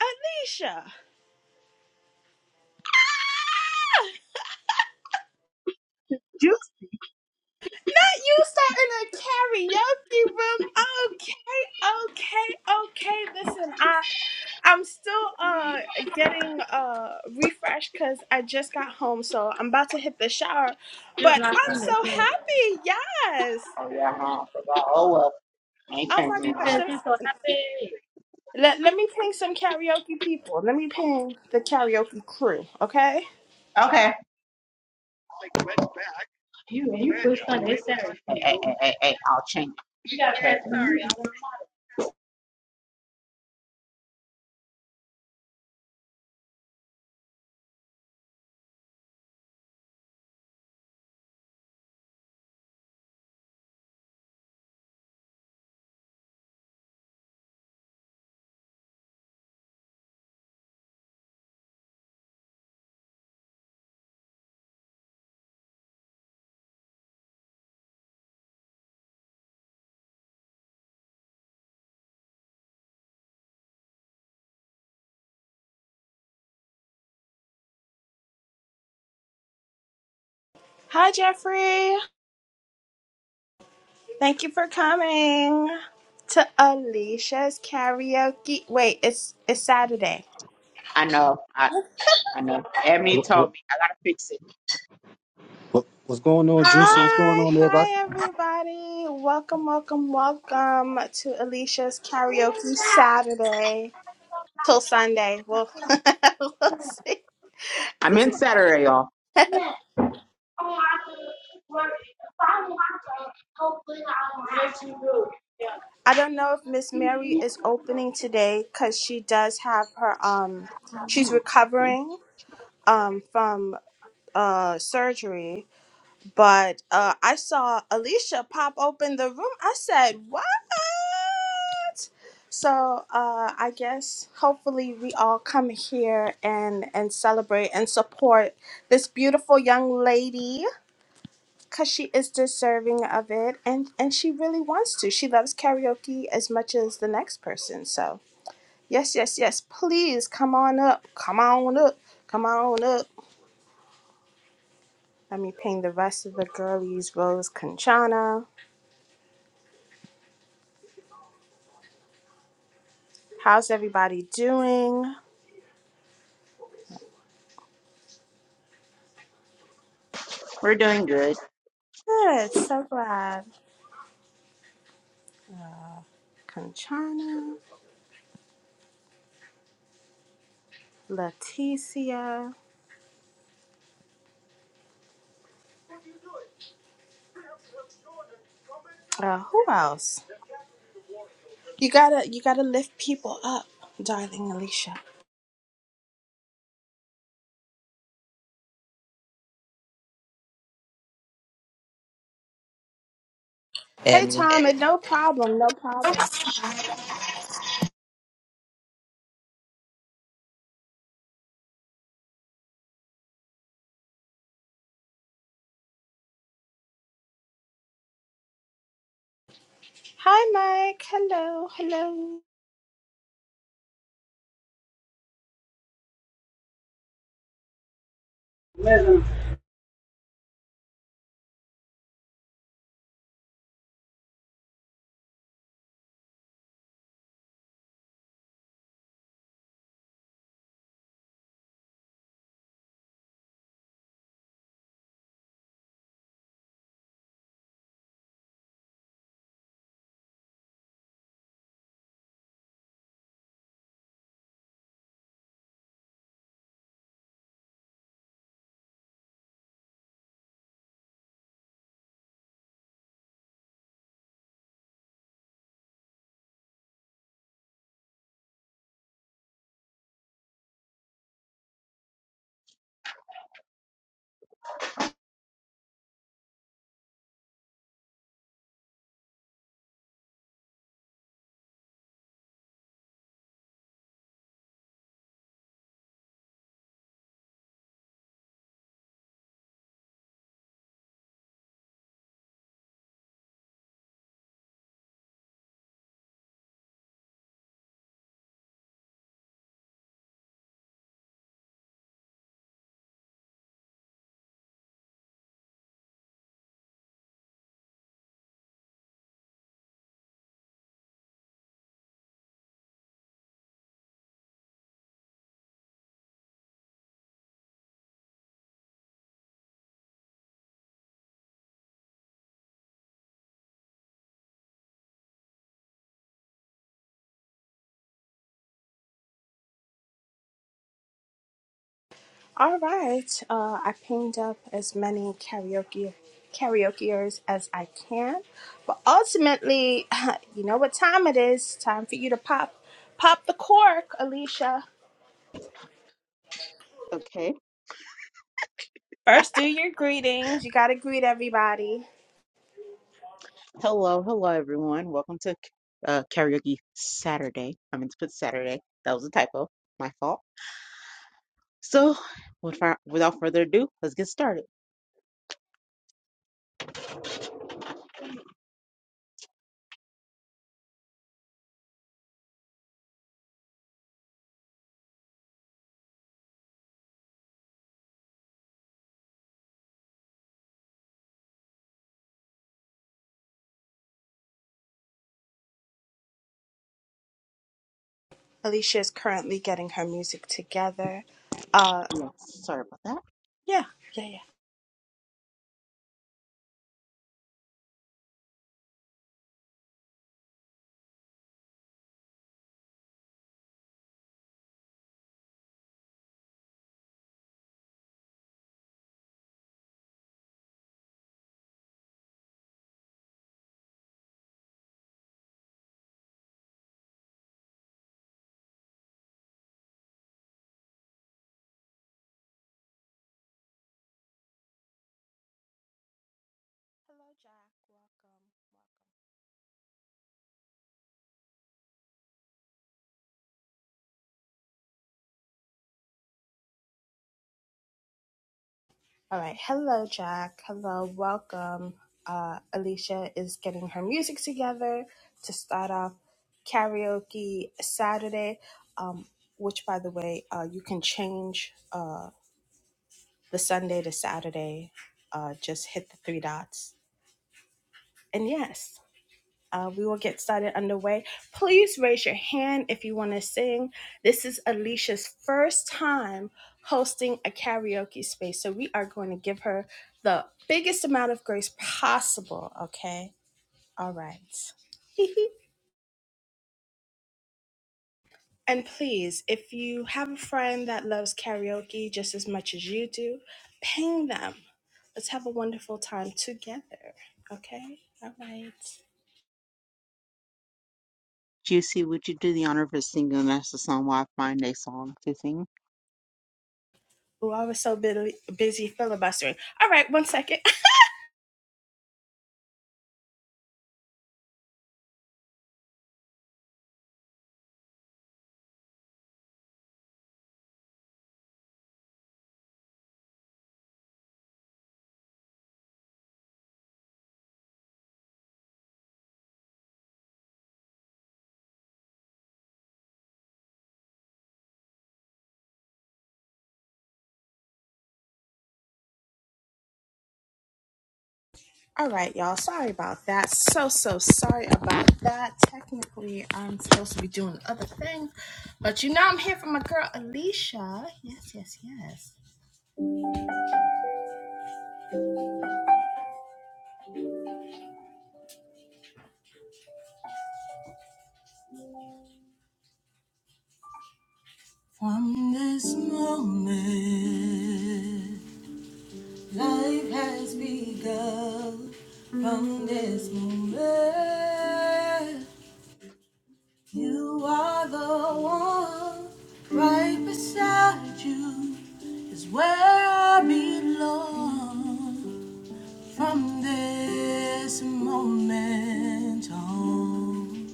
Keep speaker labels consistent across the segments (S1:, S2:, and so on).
S1: Alicia,
S2: You
S1: not you starting a karaoke room. Okay, okay, okay. Listen, I I'm still uh getting uh refreshed because I just got home, so I'm about to hit the shower.
S2: It was
S1: But
S2: last
S1: I'm
S2: Sunday,
S1: so
S2: Saturday.
S1: happy. Yes.
S2: Oh yeah, huh? I forgot. Oh well, I ain't
S1: Oh my
S2: changing it. She
S1: gosh.
S2: said
S1: Let
S2: she's so
S1: me,
S2: happy.
S1: let, let me ping some karaoke people. Let me ping the karaoke crew. Okay.
S2: You you quit Sunday, it's Saturday. Hey, hey, hey, hey, hey, I'll change it. You gotta Okay. ask sorry. I want
S1: Hi, Jeffrey. Thank you for coming to Alicia's karaoke. Wait, it's it's Saturday.
S2: I know. I I know. Emmy
S3: What, what,
S2: told me I gotta fix it.
S3: what- what's going on, Juicy? What's going
S1: Hi,
S3: on, everybody?
S1: hi everybody. Welcome, welcome, welcome to Alicia's karaoke Saturday till Sunday. We'll, we'll see.
S2: I'm in Saturday, y'all.
S1: I don't know if Miss Mary is opening today because she does have her um she's
S2: we
S1: recovering um from uh surgery But uh, I saw Alicia pop open the room. I said, "What?" So uh, I guess hopefully we all come here and and celebrate and support this beautiful young lady because she is deserving of it and and she really wants to. She loves karaoke as much as the next person. So yes, yes, yes. Please come on up. Come on up. Come on up. Let me ping the rest of the girlies. Rose Conchana. How's everybody doing?
S2: We're doing good.
S1: Good. So glad. Conchana, Leticia. Uh, who else? You gotta you gotta lift people up, darling Alicia. Hey
S4: And
S1: Tom, and no problem, no problem. Hi Mike. Hello, hello.
S5: Yeah,
S1: All right. Uh, I pinged up as many karaoke karaokeers as I can, but ultimately, you know what time it is? Time for you to pop pop the cork, Alicia.
S2: Okay.
S1: First, do your greetings. You got to greet everybody.
S2: Hello, hello everyone. Welcome to uh, karaoke Saturday. I meant to put Saturday. That was a typo. My fault. So, with without further ado, let's get started.
S1: Alicia is currently getting her music together. Uh,
S2: Yeah, sorry about that.
S1: yeah, yeah, yeah. All right. Hello, Jack. Hello, welcome. Uh, Alicia is getting her music together to start off karaoke Saturday, um, which, by the way, uh, you can change uh, the Sunday to Saturday. Uh, just hit the three dots. And yes. Uh, we will get started underway. Please raise your hand if you want to sing. This is Alicia's first time hosting a karaoke space, so we are going to give her the biggest amount of grace possible, okay? All right. and please, if you have a friend that loves karaoke just as much as you do, ping them. Let's have a wonderful time together, okay? All right.
S2: Juicy, would you do the honor of singing? That's the song while I find a song to sing.
S1: Oh, I was so bu- busy filibustering. All right, one second. All right, y'all. Sorry about that. So, so sorry about that. Technically, I'm supposed to be doing other things, but you know I'm here for my girl Alicia. Yes, yes, yes. From this moment, life has begun. From this moment, you are the one. Right beside you is where I belong. From this moment on,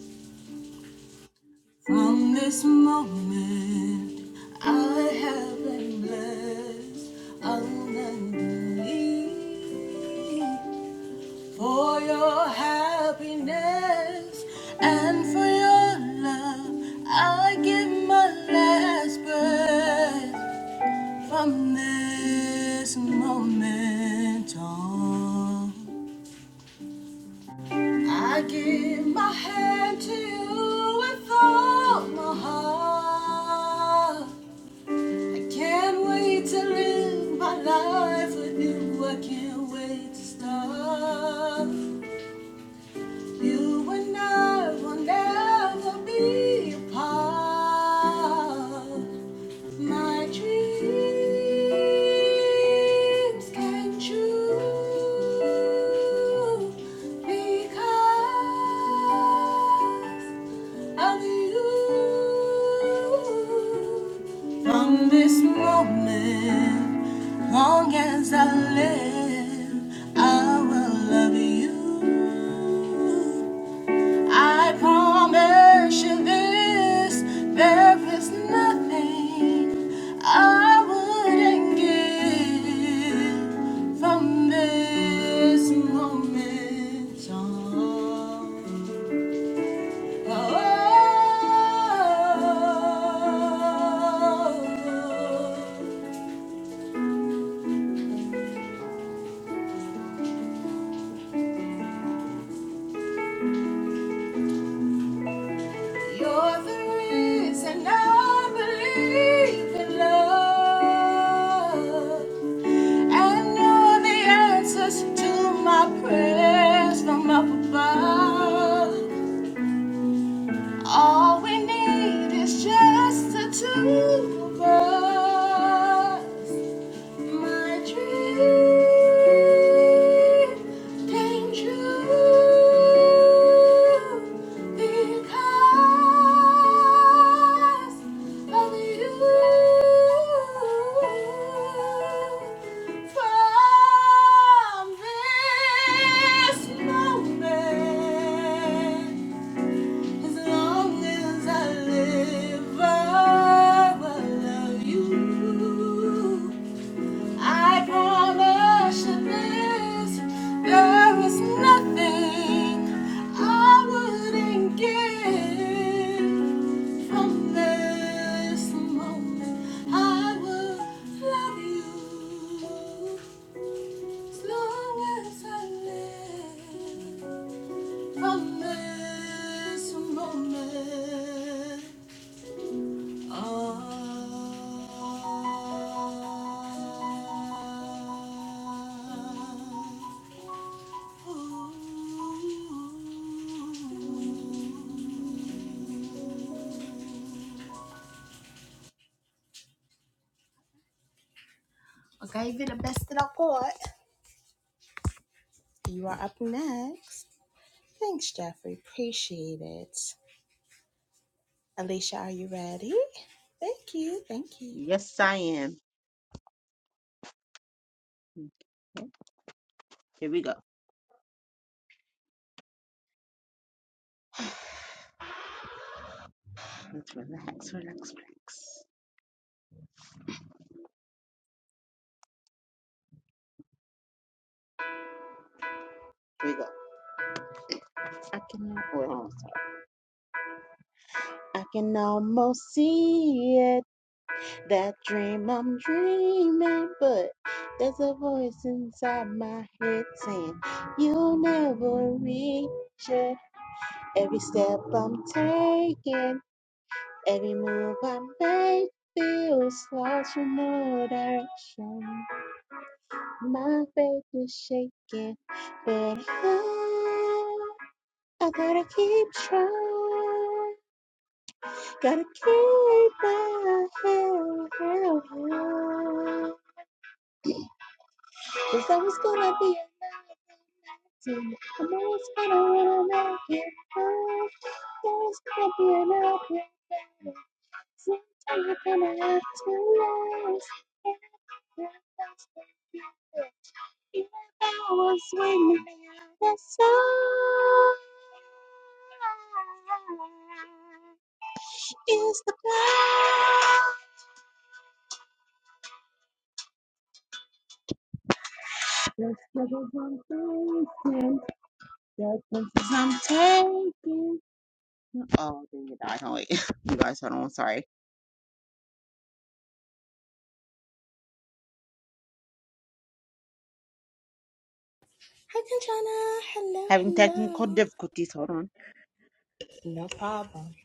S1: from this moment, I have been blessed abundantly for your happiness and for your love. I give my last breath from this moment on. I give my hand to you with all my heart. I can't wait to live my life with you. I can't wait to start. You and I will never be apart. My dreams can true because. Hallelujah. From this moment, long as I live, I will love you. I promise you this, there is nothing I wouldn't give from this moment on. You're the reason I believe in love and know the answers to my prayers from up above. All we need is just the two of us. My dream came true because of you. From this moment, as long as I live, I will love you. I promise you this, there is nothing I wouldn't give from this moment. I will love you as long as I live from this moment. on. I gave it the best that I got. You are up next. Thanks, Jeffrey. Appreciate it. Alicia, are you ready? Thank you. Thank you.
S2: Yes, I am. Yep, Here we go. Let's relax, relax, relax. Here we go. I can, wait, I can almost see it, that dream I'm dreaming, but there's a voice inside my head saying, You'll never reach it. Every step I'm taking, every move I make feels lost from no direction. My faith is shaking, but I, I gotta keep trying. Gotta keep my head is the blind. I'm taking. Oh, dang it! I can't wait. You guys, hold on. Sorry,
S1: Hi, Kanchana. Hello,
S2: having technical
S1: hello.
S2: difficulties. Hold on,
S1: No problem.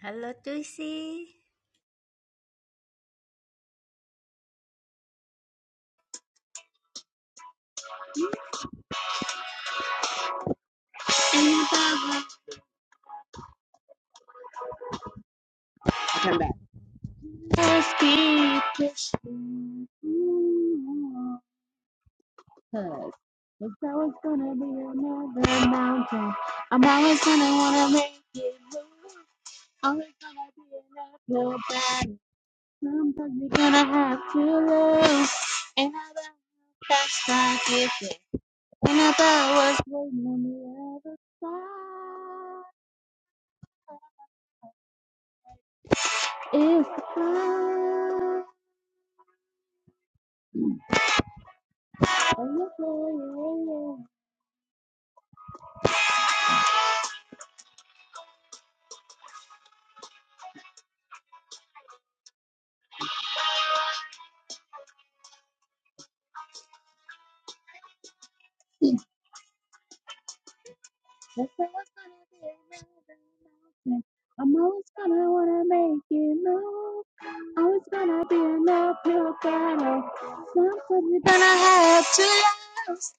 S6: Hello, Juicy.
S2: I'll come back. Gonna have to. lose.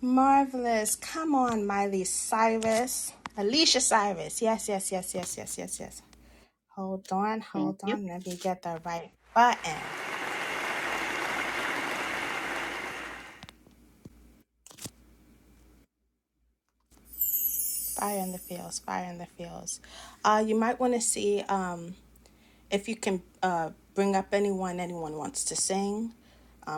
S1: Marvelous. Come on, Miley Cyrus. Alicia Cyrus. Yes, yes, yes, yes, yes, yes, yes. Hold on,
S2: Thank
S1: hold
S2: you.
S1: on. Let me get the right button. Fire in the fields, fire in the fields. Uh, you might want to see. um. If you can uh, bring up anyone, anyone wants to sing,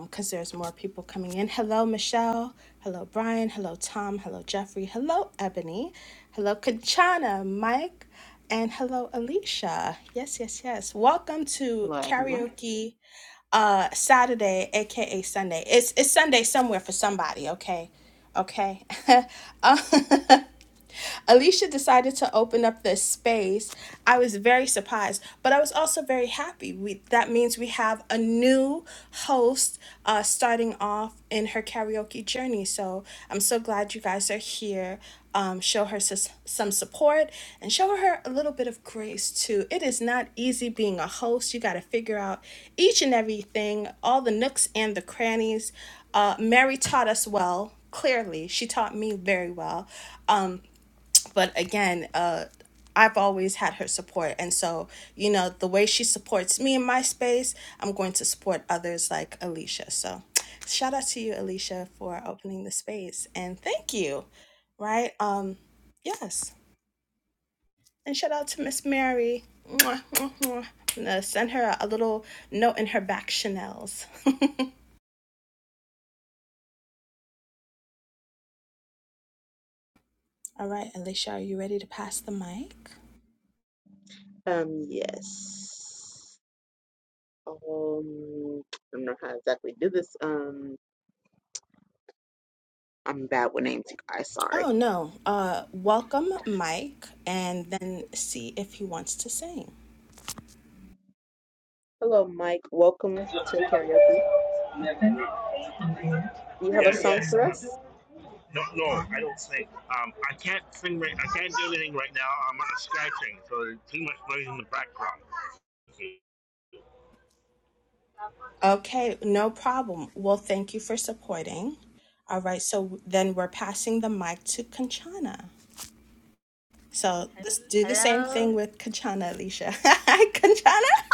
S1: because there's more people coming in. Hello, Michelle. Hello, Brian. Hello, Tom. Hello, Jeffrey. Hello, Ebony. Hello, Kanchana, Mike. And hello, Alicia. Yes, yes, yes. Welcome to
S2: Hello, everyone.
S1: Karaoke uh Saturday, aka Sunday. It's it's Sunday somewhere for somebody, okay? Okay. Uh, Alicia decided to open up this space. I was very surprised, but I was also very happy. We, that means we have a new host uh, starting off in her karaoke journey. So I'm so glad you guys are here. Um, show her sus- some support and show her a little bit of grace too. It is not easy being a host. You got to figure out each and everything, all the nooks and the crannies. Uh, Mary taught us well. Clearly, she taught me very well Um but again uh I've always had her support and so you know the way she supports me in my space I'm going to support others like Alicia so shout out to you Alicia for opening the space and thank you right um yes and shout out to Miss Mary Mwah, mwah, mwah. I'm gonna send her a little note in her back chanels all right Alicia are you ready to pass the mic
S2: Um, yes. Um, I don't know how to exactly do this. Um. I'm bad with names, you guys. Sorry.
S1: Oh no. Uh welcome Mike and then see if he wants to sing.
S2: Hello, Mike. Welcome to karaoke. Do you have a song
S5: yes.
S2: for
S5: Um,
S2: us?
S5: no, no, I don't sing. Um, I can't sing right. I can't do anything right now. I'm on a Skype thing, so there's too much noise in the background. Okay.
S1: Okay, no problem. Well, thank you for supporting. All right, so then we're passing the mic to Kanchana. So let's do the
S6: Hello.
S1: same thing
S6: Sorry.
S1: with Kanchana, Alicia. Hi, Kanchana?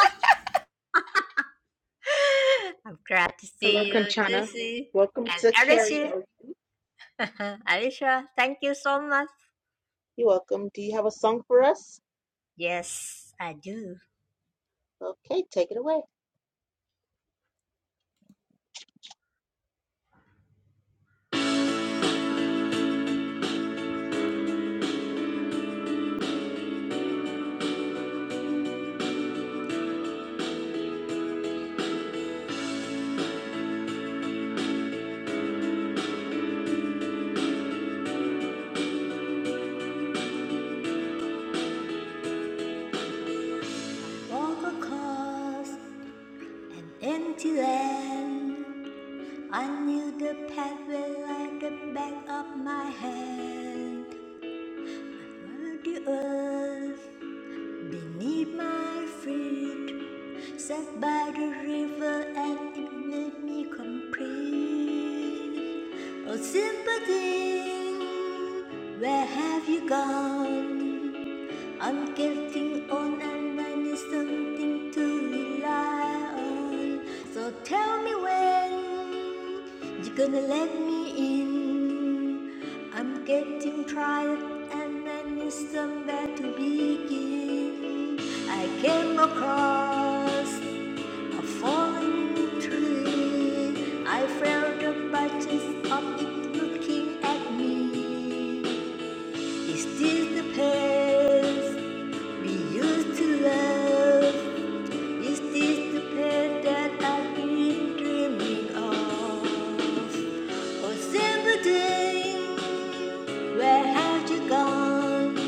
S6: I'm glad to
S2: Hello,
S6: see you,
S2: Conchana.
S6: Juicy.
S2: Welcome
S6: And
S2: to
S6: Alicia.
S2: karaoke.
S6: Alicia, thank you so much.
S2: You're welcome. Do you have a song for us?
S6: Yes, I do.
S2: Okay, take it away.
S6: Walk across an empty land. I knew the pathway like the back of my hand. Under the earth, beneath my feet. Sat by the river and it made me complete. Oh, sympathy, where have you gone? I'm getting old and I need something to rely on. So tell me when you're gonna let me in. I'm getting tired and I need somewhere to begin. I came across a falling tree. I felt the branches of it looking at me. Is this the place we used to love? Is this the place that I've been dreaming of? Oh, simple thing, where have you gone?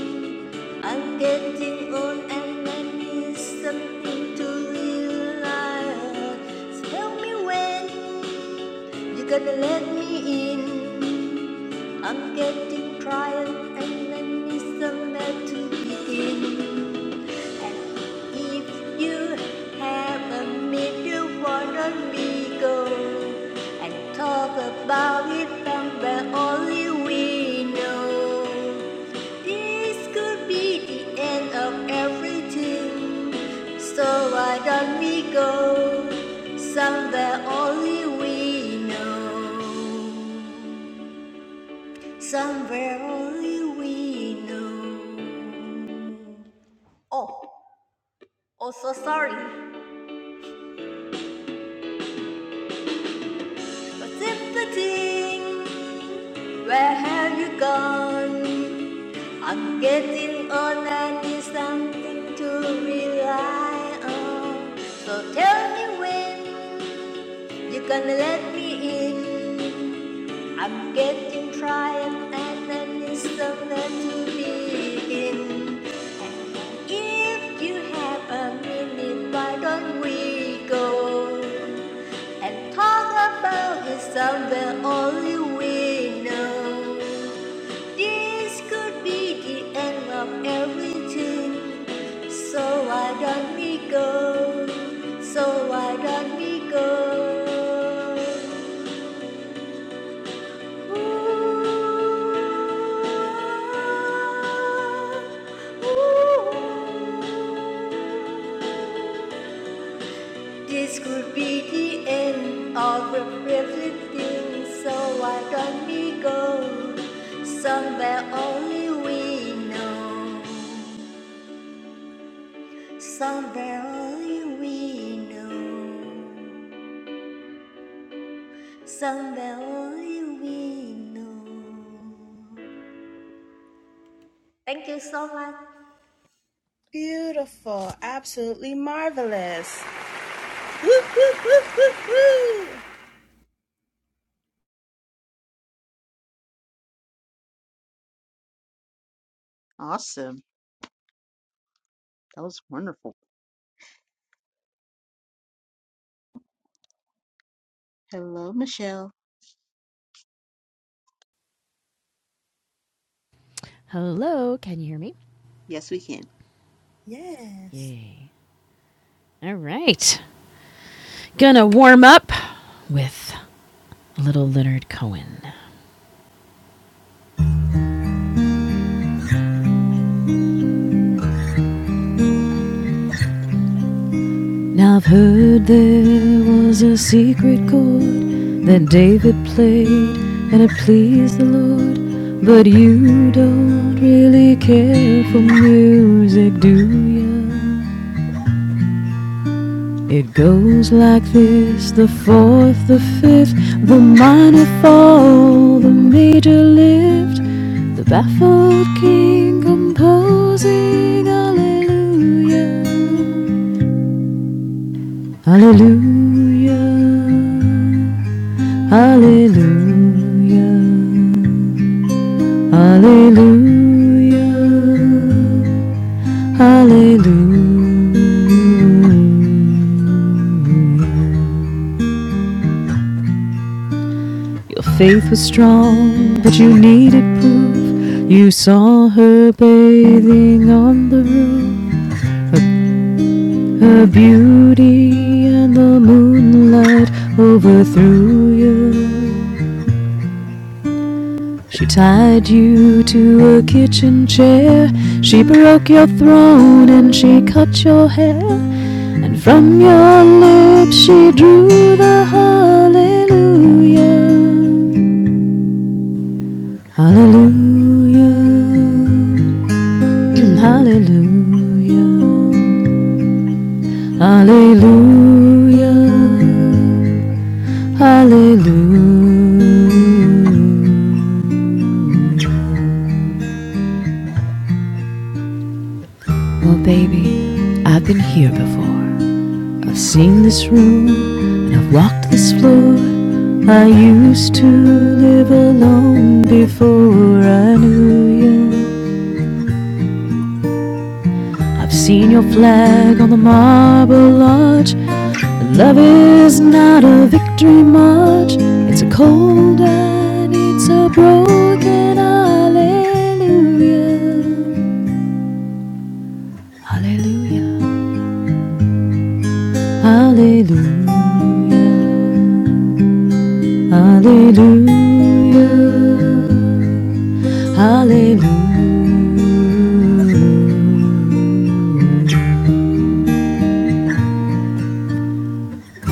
S6: I'm getting old and I need something to relax. Tell me when you're gonna let me in. I'm getting tired and I need somewhere to begin. If you have a middle wanna we go and talk about it somewhere only we know. This could be the end of everything. So why don't we go somewhere only we know? Somewhere only we know. Oh, oh, so sorry. patsy where have you gone? I'm getting old and need something to rely on. So tell me when you're gonna let me in. I'm getting tired and I need somewhere to begin. If you have a minute, why don't we go? and talk about the somewhere only we know. This could be the end of everything. So why don't we go? So why don't we go? Ooh, ooh. This could be the end of everything, so why don't we go somewhere only we know? Somewhere only we know. Somewhere only we know. Thank you so much.
S1: Beautiful. Absolutely marvelous. Woo, woo, woo, woo, woo.
S2: Awesome. That was wonderful. Hello, Michelle.
S7: Hello, can you hear me?
S2: Yes, we can.
S1: Yes.
S7: Yay. All right. Gonna warm up with a little Leonard Cohen. Now I've heard there was a secret chord that David played and it pleased the Lord. But you don't really care for music, do you? It goes like this the fourth, the fifth, the minor fall, the major lift, the baffled king composing Hallelujah, Hallelujah, Hallelujah, Hallelujah. Alleluia. Your faith was strong, but you needed proof. You saw her bathing on the roof. Her beauty and the moonlight overthrew you. She tied you to a kitchen chair. She broke your throne and she cut your hair. And from your lips she drew the hallelujah. Hallelujah. Hallelujah. Hallelujah. Hallelujah. Well, baby, I've been here before. I've seen this room and I've walked this floor. I used to live alone before I knew you. I've seen your flag on the marble arch. Love is not a victory march. It's a cold and it's a broken hallelujah. Hallelujah. Hallelujah. Hallelujah. Hallelujah.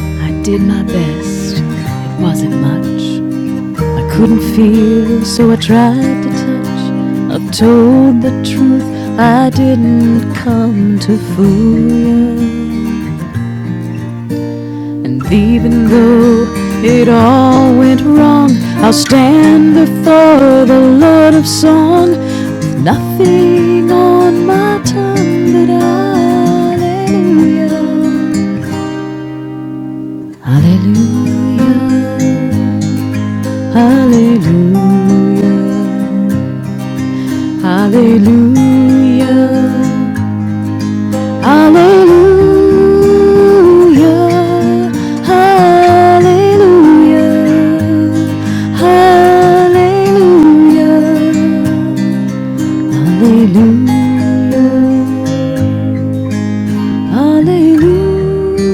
S7: I did my best. It wasn't much. I couldn't feel, so I tried to touch. I told the truth, I didn't come to fool you. And even though it all went wrong, I'll stand before the Lord of Song with nothing on my tongue but Hallelujah, Hallelujah, Hallelujah. Hallelujah. Hallelujah. Hallelujah. Hallelujah. Hallelujah. Hallelujah.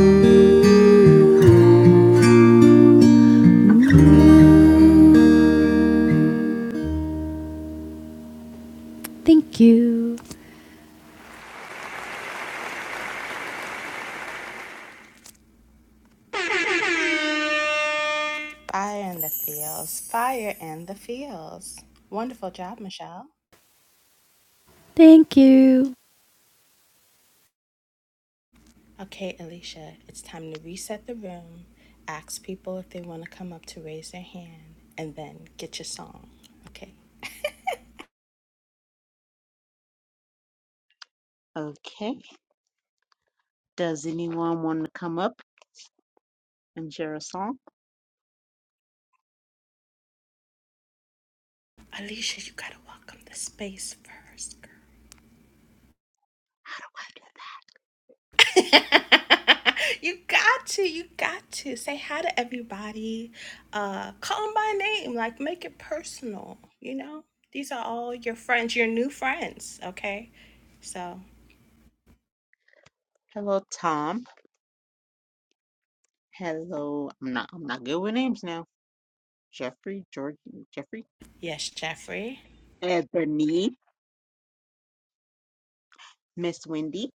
S7: Thank you.
S1: Fire in the fields. Fire in the fields. Wonderful job, Michelle.
S7: Thank you.
S1: Okay, Alicia, it's time to reset the room, ask people if they want to come up to raise their hand, and then get your song. Okay?
S2: Okay. Does anyone want to come up and share a song?
S1: Alicia, you gotta welcome the space first, girl. you got to, you got to. Say hi to everybody. Uh, call them by name, like make it personal, you know? These are all your friends, your new friends, okay? So,
S2: Hello, Tom. Hello, I'm not I'm not good with names now. Jeffrey, George, Jeffrey,
S1: yes, Jeffrey,
S2: Ebony, Miss Wendy,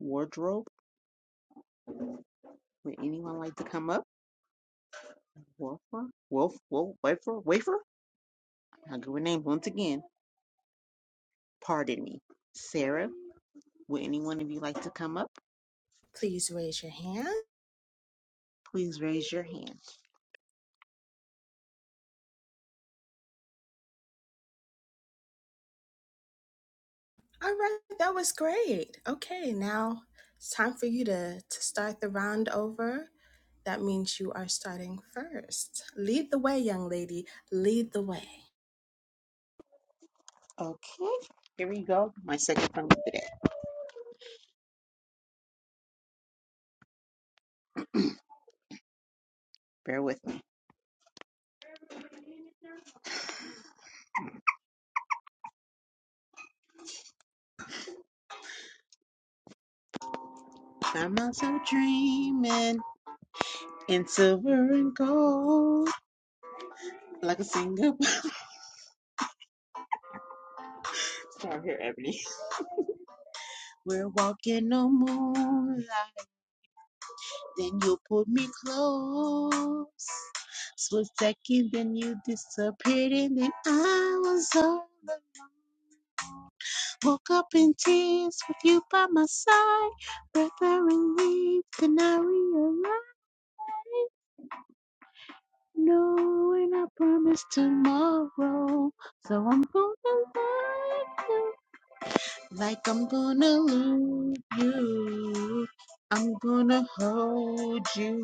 S2: Wardrobe. Would anyone like to come up? Wolfer, Wolf, Wolf, Wafer, Wafer. I'm not good with names once again. Pardon me. Sarah, would any one of you like to come up?
S1: please raise your hand.
S2: Please raise your hand.
S1: All right, that was great. Okay, now it's time for you to, to start the round over. That means you are starting first. Lead the way, young lady. Lead the way.
S2: Okay, here we go. My second time today. Bear with me. I'm also dreaming in silver and gold, like a single. Sorry, here, Ebony. We're walking on moonlight, then you pulled me close. Split second, then you disappeared, and then I was all alone. Woke up in tears with you by my side. Breath I relieved, then I realized. No, and I promise tomorrow. So I'm gonna love you like I'm gonna lose you. I'm gonna hold you.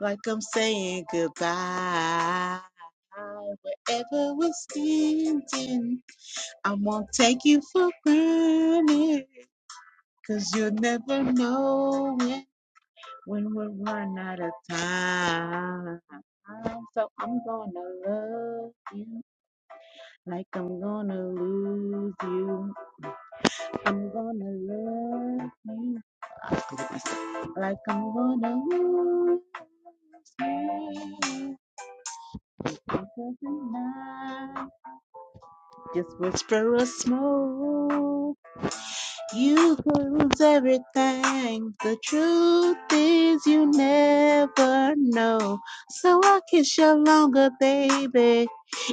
S2: like I'm saying goodbye. Wherever we're standing, I won't take you for granted. you you'll never know it when we run out of time. So I'm gonna love you like I'm gonna lose you. I'm gonna love you. Like I'm gonna lose you. Just whisper a smoke. You lose everything. The truth is you never know. So I kiss you longer, baby.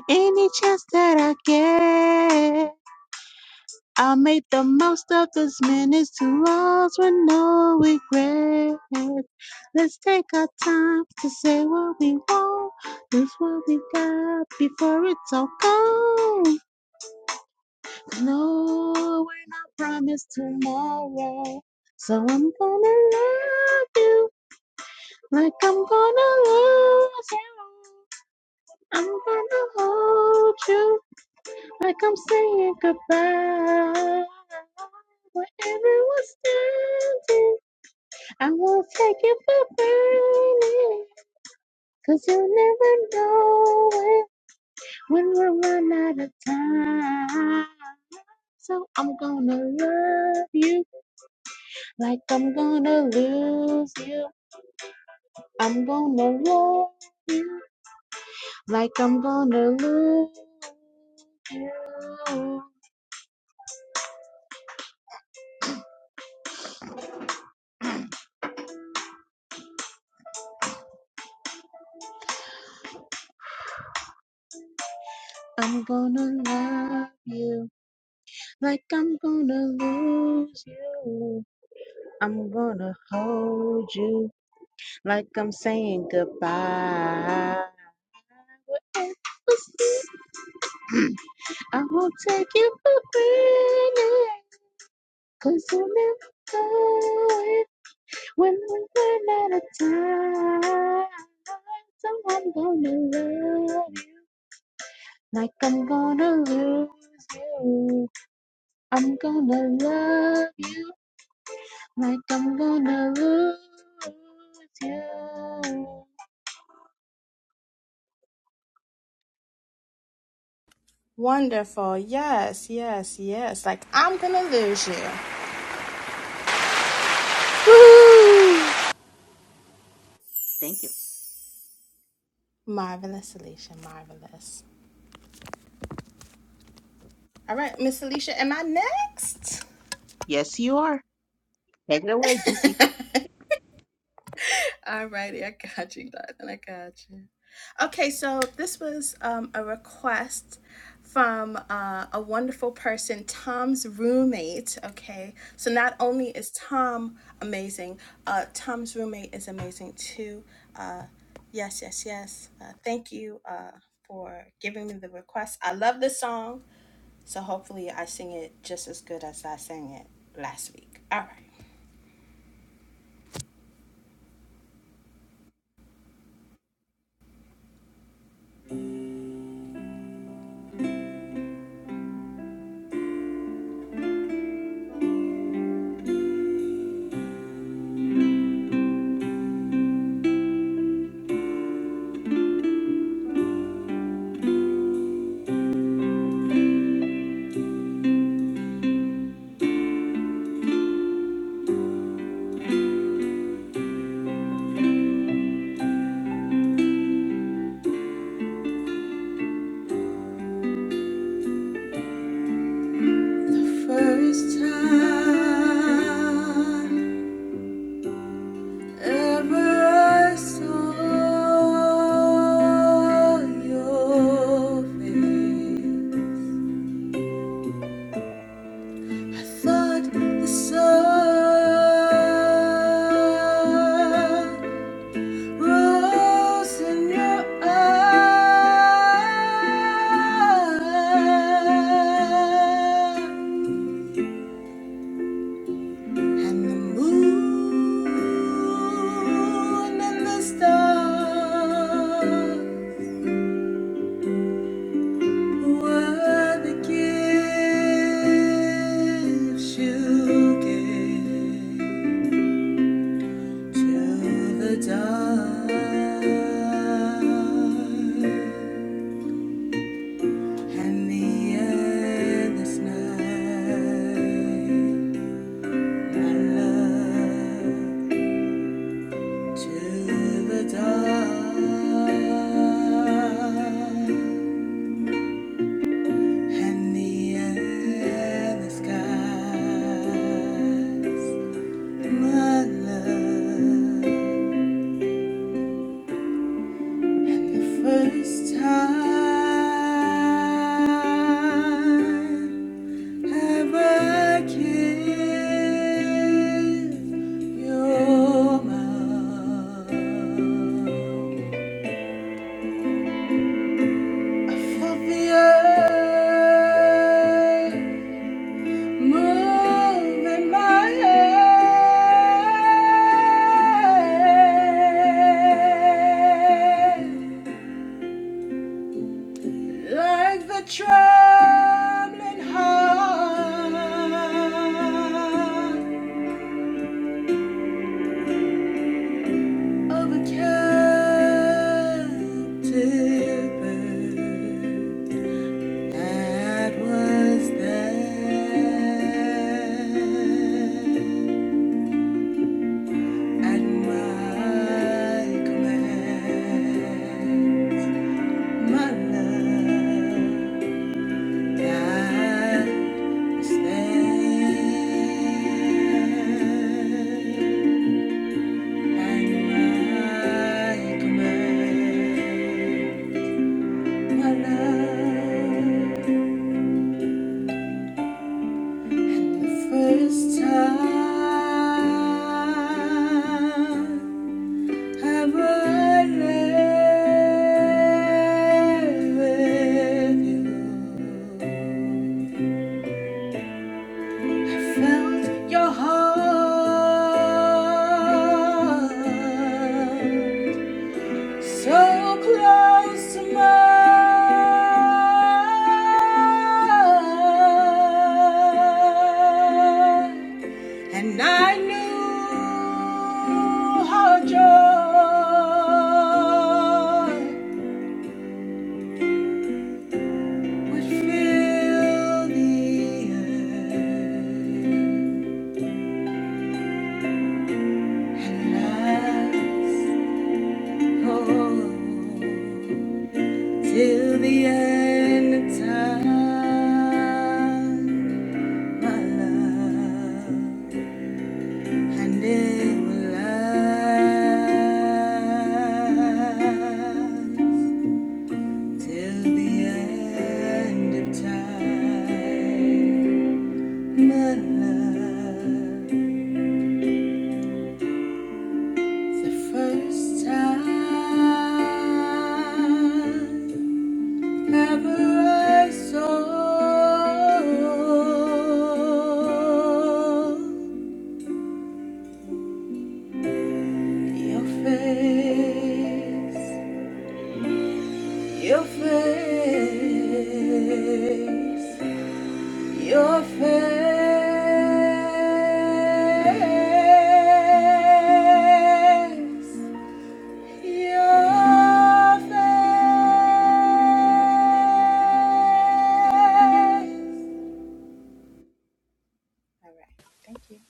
S2: Any chance that I get. I'll make the most of this minutes to us with no regret. Let's take our time to say what we want, lose what we got before it's all gone. No, we're not promised tomorrow. I love you like I'm gonna lose you. I'm gonna hold you like I'm saying goodbye. I won't take you for granted. Cause I'm going when we run out of time. So gonna run.
S1: Wonderful. Yes, yes, yes. Like, I'm going to lose you.
S7: Woo!
S2: Thank you.
S1: Marvelous, Alicia. Marvelous. All right, Miss Alicia, am I next?
S2: Yes, you are. Take it away, GC.
S1: Alrighty, I got you, Jonathan. I got you. Okay, so this was um, a request from uh, a wonderful person, Tom's roommate. Okay, so not only is Tom amazing, uh, Tom's roommate is amazing too. Uh, yes, yes, yes. Uh, thank you uh, for giving me the request. I love this song, so hopefully I sing it just as good as I sang it last week. All right. First time ever I saw your face, I thought the sun rose in your eyes. And the moon and the stars were the gifts you gave to the dark and the endless night. I love. Your mouth. of the move in my hand, like the trembling heart of a captive bird that was there. At my command, my love God stand. At my command, my love, the first time. Have I lived with you? I felt your heart so close to mine, and I knew how joy. would fill the earth and last, oh, till the end of time, my love, and it will last till the end of time, my love. The first time ever I saw your face, your face, your face. Your face. All right. Thank you.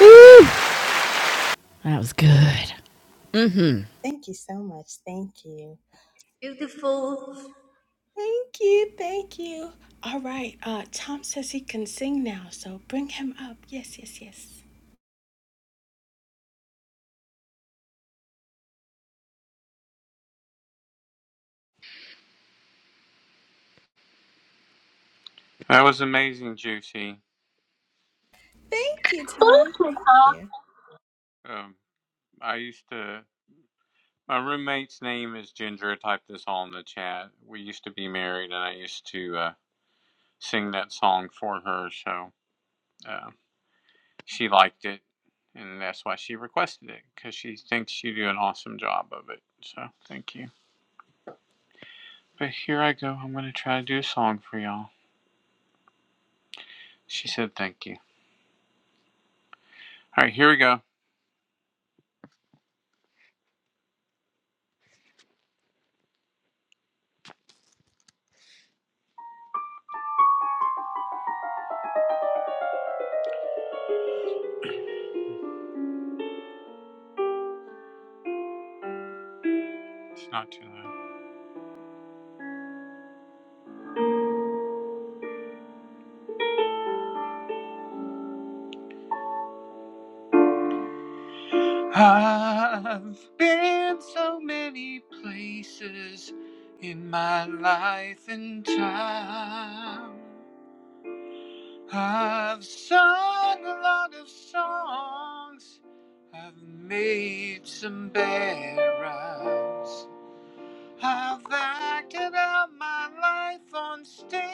S7: Woo! That was good. Mm-hmm.
S1: Thank you so much. Thank you.
S6: Beautiful.
S1: Thank you. Thank you. All right. Uh, Tom says he can sing now, so bring him up. Yes, yes, yes.
S8: That was amazing, Juicy.
S1: Thank you, Tom. Thank you.
S8: Um, I used to. My roommate's name is Ginger. I typed this all in the chat. We used to be married, and I used to uh, sing that song for her. So uh, she liked it, and that's why she requested it because she thinks you do an awesome job of it. So thank you. But here I go. I'm gonna try to do a song for y'all. She said thank you. All right, here we go. It's not too loud. I've been so many places in my life and time. I've sung a lot of songs. I've made some bad rhymes. I've acted out my life on stages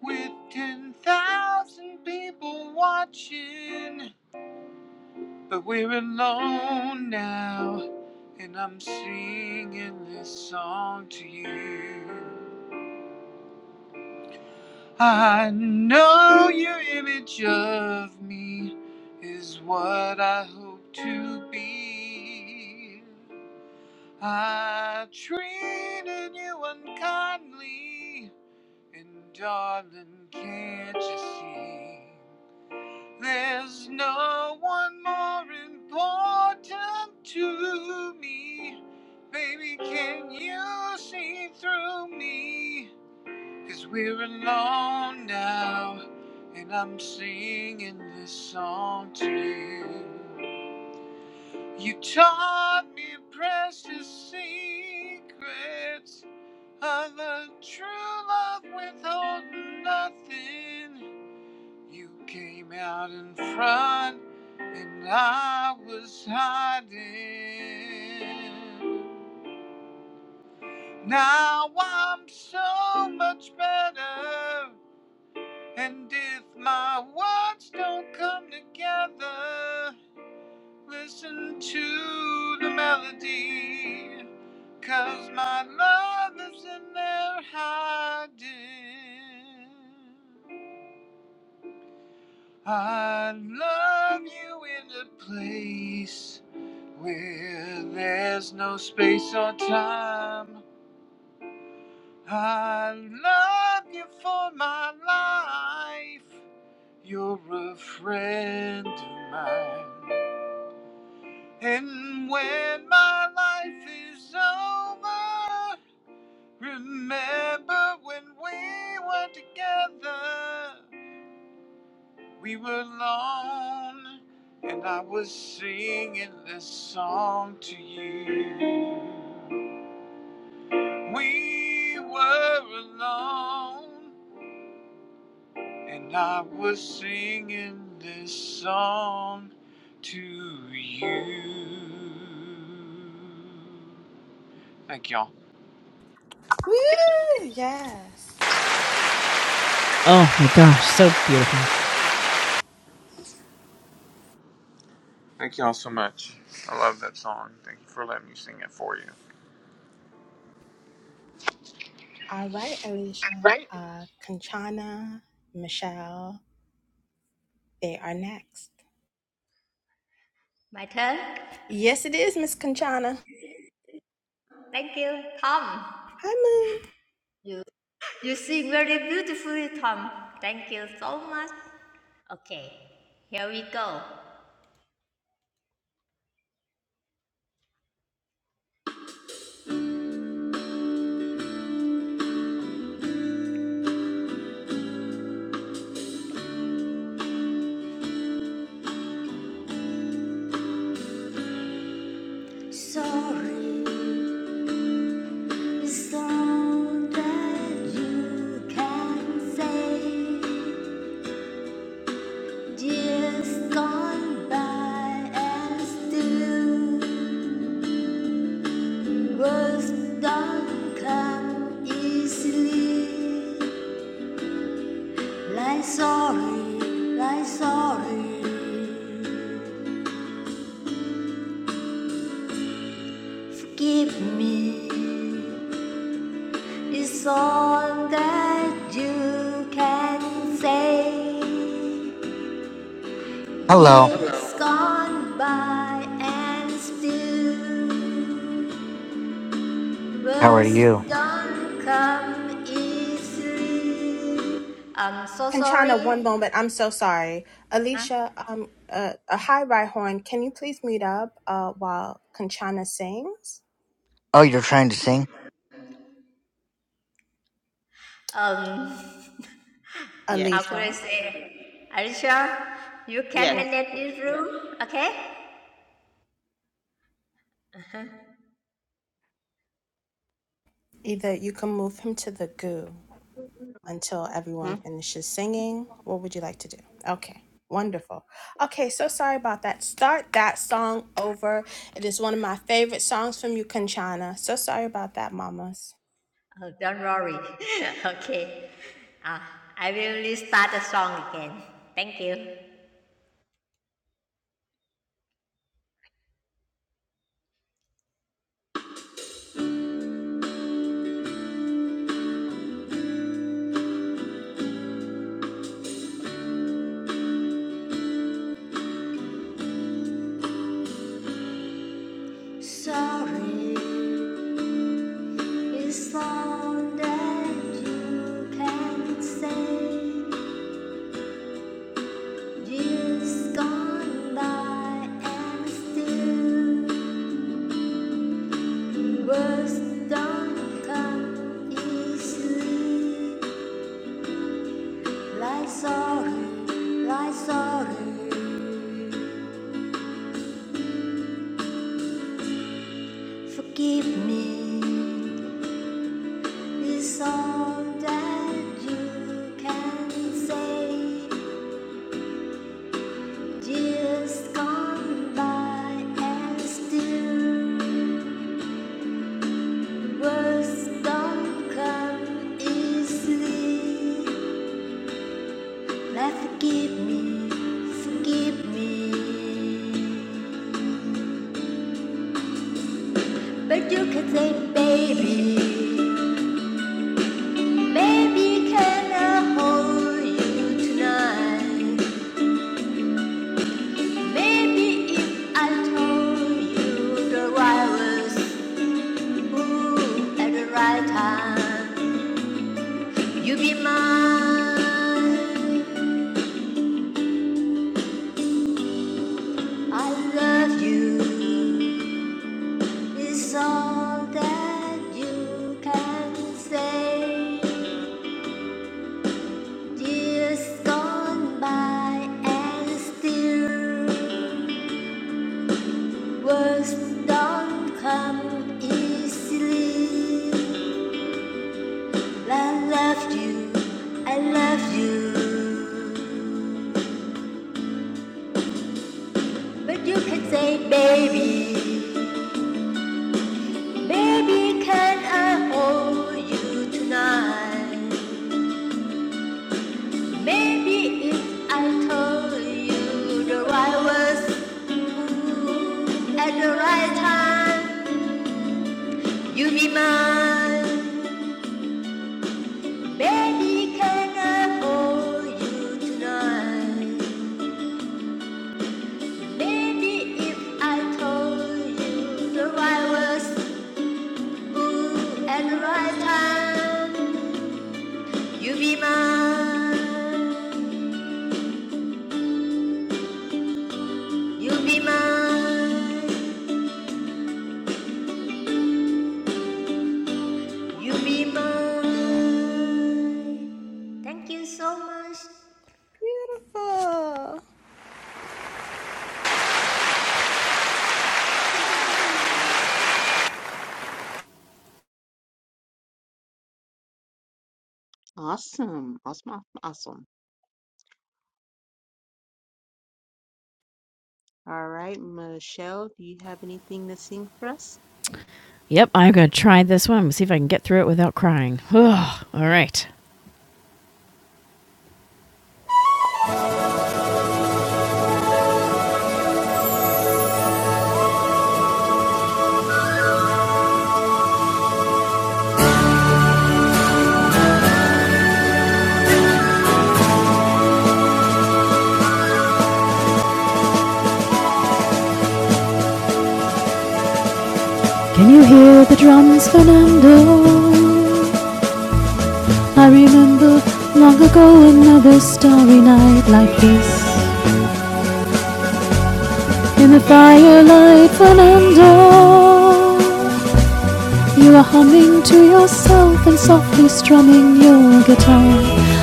S8: with 10,000 people watching. But we're alone now. And I'm singing this song to you. I know your image of me is what I hope to be. I treated you unkindly, and darling, can't you see? There's no one more important to me. Baby, can you see through me? we we're alone now, and I'm singing this song to you. You taught me precious secrets of a true love withholding nothing. You came out in front, and I was hiding. Now I'm so much better. And if my words don't come together, listen to the melody, 'cause my love is in there hiding. I love you in a place where there's no space or time. I love you for my life. You're a friend of mine. And when my life is over, remember when we were together. We were alone, and I was singing this song to you. We were alone, and I was singing this song to you. Thank y'all.
S1: Woo! Yes.
S7: Oh my gosh, so beautiful.
S8: Thank y'all so much. I love that song. Thank you for letting me sing it for you.
S1: All right, Alicia. Uh, Conchana, Michelle, they are next.
S6: My turn.
S1: Yes, it is, Miss Conchana.
S6: Thank you, Tom.
S1: Hi, Moon.
S6: You you sing very beautifully, Tom. Thank you so much. Okay, here we go. Sorry is all that you can say. Years gone by and still words don't come easily. Like sorry, like sorry. Forgive me It's all that you can say.
S9: Hello.
S6: Years gone by and still
S9: How are
S6: words
S9: you?
S6: don't come easily. I'm so sorry.
S1: Kanchana, one moment. I'm so sorry.
S6: Huh?
S1: Alicia, um, uh, a high horn. Can you please mute up uh, while Kanchana sings?
S9: Oh, you're trying to sing?
S6: Um,
S2: Yes.
S6: how could
S1: Alicia,
S6: I say? Are you sure you can
S2: Yes.
S1: well,
S6: manage this room? Okay.
S1: either you can move him to the goo until everyone
S2: Mhm.
S1: finishes singing. What would you like to do? Okay. Wonderful. Okay, so sorry about that. Start that song over. It is one of my favorite songs from you, Kanchana. So sorry about that, mamas.
S6: Oh, don't worry. okay. Ah, I will restart the song again. Thank you. Sorry. It's all that you can say years gone by and still words don't come easily. Like sorry, like sorry, forgive me. It's all that you can say. Years gone by and still. Words don't come easily. Now forgive me, forgive me. But you can say, baby, maybe can I hold you tonight? Maybe if I told you the right words, ooh, at the right time, you'd be mine. I love you. It's all that you can say. Years gone by and still words don't come easily. I love you, I love you, but you can say, baby, baby, can I hold you tonight? Maybe if I told you the right words. At the right time, you will be mine. Baby, can I hold you tonight? Baby, if I told you the right words, ooh, at the right time, you will be mine. You will be mine. You will be mine. Thank you so much.
S1: Beautiful.
S2: Awesome. Awesome. Awesome. awesome. All right, Michelle, do you have anything to sing for us?
S7: Yep, I'm going to try this one. See if I can get through it without crying. Ugh, all right. Can you hear the drums, Fernando? I remember long ago another starry night like this. In the firelight, Fernando, you were humming to yourself and softly strumming your guitar.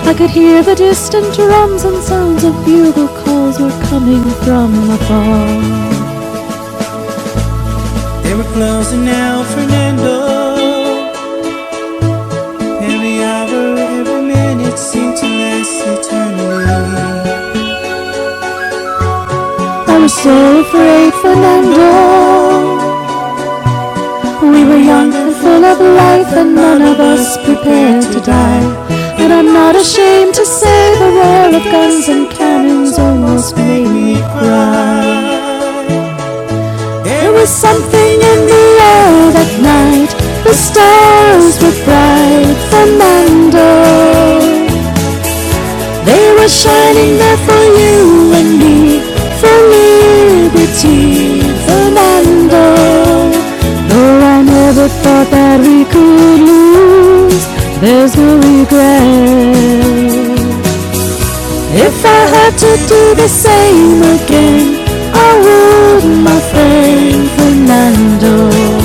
S7: I could hear the distant drums and sounds of bugle calls were coming from afar. They were closing now, Fernando. Every hour, every minute seemed to last eternally. I was so afraid, Fernando. We were young and full of life, and none of us prepared to die. And I'm not ashamed to say the roar of guns and cannons almost made me cry. There was something in the air that night. The stars were bright, Fernando. They were shining there for you and me, for liberty, Fernando. Though I never thought that we could lose, there's no regret. If I had to do the same again, I would, my friend Fernando.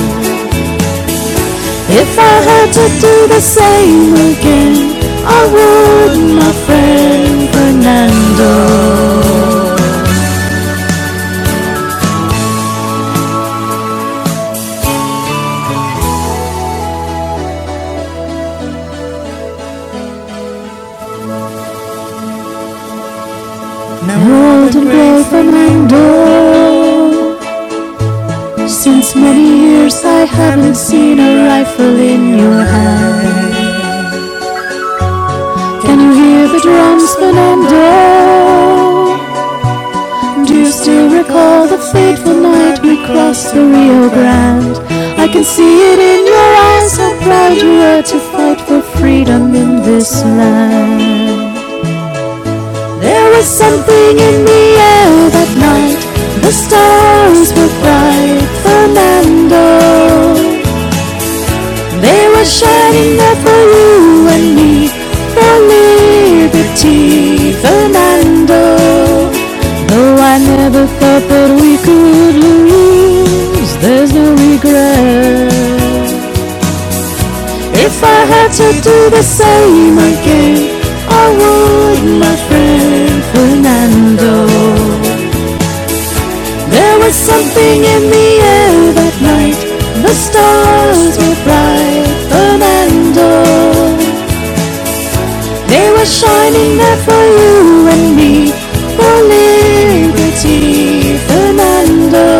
S7: If I had to do the same again, I would, my friend Fernando. Now old and gray Fernando. Since many years I haven't seen a rifle in your hand. Can you hear the drums, Fernando? Do you still recall the fateful night we crossed the Rio Grande? I can see it in your eyes how proud you were to fight for freedom in this land. There was something in the air that night. The stars were bright, Fernando. They were shining there for you and me, for liberty, Fernando. No, I never thought that we could lose. There's no regret. If I had to do the same again, I would, my friend Fernando. There was something in the air that night. The stars were bright, Fernando. They were shining there for you and me, for liberty, Fernando.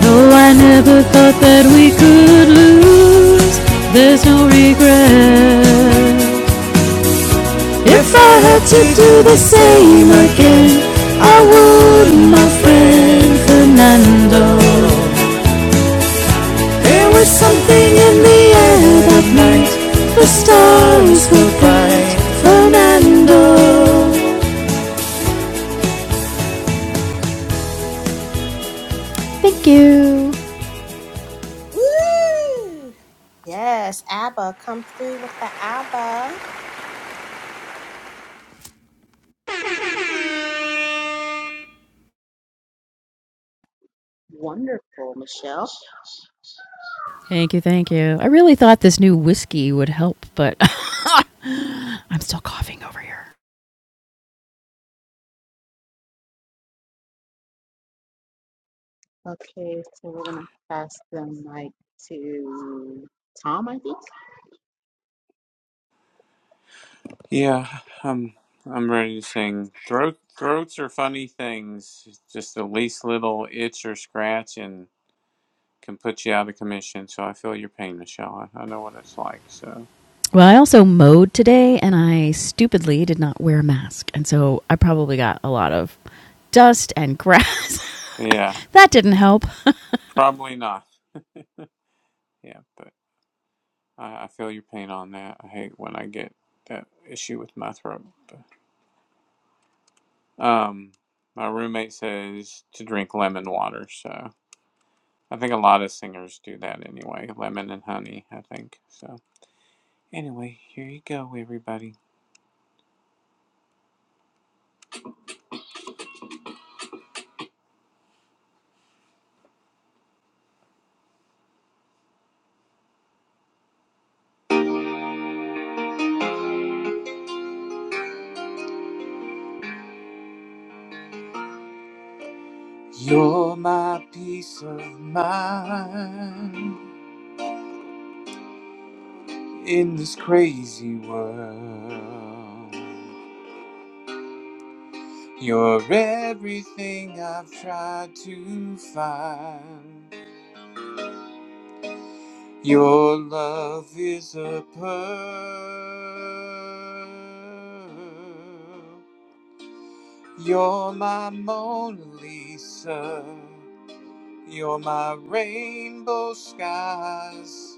S7: Though I never thought that we could lose, there's no regret. If I had to do the same again, I would, my friend Fernando. There was something in the air that night, the stars were bright, Fernando. Thank you.
S1: Woo! Yes, ABBA, come through with the ABBA.
S2: Wonderful, Michelle.
S7: Thank you, thank you. I really thought this new whiskey would help, but I'm still coughing over here.
S2: Okay, so we're gonna pass the mic to Tom, I think.
S8: Yeah, I'm I'm ready to sing. Throat throats are funny things. Just the least little itch or scratch and can put you out of commission. So I feel your pain, Michelle. I, I know what it's like. So
S7: Well, I also mowed today and I stupidly did not wear a mask. And so I probably got a lot of dust and grass.
S8: yeah,
S7: that didn't help.
S8: probably not. Yeah, but I, I feel your pain on that. I hate when I get that issue with my throat. But um, my roommate says to drink lemon water. So I think a lot of singers do that anyway. Lemon and honey, I think. So anyway, here you go, everybody. You're my peace of mind in this crazy world. You're everything I've tried to find. Your love is a pearl. You're my Mona Lisa. You're my rainbow skies.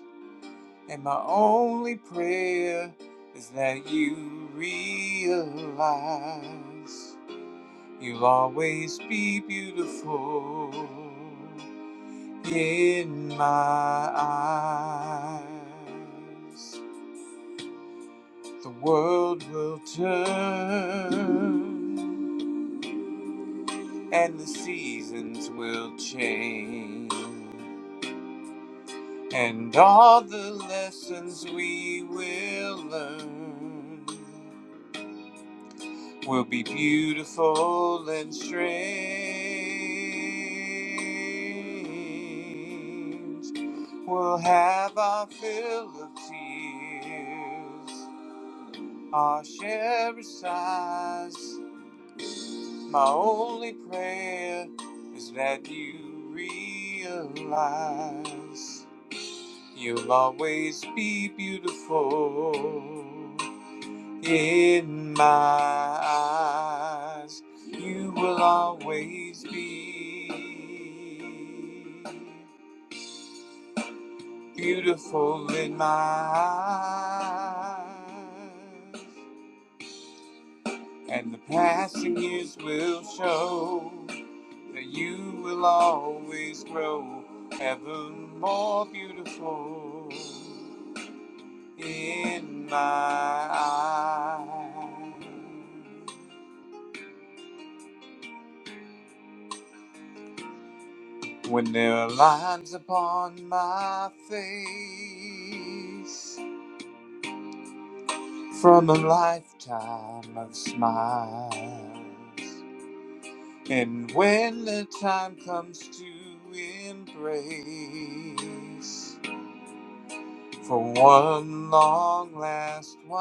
S8: And my only prayer is that you realize you'll always be beautiful in my eyes. The world will turn and the seasons will change. And all the lessons we will learn will be beautiful and strange. We'll have our fill of tears, our share of sighs. My only prayer is that you realize you'll always be beautiful. In my eyes, you will always be beautiful in my eyes, and the passing years will show that you will always grow ever more beautiful in my eyes. When there are lines upon my face from a lifetime of smiles, and when the time comes to embrace for one long last while,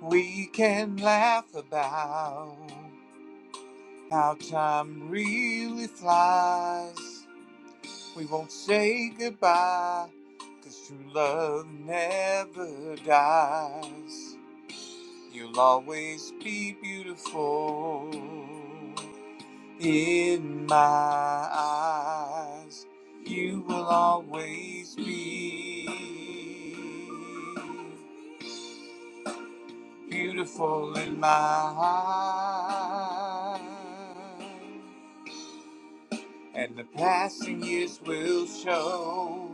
S8: we can laugh about how time really flies We won't say goodbye, 'cause true love never dies. You'll always be beautiful in my eyes. You will always be beautiful in my eyes. And the passing years will show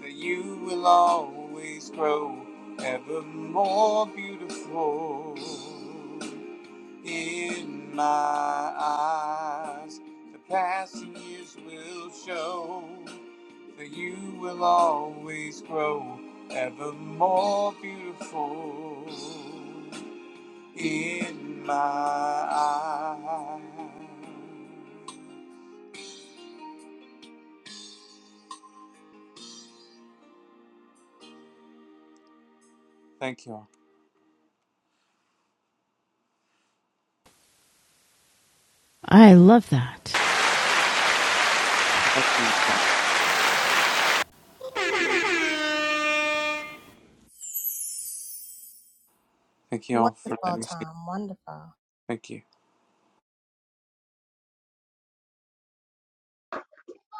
S8: that you will always grow ever more beautiful. In my eyes, the passing years will show that you will always grow ever more beautiful. In my eyes. Thank you. all.
S7: I love that.
S8: Thank you. Thank you all for
S1: Wonderful,
S8: letting me speak.
S1: Tom. Wonderful.
S8: Thank you.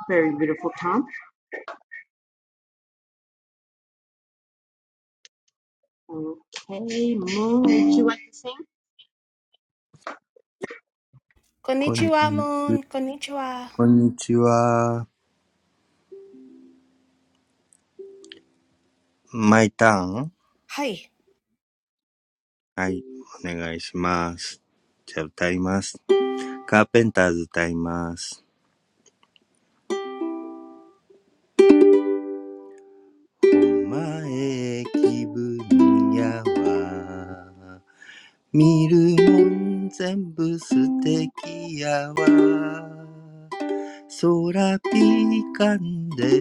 S2: Very beautiful, Tom. Okay, Moon, would you like?
S10: こんにち
S1: Konnichiwa, Moon. Konnichiwa.
S10: こんにちは。マイターン
S1: Hi.
S10: はい。お願いします。じゃあ歌います。カーペンターズ歌います。お前気分やわ。見るもん全部素敵やわ。空ピカンで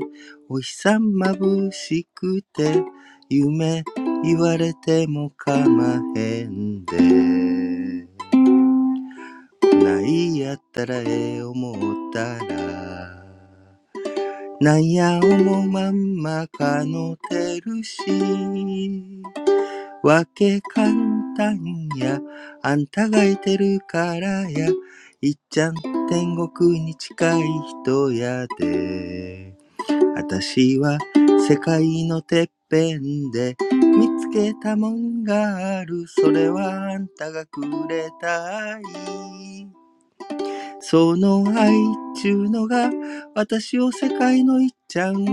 S10: お日さまぶしくて夢言われてもかまへんでないやったらええ思ったらなんや思うまんまかのてるしわけ簡単やあんたがいてるからやいっちゃん天国に近い人やで私は世界のてっぺんで見つけたもんがある。それはあんたがくれた愛。その愛っちゅうのが私を世界のいっちゃん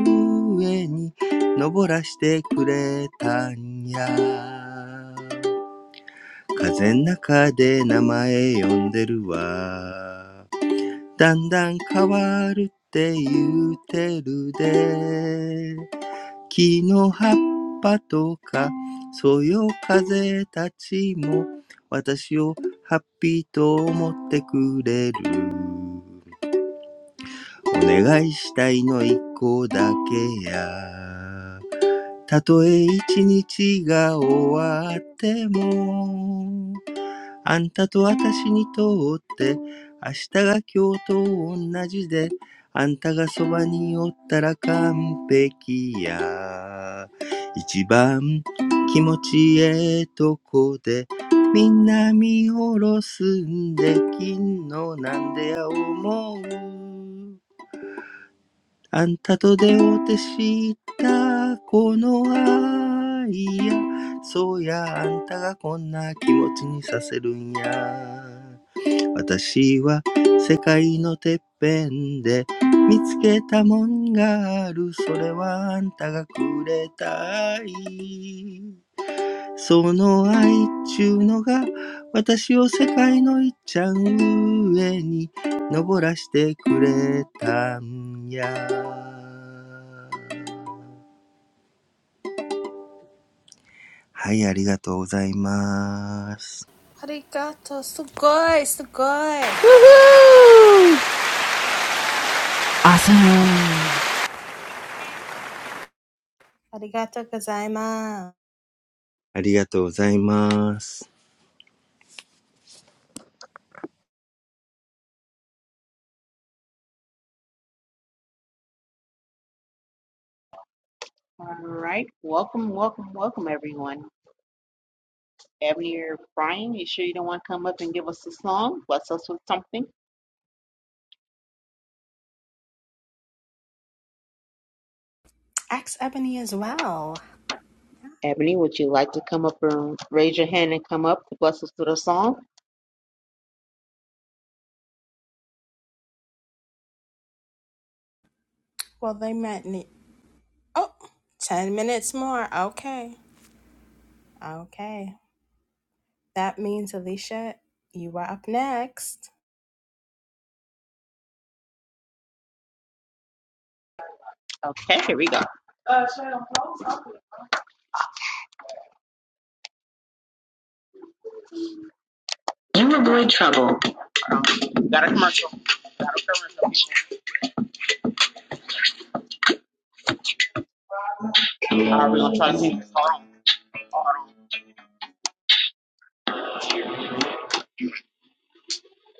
S10: 上に登らしてくれたんや。風ん中で名前呼んでるわ。だんだん変わるって言うてるで。木の葉っぱとか、そよ風たちも、私をハッピーと思ってくれる。お願いしたいの一個だけや。たとえ一日が終わっても、あんたと私にとって明日が今日と同じであんたがそばにおったら完璧や一番気持ちええとこでみんな見下ろすんで金のなんでや思うあんたと出会うて知ったこの愛やそうやあんたがこんな気持ちにさせるんや私は世界のてっぺんで見つけたもんがある。それはあんたがくれた愛。その愛っちゅうのが私を世界のいっちゃん上に登らしてくれたんや。はい、ありがとうございます。
S1: Arigato. Sugoi. Sugoi.
S7: Woohoo! Awesome.
S1: Arigato gozaimasu.
S10: ありがとうございます。
S2: All right, welcome, welcome, welcome, everyone. Ebony or Brian, you sure you don't want to come up and give us a song? Bless us with something.
S1: Ask Ebony as well.
S2: Ebony, would you like to come up and raise your hand and come up to bless us with a song?
S1: Well, they met me. Oh, ten minutes more. Okay. Okay. That means, Alicia, you are up next.
S2: Okay, here we go. You avoid trouble. Are we gonna try to sing?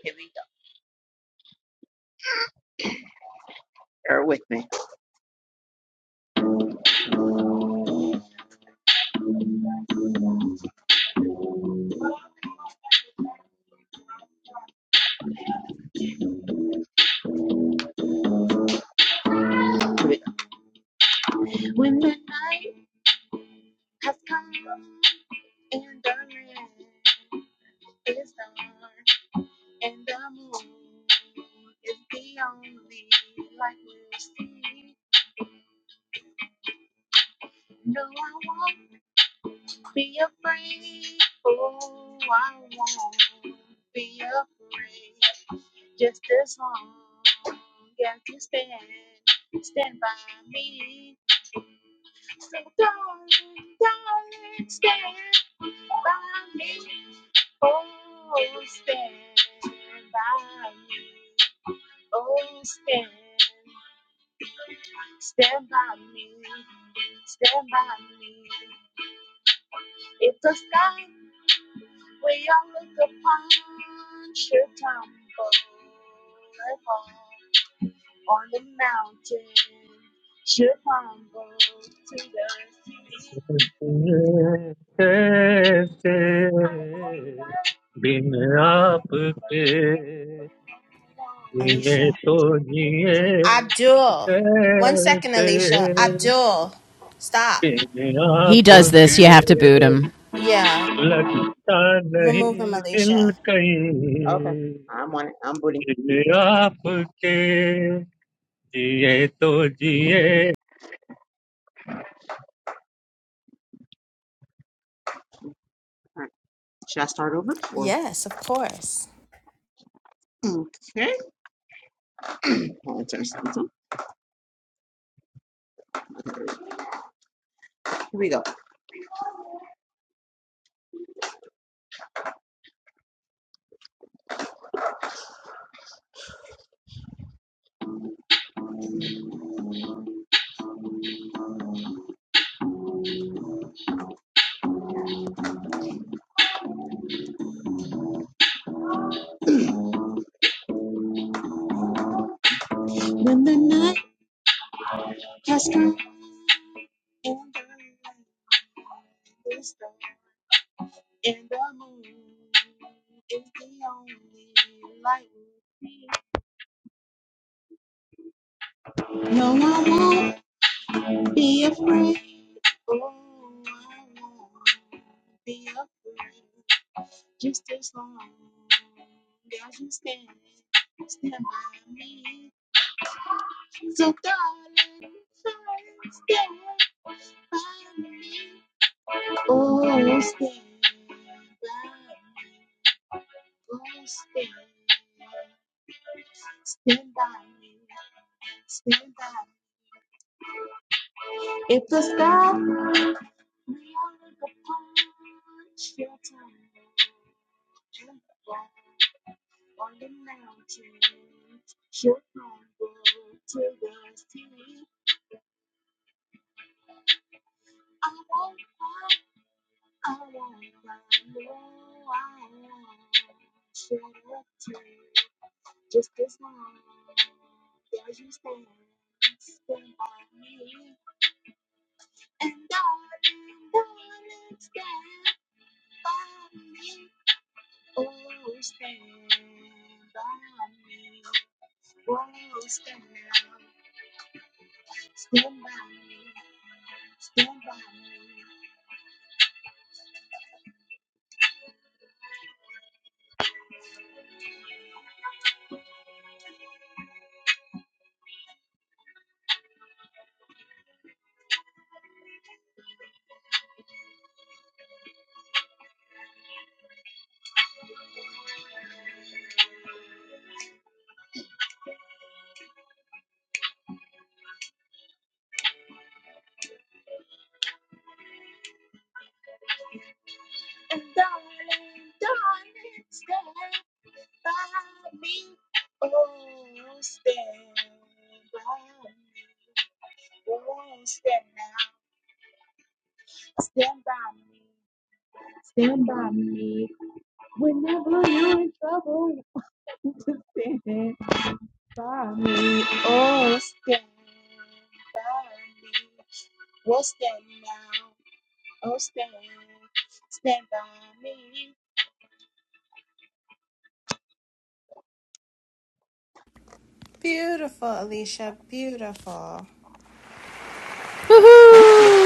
S2: Here we go. Bear with me. Here we go.
S11: कैसे बिन आपके
S1: Alicia.
S11: जिए तो जिए
S1: Abdul. One second,
S11: कैसे
S1: Alicia. Abdul, stop.
S11: Bin
S7: He
S1: Uh,
S7: does this,
S11: आपके
S7: you have to boot him.
S1: yeah,
S11: लगता नहीं
S1: remove him,
S11: दिल
S1: Alicia.
S2: Okay.
S11: कहीं
S2: I'm on it. I'm booting.
S11: बिन आपके जिए तो जिए
S2: All right. Should I start over? Or
S1: Yes, of course.
S2: okay. I'll turn something. Here we go. If the,
S1: Beautiful, Alicia. Beautiful.
S7: Woohoo!
S2: thank you.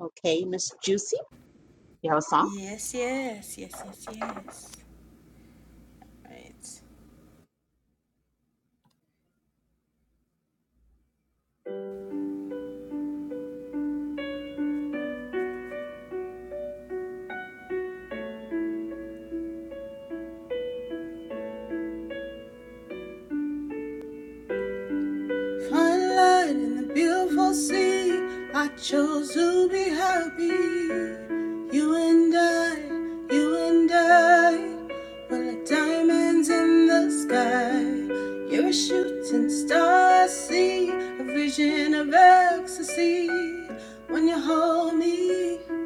S2: Okay, Miss Juicy. You have a song?
S1: Yes, yes, yes, yes, yes. Right. Fun light in the beautiful sea. I chose to be happy. And I, you and I, were like diamonds in the sky. We're shooting star, see a vision of ecstasy. When you hold me, I'm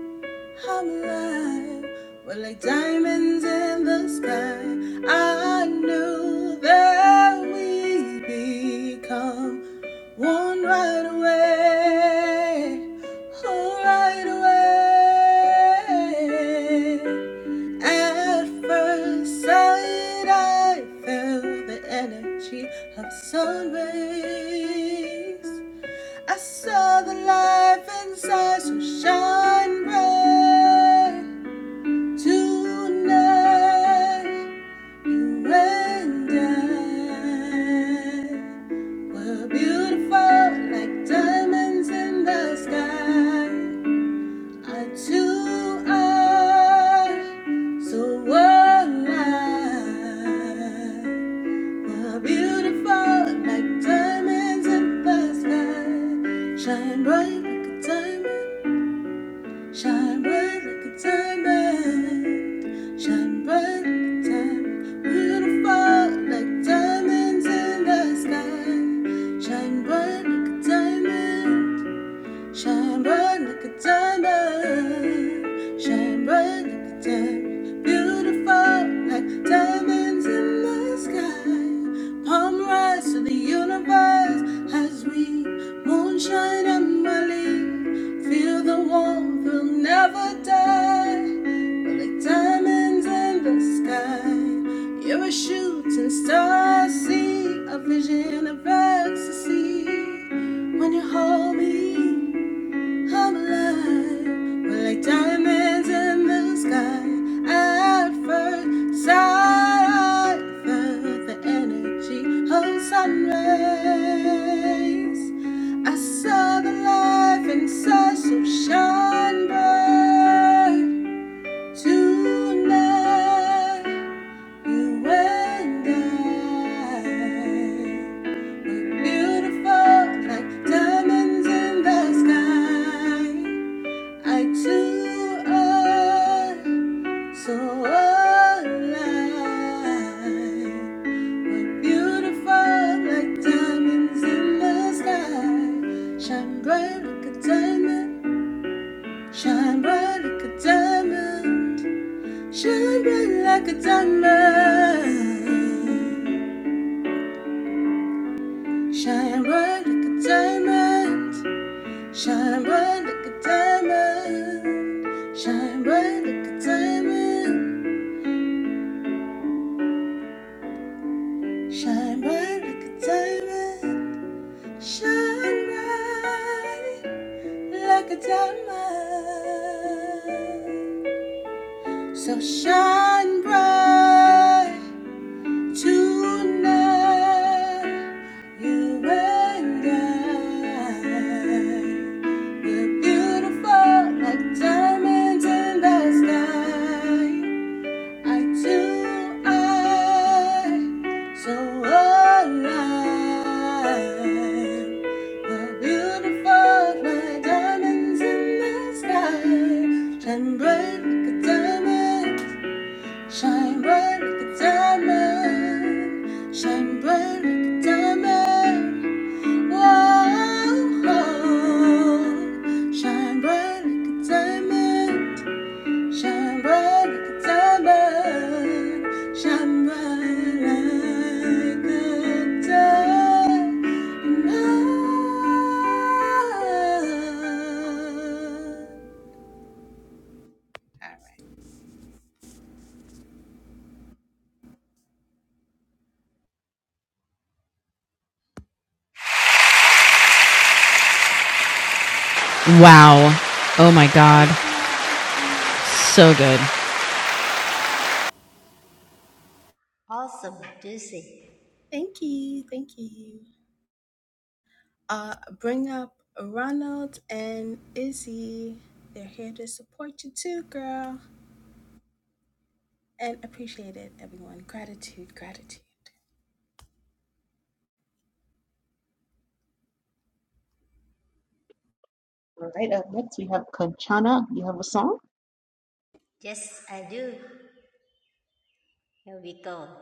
S1: alive. We're like diamonds in the sky. I knew that we'd become one right away. Oh, right away. At first sight, I felt the energy of sun rays. I saw the life inside so shine bright. Tonight, you and I were beautiful like diamonds in the sky. I too are so were beautiful like diamonds in the sky. Shine bright like a diamond, shine bright like a diamond, shine bright like a diamond. Beautiful like diamonds in the sky. Shine bright like a diamond. Shine bright like a diamond. Shine bright like a diamond. Beautiful like diamonds in the sky. Palm rise to the universe as we moonshine and Molly. Feel the warmth, we'll never die. We're like diamonds in the sky. You're a shooting star. I See a vision of ecstasy when you hold me. I'm alive. We're like diamonds in the sky. At first sight, I felt the energy of sun rays. I saw the life inside, so shine bright. Tonight, you and I we're beautiful like diamonds in the sky. I too are so alive. We're beautiful like diamonds in the sky. Shine bright like a diamond. Shine bright like a diamond. Shine bright like a diamond. Shine bright like a diamond. Shine bright like a diamond. Shine bright like a diamond. Shine bright like a diamond. Shine bright like a diamond. So shine bright tonight. You and I. We're beautiful like diamonds in the sky. eye to eye, so alive. Beautiful like diamonds in the sky. Shine bright like a diamond. Shine bright like a diamond. Shine bright like a diamond. Whoa. oh, Shine bright like a diamond like like
S7: Wow. Oh my god.
S1: Thank you, thank you,
S7: So good.
S6: Awesome, Lucy.
S1: thank you, thank you. Uh, bring up Ronald and Izzy. They're here to support you too, girl, and appreciate it, everyone. Gratitude, gratitude.
S2: All right, up next we have Kanchana. You have a song?
S6: Yes, I do. Here we go.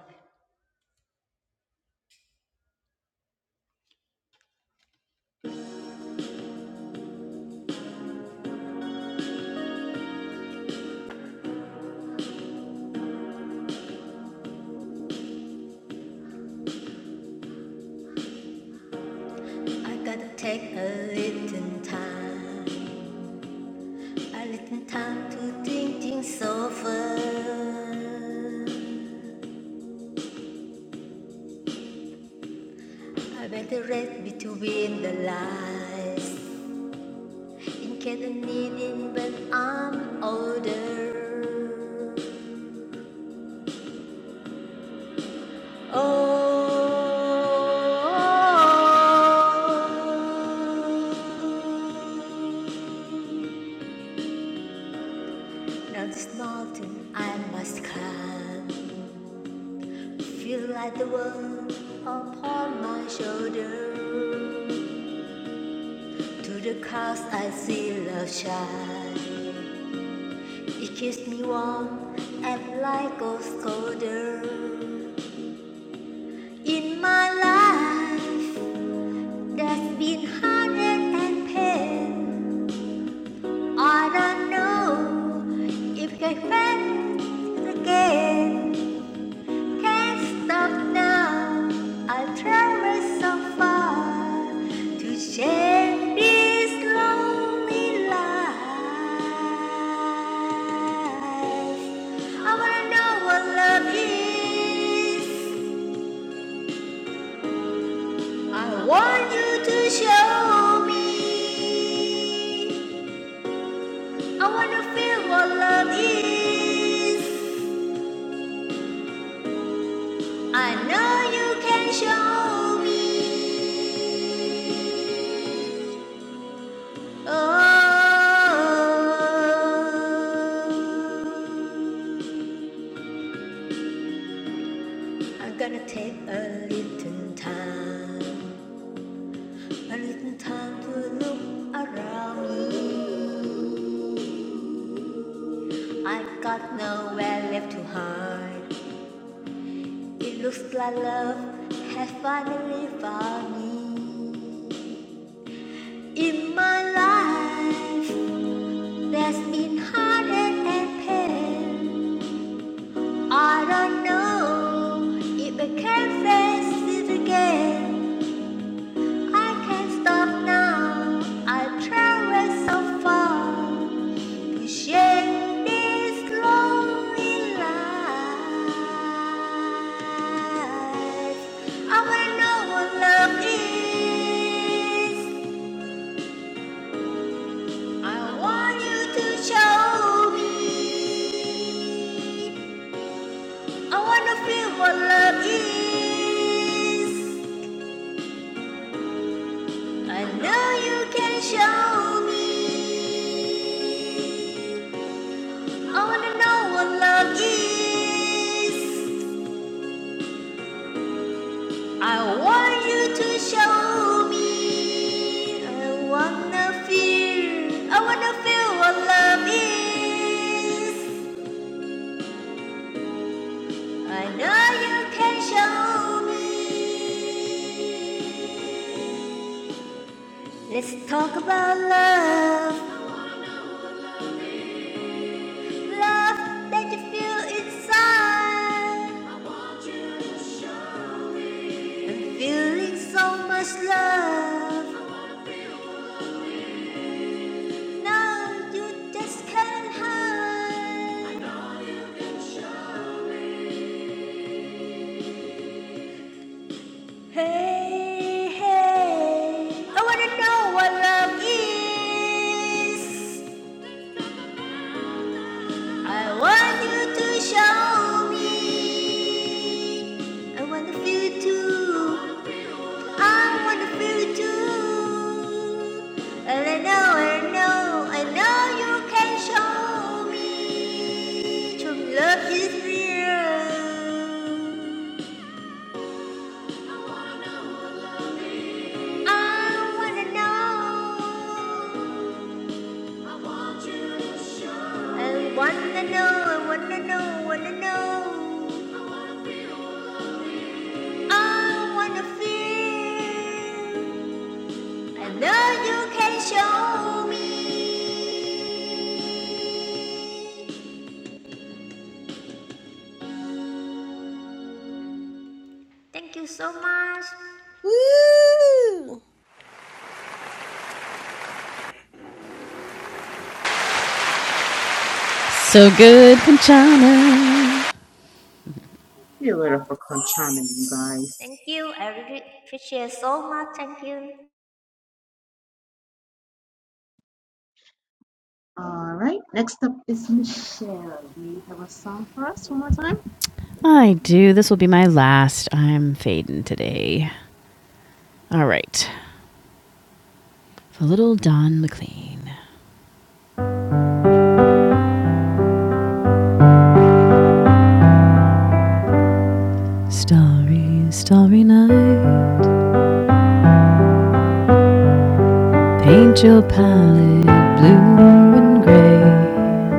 S6: I gotta take a little time, a little time to think things over. I better to read between the lines in case I need it when I'm older. Oh, now this mountain I must climb. Feel like the world upon my shoulder. To the clouds I see love shine. It keeps me warm and light goes colder. In my life, there's been heartache and pain. I don't know if I can again. Can't stop now. I've traveled so far to share this lonely life. I wanna know what love is. I want you to show me. I wanna feel what love is. I know you can show me. Oh. I'm gonna take a little time, a little time to look around me. I've got nowhere left to hide. It looks like love has finally found me. In my life, there's been heartache and pain. I don't know if I can face it again. I can't stop now. I have traveled so far. Each end this lonely life. I will know what love is. I want you to show me. I want to feel what love is. I know you can show me. I want to know what love is. I want you to show me. I wanna feel, I wanna feel what love is. I know you can show me. Let's talk about love. Love that you feel inside. I'm feeling so much love. Now you just can't hide. Hey, hey, I wanna know what love is. I want you to show me. I want to feel it too. I want to feel it too. And I know, I know, I know you can show me. True love is real. I wanna know. I wanna know, I wanna know, wanna know. I wanna feel. I know you can show me. Thank you so much.
S1: Woo!
S7: So good, Conchana.
S2: Be a little for Kanchana, you guys.
S6: Thank you. I really appreciate so much. Thank you.
S2: All right. Next up is Michelle. Do you have a song for us one more time?
S7: I do. This will be my last. I'm fading today. All right. For little Don McLean. Starry, starry night. Paint your palette blue and gray.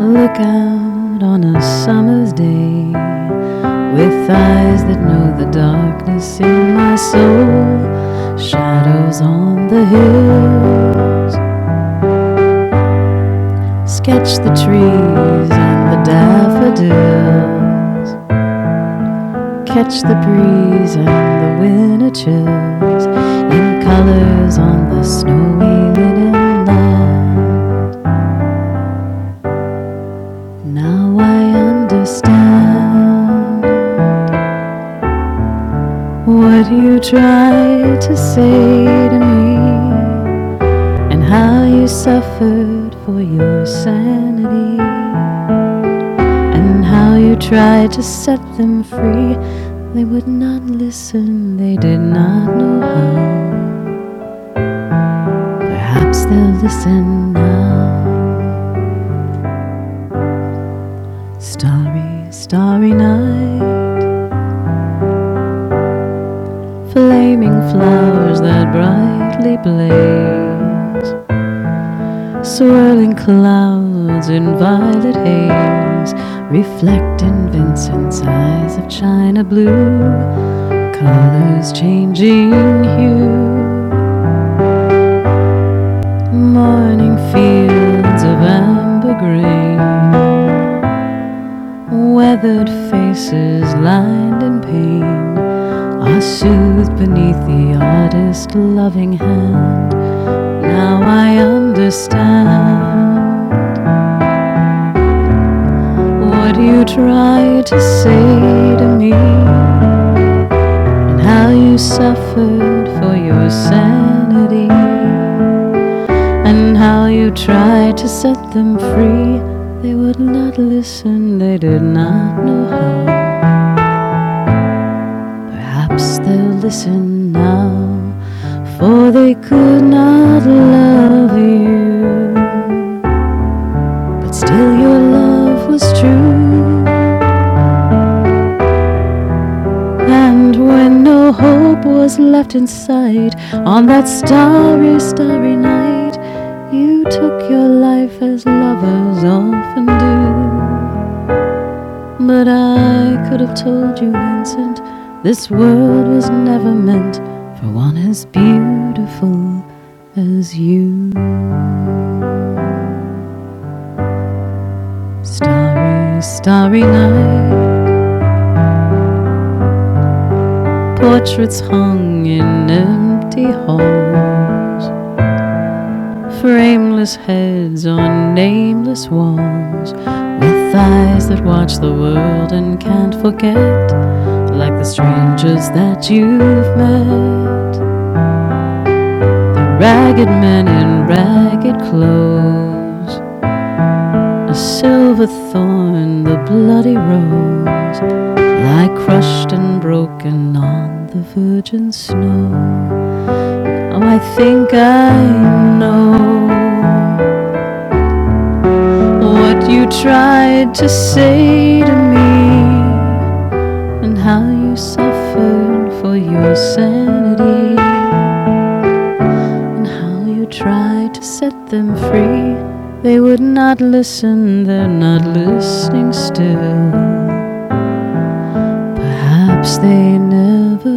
S7: Look out on a summer's day. With eyes that know the darkness in my soul. Shadows on the hills. Sketch the trees and the daffodils. Catch the breeze and the winter chills in colors on the snowy linen lawn. Now I understand what you tried to say to me and how you suffered for your sanity and how you tried to set them free. They would not listen, they did not know how. Perhaps they'll listen now. Starry, starry night, flaming flowers that brightly blaze, swirling clouds in violet haze, reflect in Vincent's eyes of china blue, colors changing hue, morning fields of amber grain. Weathered faces lined in pain are soothed beneath the artist's loving hand. Now I understand what you tried to say to me and how you suffered for your sanity and how you tried to set them free. They would not listen, they did not know how. Perhaps they'll listen now, for they could not love you. But still, your love was true. And when no hope was left in sight, on that starry, starry night, you took your life as lovers often do. But I could have told you, Vincent, this world was never meant for one as beautiful as you. Starry, starry night, portraits hung in empty halls, frameless heads on nameless walls, with eyes that watch the world and can't forget, like the strangers that you've met. Ragged men in ragged clothes, a silver thorn, the bloody rose, lie crushed and broken on the virgin snow. Oh, I think I know what you tried to say to me and how you suffered for your sanity. And how you try to set them free. They would not listen, they're not listening still. Perhaps they never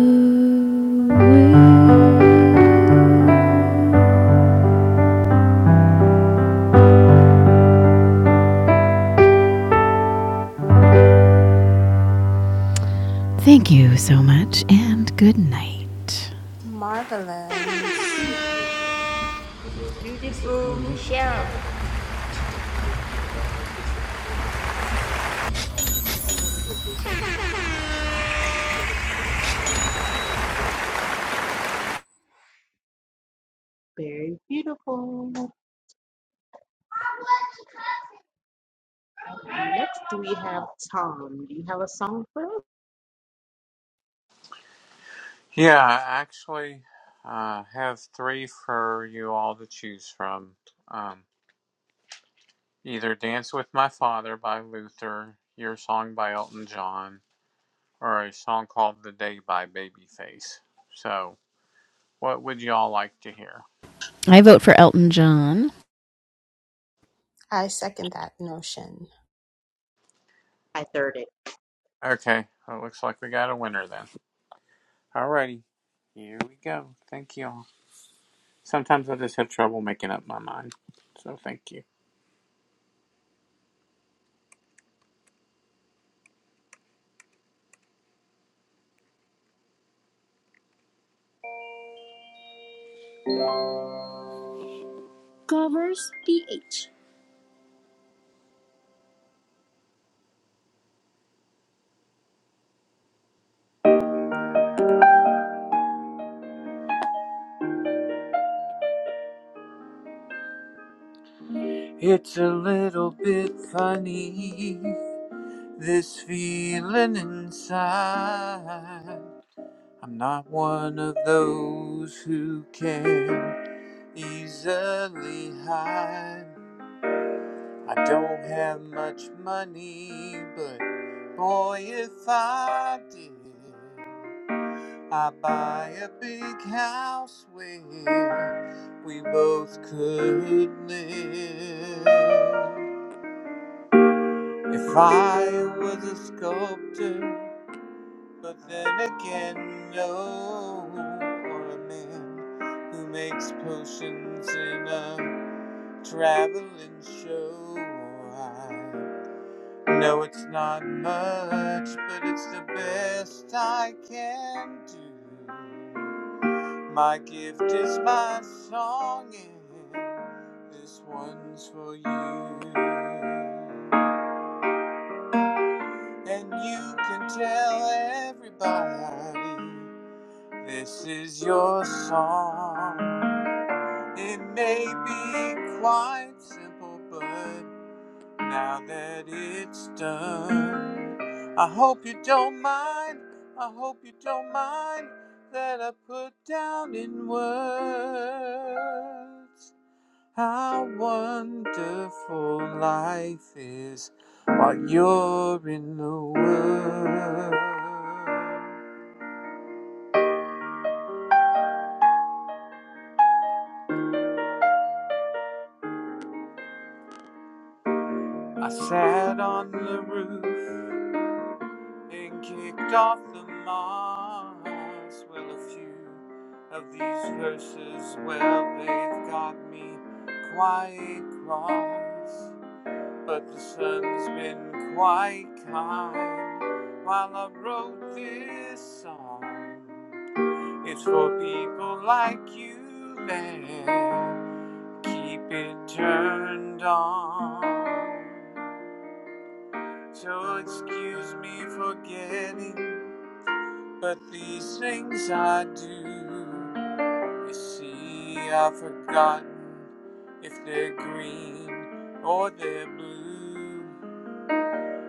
S7: will. Thank you so much, and good night.
S1: Marvelous.
S6: Beautiful Michelle.
S2: Very beautiful. Next, we have Tom. Do you have a song for us?
S8: Yeah, I actually uh, have three for you all to choose from. Um, either Dance with My Father by Luther, Your Song by Elton John, or a song called The Day by Babyface. So, what would you all like to hear?
S7: I vote for Elton John.
S1: I second that notion.
S2: I third it.
S8: Okay, well, it looks like we got a winner then. Alrighty, here we go. Thank you all. Sometimes I just have trouble making up my mind. So, thank you. Covers PH. It's a little bit funny, this feeling inside. I'm not one of those who can easily hide. I don't have much money, but boy, if I did, I'd buy a big house where we both could live. If I was a sculptor, but then again, no, or a man who makes potions in a traveling show, I know it's not much, but it's the best I can do. My gift is my song, and this one's for you. And you can tell everybody this is your song. It may be quite simple, but now that it's done, I hope you don't mind. I hope you don't mind that I put down in words. How wonderful life is while you're in the world. I sat on the roof and kicked off the moss. Well, a few of these verses, well, they've got me quite cross. But the sun's been quite kind while I wrote this song. It's for people like you that keep it turned on. So excuse me for getting, but these things I do. You see, I've forgotten if they're green or they're blue.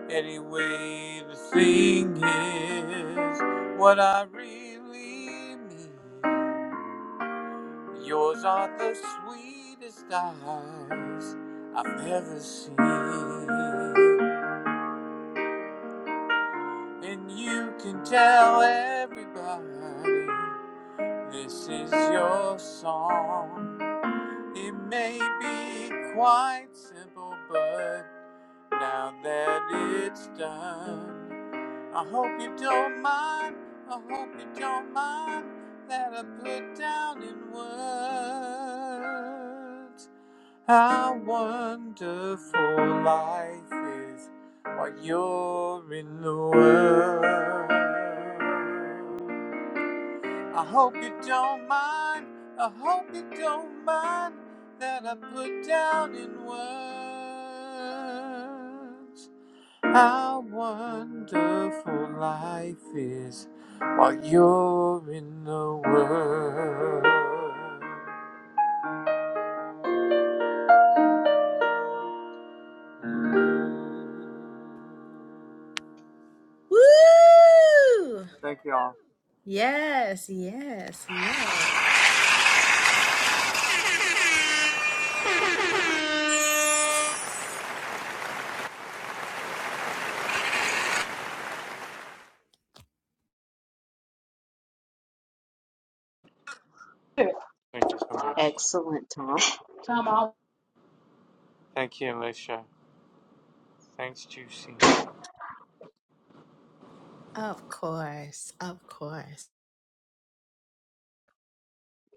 S8: Anyway, the thing is, what I really mean. Yours are the sweetest eyes I've ever seen. And you can tell everybody this is your song. It may be quite simple, but now that it's done, I hope you don't mind. I hope you don't mind that I put down in words. How wonderful life is while you're in the world. I hope you don't mind, I hope you don't mind that I put down in words how wonderful life is while you're in the world.
S1: Woo!
S8: Thank you all.
S1: Yes, yes, yes.
S2: Sure.
S8: Thank you so much.
S2: Excellent, Tom. Tom, I'll-
S8: Thank you, Alicia. thanks juicy.
S1: Of course, of course.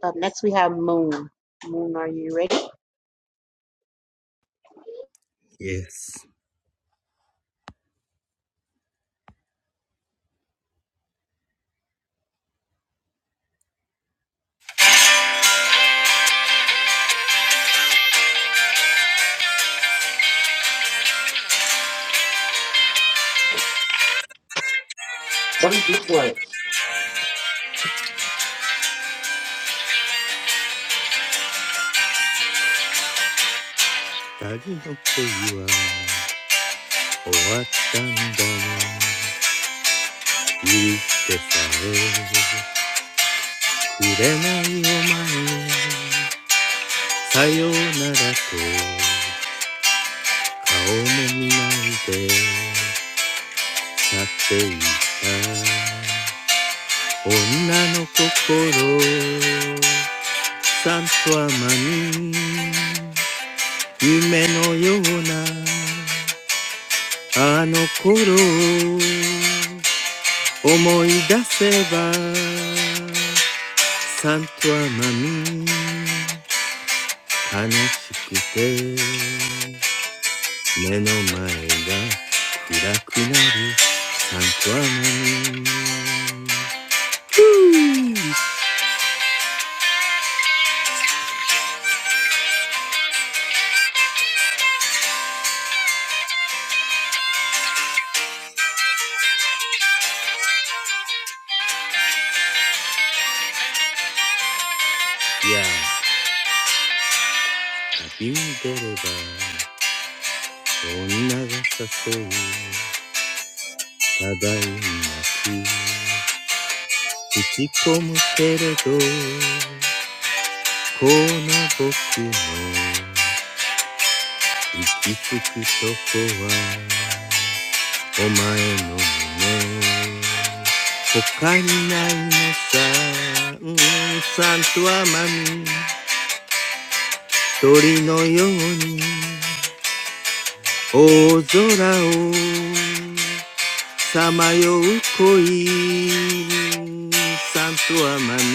S2: up next we have Moon. Moon, are you ready?
S10: Yes。二人の恋は終わったんだな許してさえくれないお前さようならと顔も見ないで去っていった女の心さんとアマに夢のようなあの頃を思い出せばサントアマミー悲しくて目の前が暗くなるサントアマミーいや旅に出れば女が誘うただいまく打ち込むけれどこの僕の行き着くとこはお前の胸他にないのさうんサンとアマミ鳥のように大空をさまよう恋サンとアマミ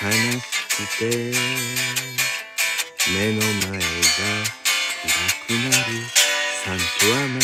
S10: 悲しくて目の前が暗くなるサンとアマミ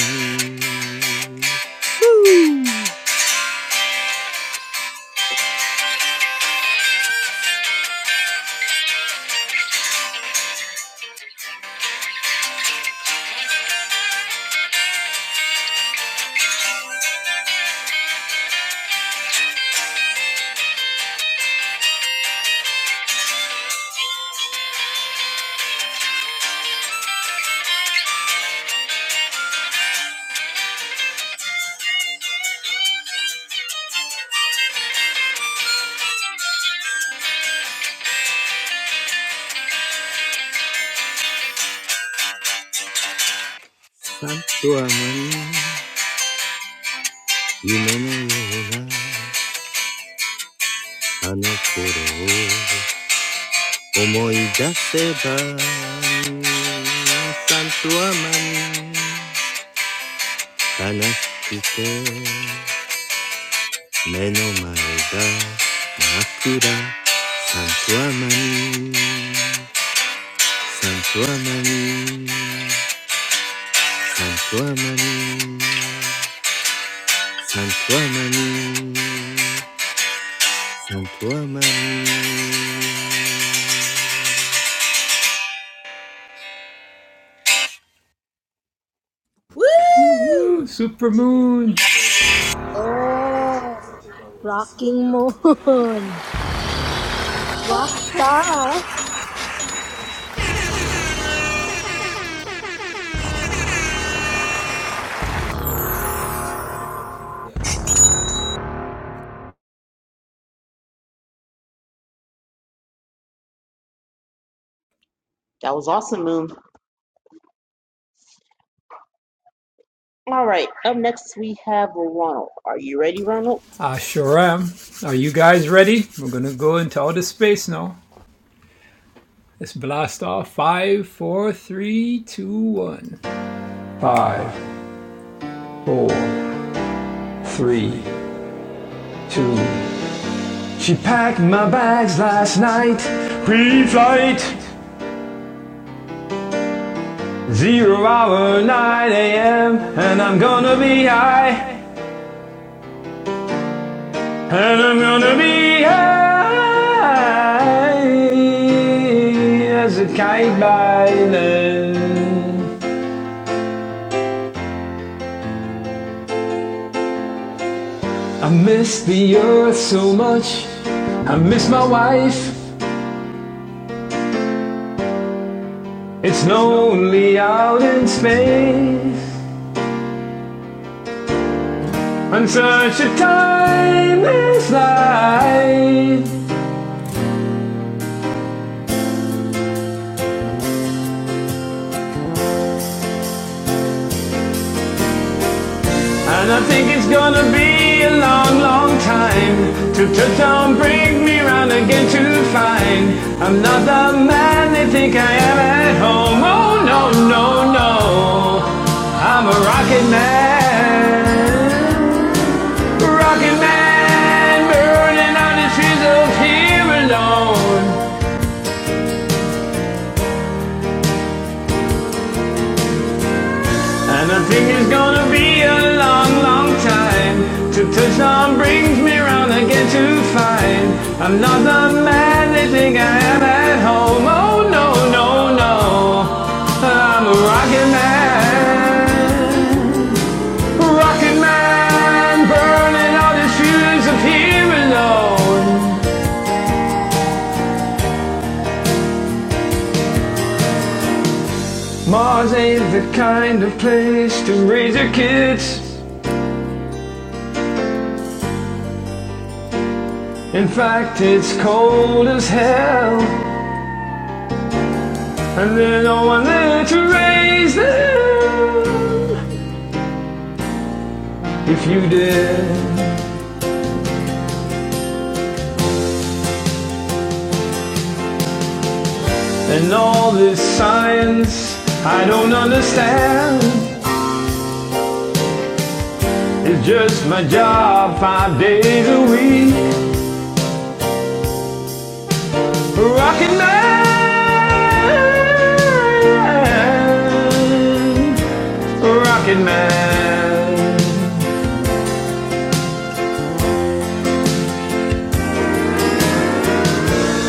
S10: さっとは何夢のようなあの頃を思い出せばサンとは何悲しくて目の前が真っ暗サンとは何サンとは何サンとは何サンとは何サンとは何
S1: Woo!
S12: Super moon.
S13: Oh, rocking moon, rock star.
S2: That was awesome, Moon. All right. Up next we have Ronald. Are you ready, Ronald?
S12: I sure am. Are you guys ready? We're gonna go into outer space now. Let's blast off. Five, four, three, two, one. Five, four, three, two. She packed my bags last night, pre-flight, zero hour, 9 a.m., and I'm gonna be high. And I'm gonna be high as a kite by then. I miss the earth so much. I miss my wife. It's lonely out in space on such a timeless night. And I think it's gonna be a long, long time to to town bring me round again to find I'm not the man they think I am at home. Oh no, no, no, I'm a rocket man. Rocket man burning out the trees of here alone. And I think it's gonna be a long, long time To touchdown brings me round again to find I'm not the man they think I am at home Oh no, no, no I'm a rocket man Rocket man Burning all the fuels up here alone Mars ain't the kind of place to raise your kids In fact, it's cold as hell And there's no one there to raise them if you did. And all this science I don't understand. It's just my job five days a week. Rocket Man. Rocket Man.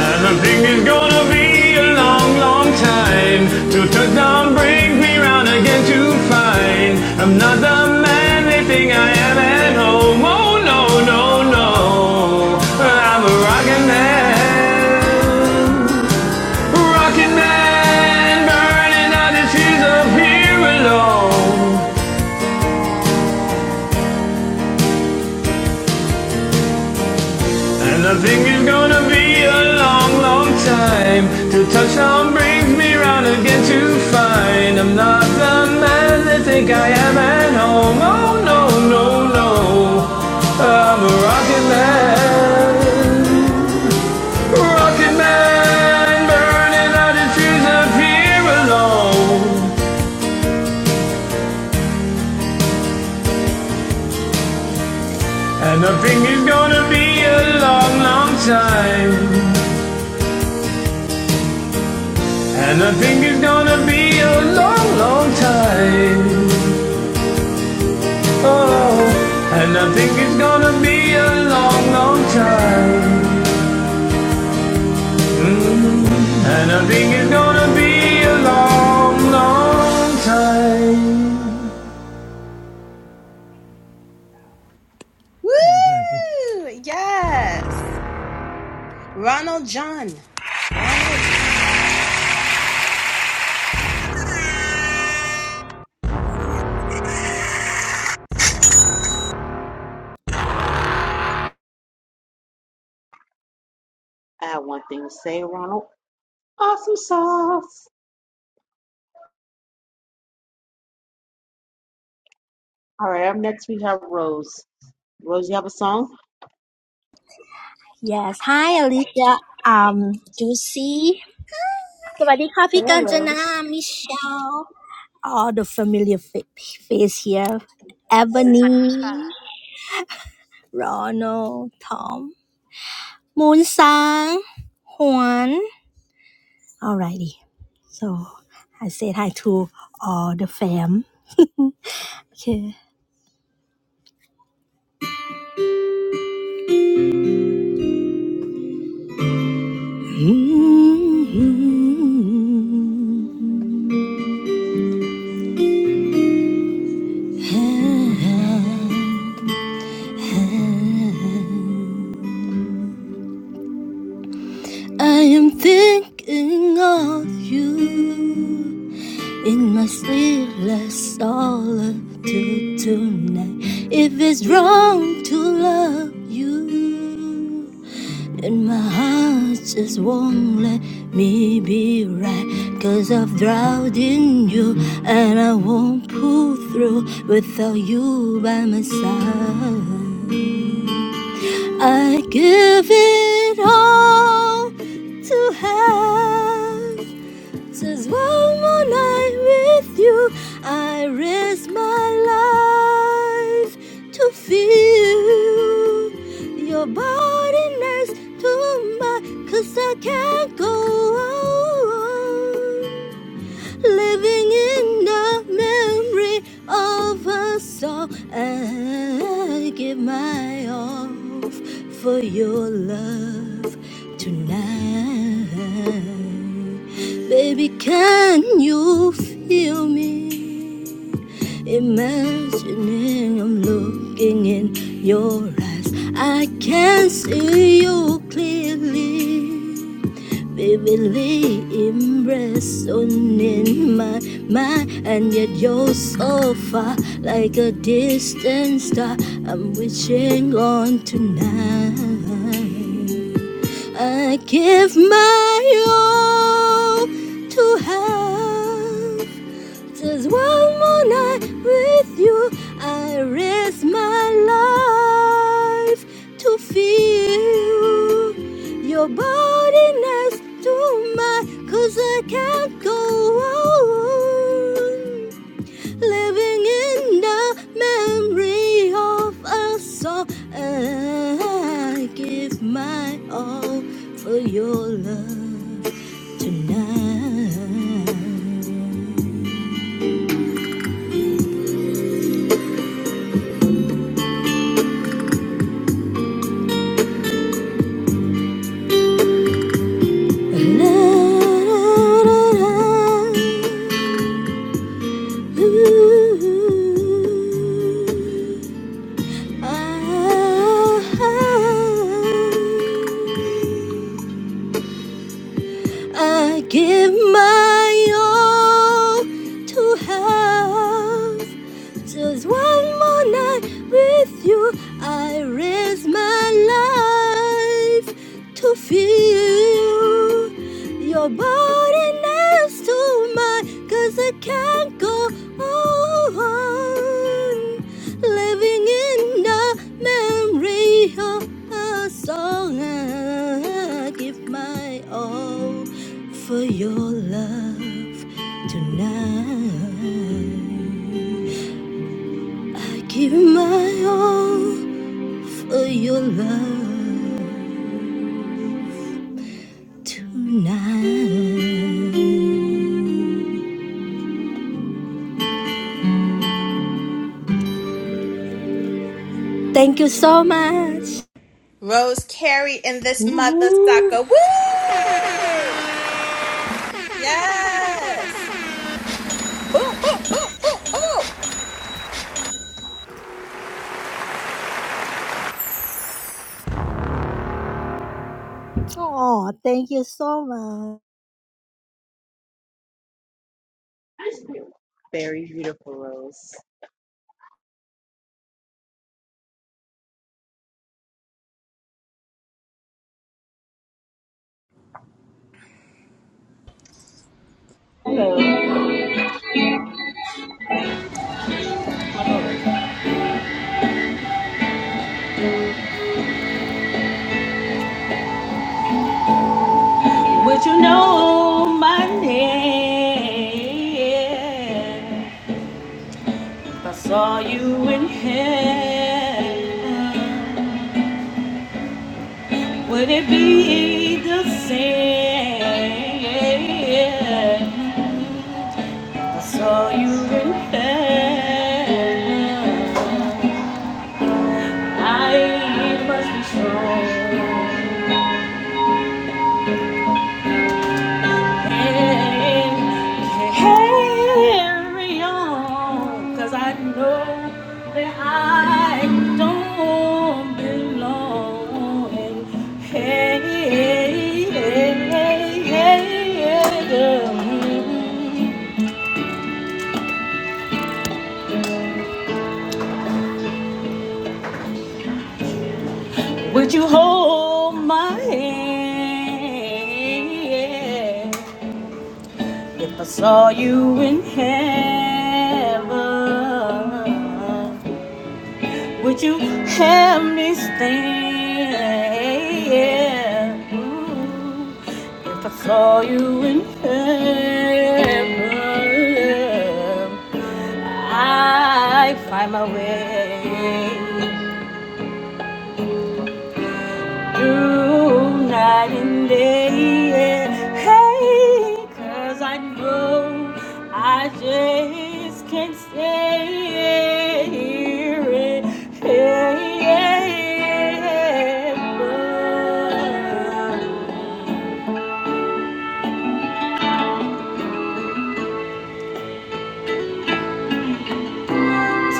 S12: And I think it's gonna be a long, long time till touchdown brings me round again to find I'm not the man they think I am at home. Oh no, no, no, I'm a rockin' man, rockin' man, burning out the seas of here alone. And I think it's gonna be a long, long time till touchdown brings me round again to find I'm not the man they think I am at home. Oh no, no, no, I'm a rocket man, rocket man, burning out his fuse up here alone. And I think it's gonna be a long, long time. And I think it's gonna be a long, long time. Oh, and I think it's gonna be a long, long time. And I think it's gonna be a long, long time. Thank you.
S1: Woo! Yes! Ronald John, Ronald. John.
S2: I have one thing to say, Ronald. Awesome sauce. All right. Up next we have Rose. Rose, you have a song?
S13: Yes, hi Alicia. Um, Juicy. สวัสดีค่ะพี่กาญจนา Michelle. All the familiar fa- face here. Ebony, Ronald, Tom, Moon Sang, Juan. Alrighty. So I said hi to all the fam. okay. Mm-hmm. I am thinking of you. In my sleepless solitude tonight, if it's wrong to love you, then my heart just won't let me be right. Cause I've drowned in you, and I won't pull through without you by my side. I give it all to have Says one more night with you, I risk my life to feel your body next to mine, 'cause I can't go on living in the memory of us all. I give my all for your love tonight. Baby, can you feel me? Imagining I'm looking in your eyes, I can see you clearly. Vividly impressed on in my mind, and yet you're so far, like a distant star. I'm wishing on tonight. I give my all to have just one more night with you, I risk my life to feel your body next to mine. 'Cause I can't go on living in the memory of a song. I give my all for your love tonight. I give my all to have Just one more night with you, I risk my life to feel your body next to mine. 'Cause I can't go on living in the memory of a song. I give my all for your love tonight. I give my all for your love tonight. Thank you so much.
S1: Rose Carey in this mother sucker. Woo! Yes! Boo, boo, boo, boo, boo.
S13: Oh, thank you so much.
S2: Very beautiful, Rose.
S4: Hello. Would you know my name? If I saw you in heaven, would it be the same? If I saw you in heaven, I must be strong. Carry on, 'cause I know that I don't belong. And hey, hey, hey, hey, hey, girl, would you hold my hand if I saw you in heaven? Would you have me stay? Mm, If I saw you in heaven, I'd find my way through night and day. yeah. Hey, 'cause I know I just can't stay here. and- yeah,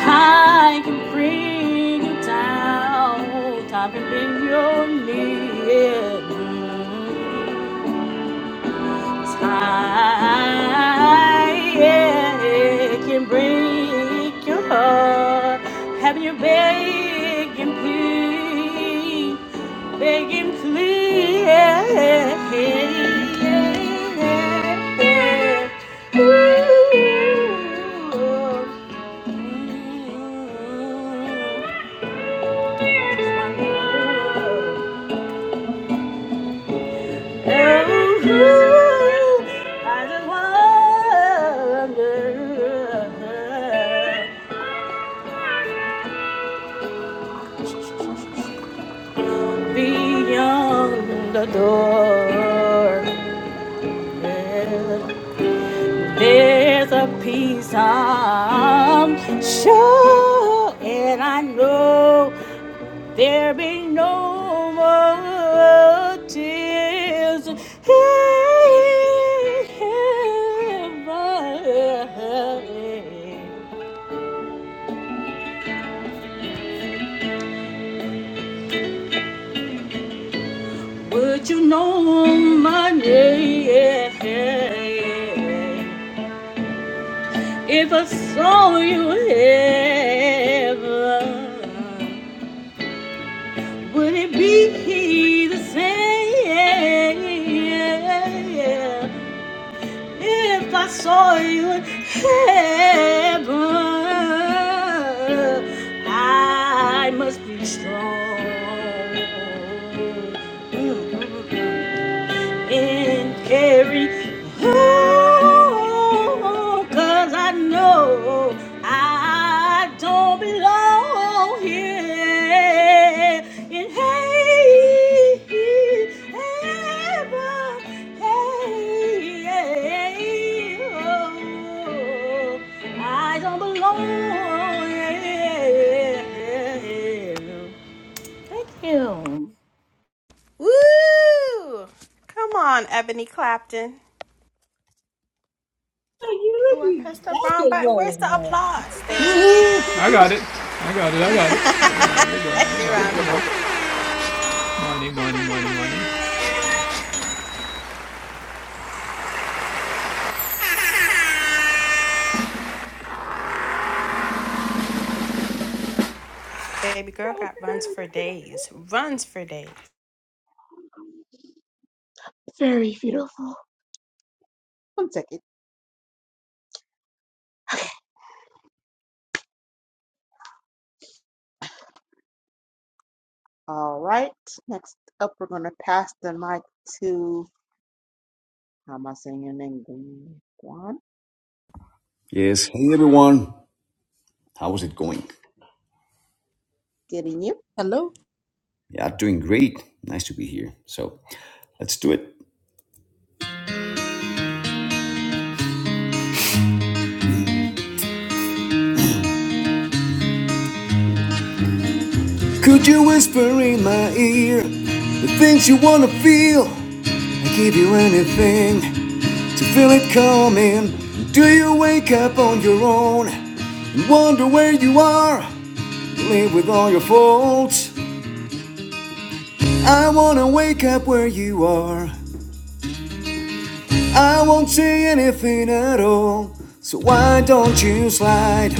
S4: Time can bring you down, time can bring your knee. yeah. Time yeah, it can break your heart. Have you begging, please, begging, please? Ooh. mm, my love. Ooh, I just wonder beyond the door. There's a peace I'm sure, and I know there be no more tears in heaven. Would you know my name if I saw you ever? Would it be the same if I saw you ever? I must be strong. and carry on. Cause I know I don't belong here in heaven. Hey, oh, I don't belong here. Thank you.
S1: Woo! Come on, Ebony Clapton.
S4: Thank you.
S1: Ooh, I pressed the
S4: Thank
S1: wrong
S4: you
S1: button. Where's the applause? There it is.
S12: Woohoo! I got it. I got it. I got it. There we go. There
S1: Thank
S12: we
S1: you,
S12: go. There we
S1: Rhonda.
S12: go. Money, money, money, money.
S1: Baby girl got runs for days. Runs for days.
S2: Very beautiful. One second. All right. Next up, we're going to pass the mic to, how am I saying your name? Guan.
S14: Yes. Hey everyone. How is it going?
S2: Getting you.
S15: Hello.
S14: Yeah, doing great. Nice to be here. So let's do it. Could you whisper in my ear the things you wanna feel? I give you anything to feel it coming. Do you wake up on your own and wonder where you are? You live with all your faults. I wanna wake up where you are. I won't say anything at all. So why don't you slide?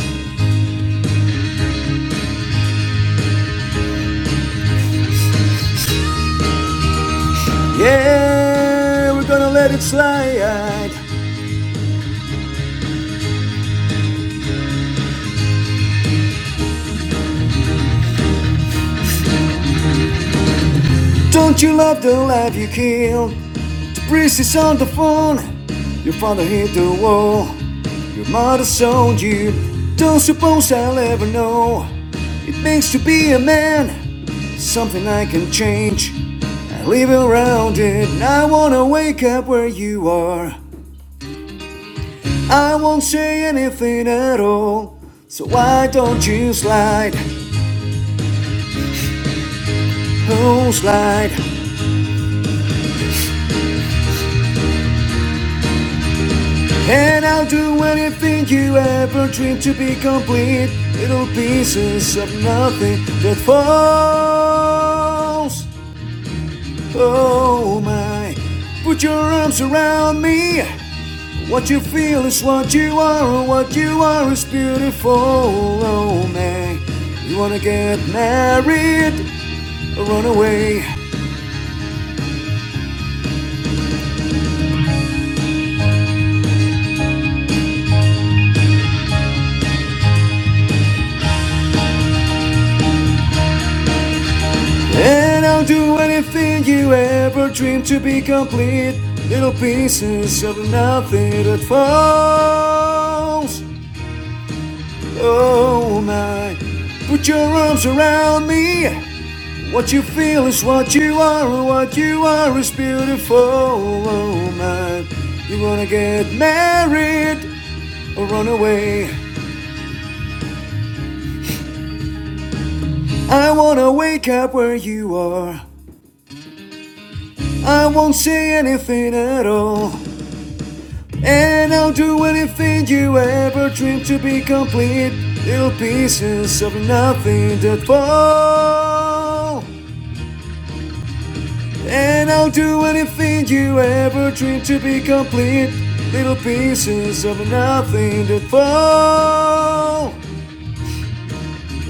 S14: Yeah, we're gonna let it slide. Don't you love the life you killed? The priest is on the phone. Your father hit the wall. Your mother sold you. Don't suppose I'll ever know. It means to be a man. Something I can change. I live around it. and I wanna wake up where you are. I won't say anything at all. So why don't you slide? Oh, slide. And I'll do anything you ever dreamed to be complete. Little pieces of nothing that falls. Oh my. Put your arms around me. What you feel is what you are. What you are is beautiful. Oh my. You wanna get married or run away? And I'll do anything you ever dreamed to be complete. Little pieces of nothing that falls. Oh my. Put your arms around me. What you feel is what you are, and what you are is beautiful. Oh my. You wanna get married or run away? I wanna wake up where you are. I won't say anything at all. And I'll do anything you ever dreamed to be complete. Little pieces of nothing that fall. And I'll do anything you ever dreamed to be complete. Little pieces of nothing that fall.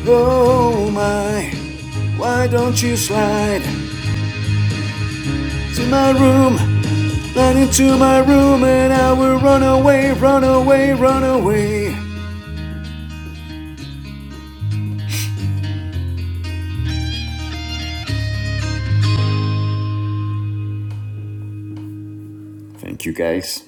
S14: Oh my, why don't you slide to my room? Slide into my room and I will run away, run away, run away. Thank you guys.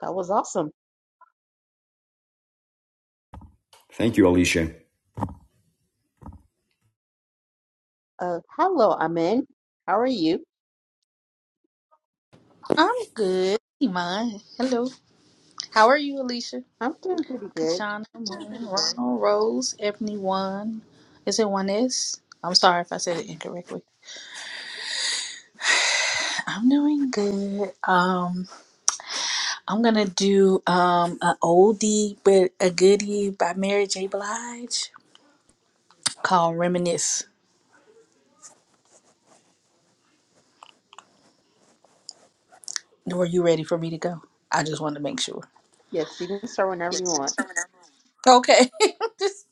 S2: That was awesome.
S14: Thank you, Alicia.
S2: Uh, hello, Amen. How are you?
S15: I'm good. Iman. Hello. How are you, Alicia?
S2: I'm doing pretty good.
S15: Kachana, Moon, Ronald, Rose, Ebony, One. Is it one S? I'm sorry if I said it incorrectly. I'm doing good. Um, I'm gonna do um an oldie but a goodie by Mary J. Blige called "Reminisce." Were you ready for me to go? I just wanted to make sure.
S2: Yes, you can start whenever you want.
S15: Okay. Just-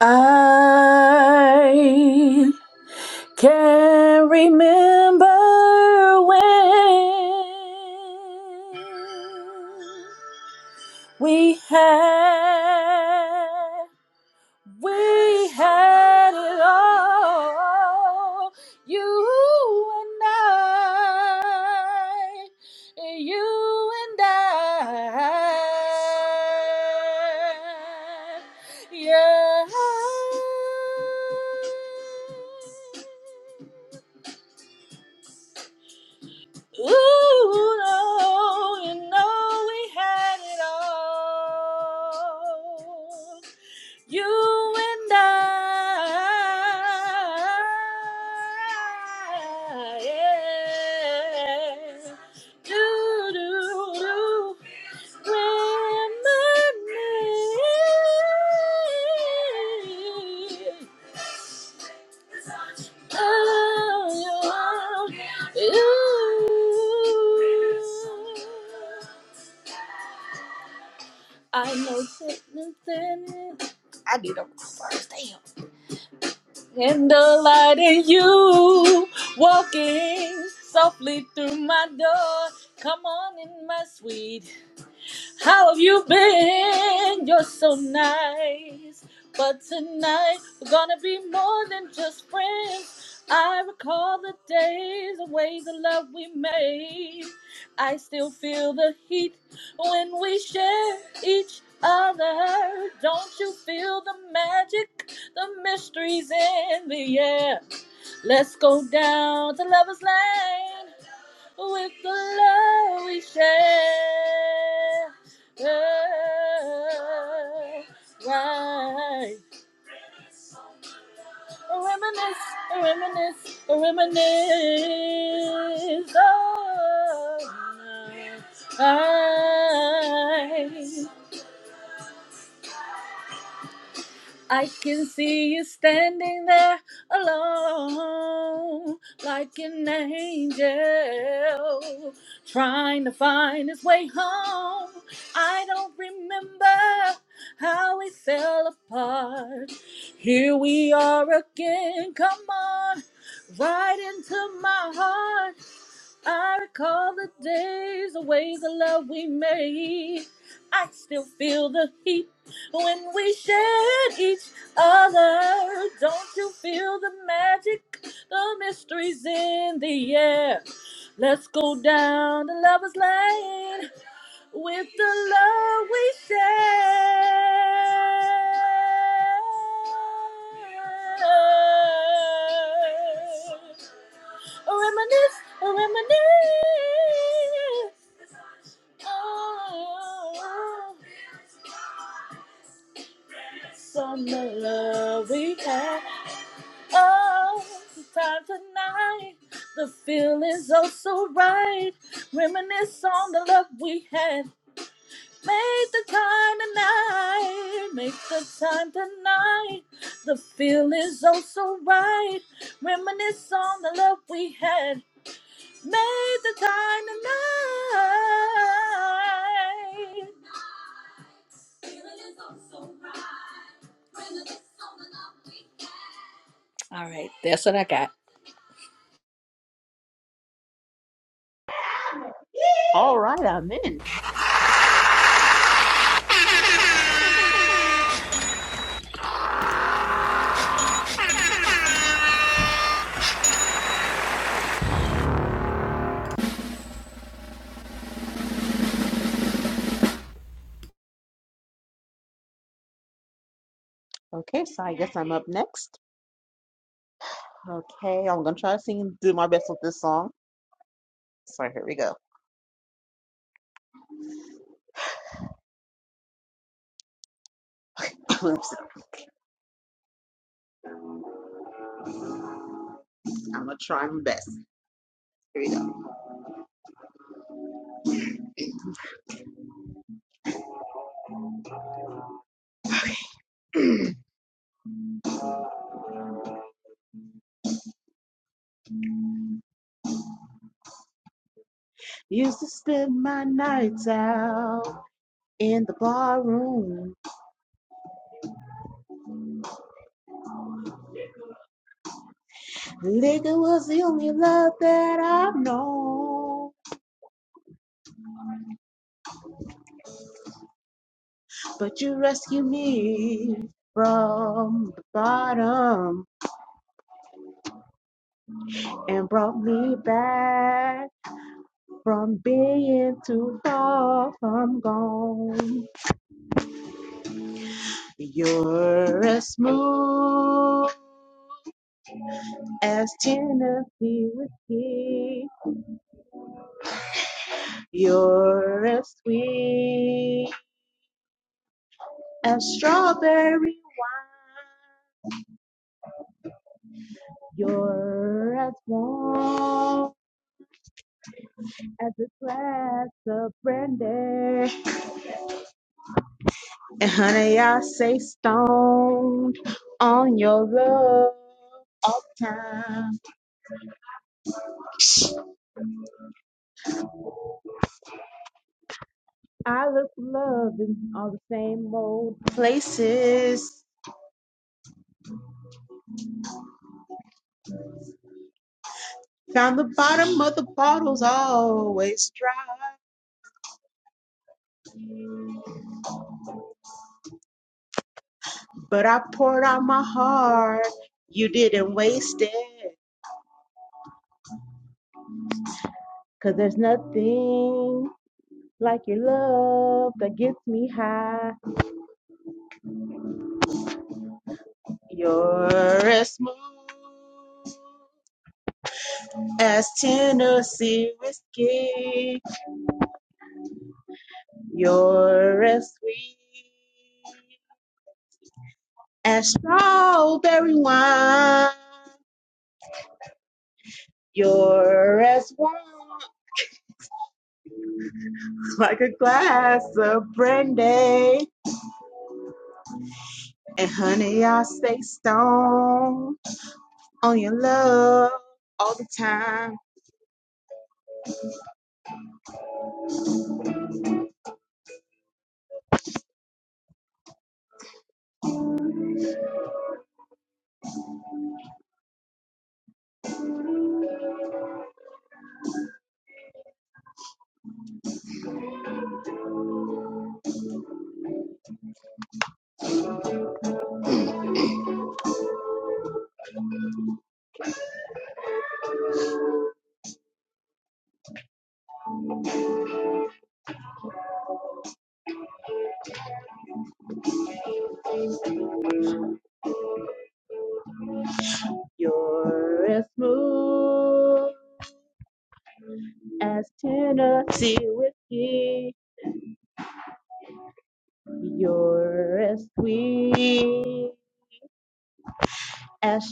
S15: I Can't remember when we had we had it all. You and I, you and I, yeah. Ooh, Lord, you know we had it all. You and I. Yeah. Do, do, do. Reminisce. Oh, I know sickness and I need a damn. And the light in you walking softly through my door. Come on in, my sweet. How have you been? You're so nice. But tonight we're gonna be more than just friends. I recall the days, the ways of love we made. I still feel the heat when we share each other. Don't you feel the magic? The mystery's in the air. Let's go down to Lover's Lane with the love we share. Oh, Right. Reminisce, reminisce, reminisce. Oh, I. I can see you standing there alone, like an angel, trying to find his way home. I don't remember how we fell apart. Here we are again, come on, right into my heart. I recall the days, the ways of love we made. I still feel the heat when we shared each other. Don't you feel the magic? The mystery's in the air. Let's go down the lover's lane with the love we share. Reminisce, reminisce. Oh. From the love we had. Oh, the time tonight. The feeling's oh so right. Reminisce on the love we had. Make the time tonight. Make the time tonight. The feeling's oh so right. Reminisce on the love we had. Made the time to All right, that's what I got.
S2: All right, Amin. Okay, so I guess I'm up next. Okay, I'm gonna try to sing, do my best with this song. So here we go. I'm gonna try my best. Here we go. Used to spend my nights out in the bar room. Liquor was the only love that I've known. But you rescued me from the bottom and brought me back from being too far from gone. You're as smooth as Tennessee whiskey. You're as sweet as strawberry wine. You're as warm as a glass of brandy. And honey, I say stoned on your love all the time. I look for love in all the same old places. Found the bottom of the bottles always dry. But I poured out my heart. You didn't waste it. Cause there's nothing like your love that gets me high. You're as smooth as Tennessee whiskey. You're as sweet as strawberry wine. You're as warm like a glass of brandy. And honey, I stay stoned. on your love all the time. Be with me as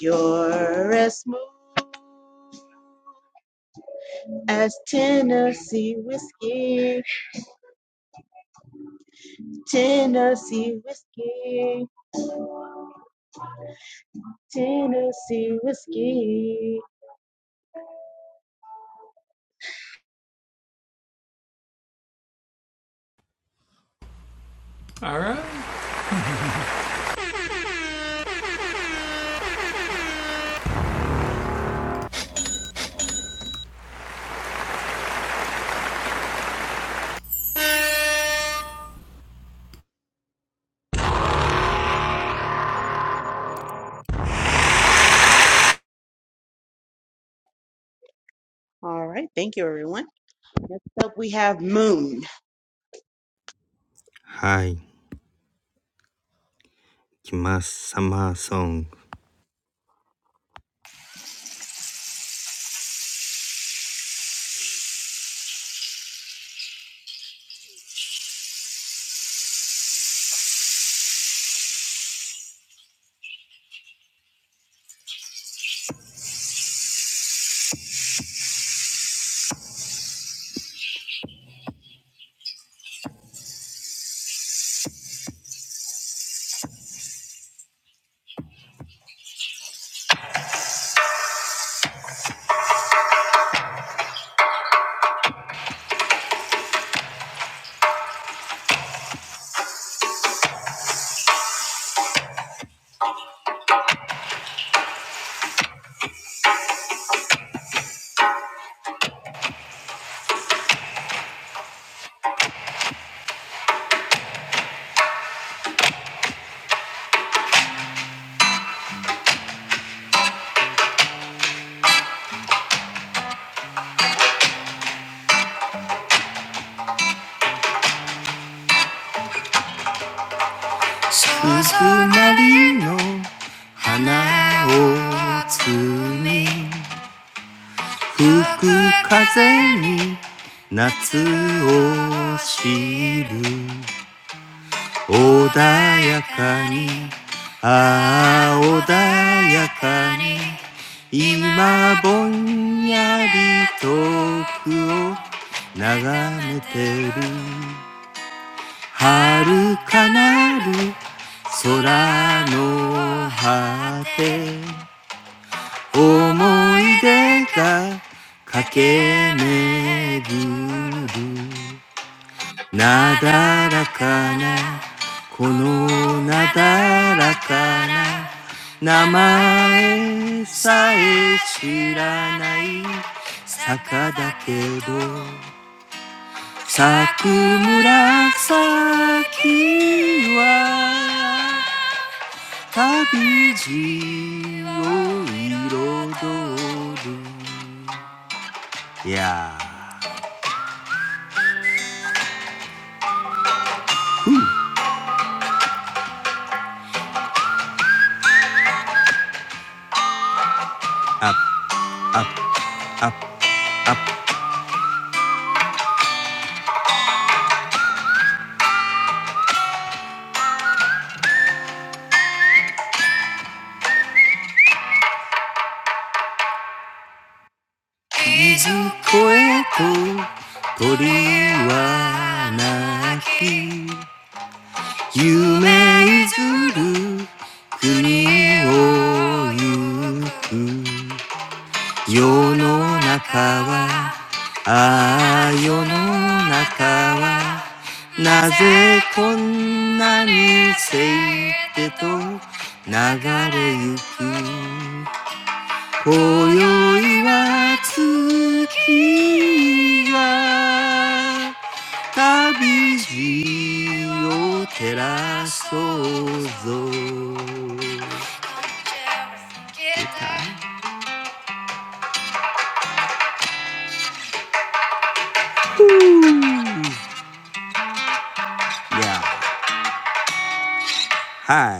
S2: you're as smooth as Tennessee whiskey. All right, thank you, everyone. Next up, we have Moon.
S10: はい。きますサマーソング鈴なりの花を摘み吹く風に夏を知る穏やかにああ穏やかに今ぼんやり遠くを眺めてる遥かなる空の果て思い出が駆け巡るなだらかなこのなだらかな名前さえ知らない坂だけど咲く紫は旅路を彩る。やーふー、あっ、あっ、あっ、あっ。水越と鳥は鳴き、夢譲る国を行く。世の中はああ世の中はなぜこんなにせいてと流れゆく今宵は月が旅路を照らそうぞ出た Yeah. はい。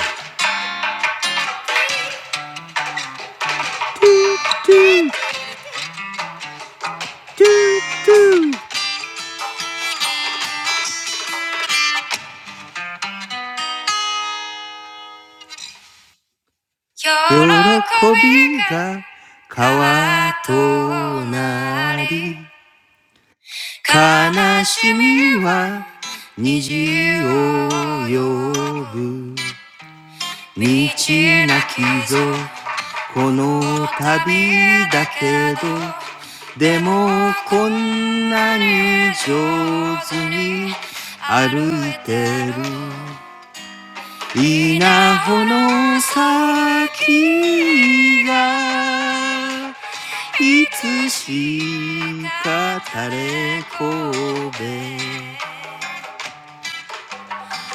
S10: トゥトゥ喜トびゥトゥ。喜びがが川となり、悲しみは虹を呼ぶ。道なきぞ、この旅だけど、でもこんなに上手に歩いてる。稲穂の先がいつしか垂れこべ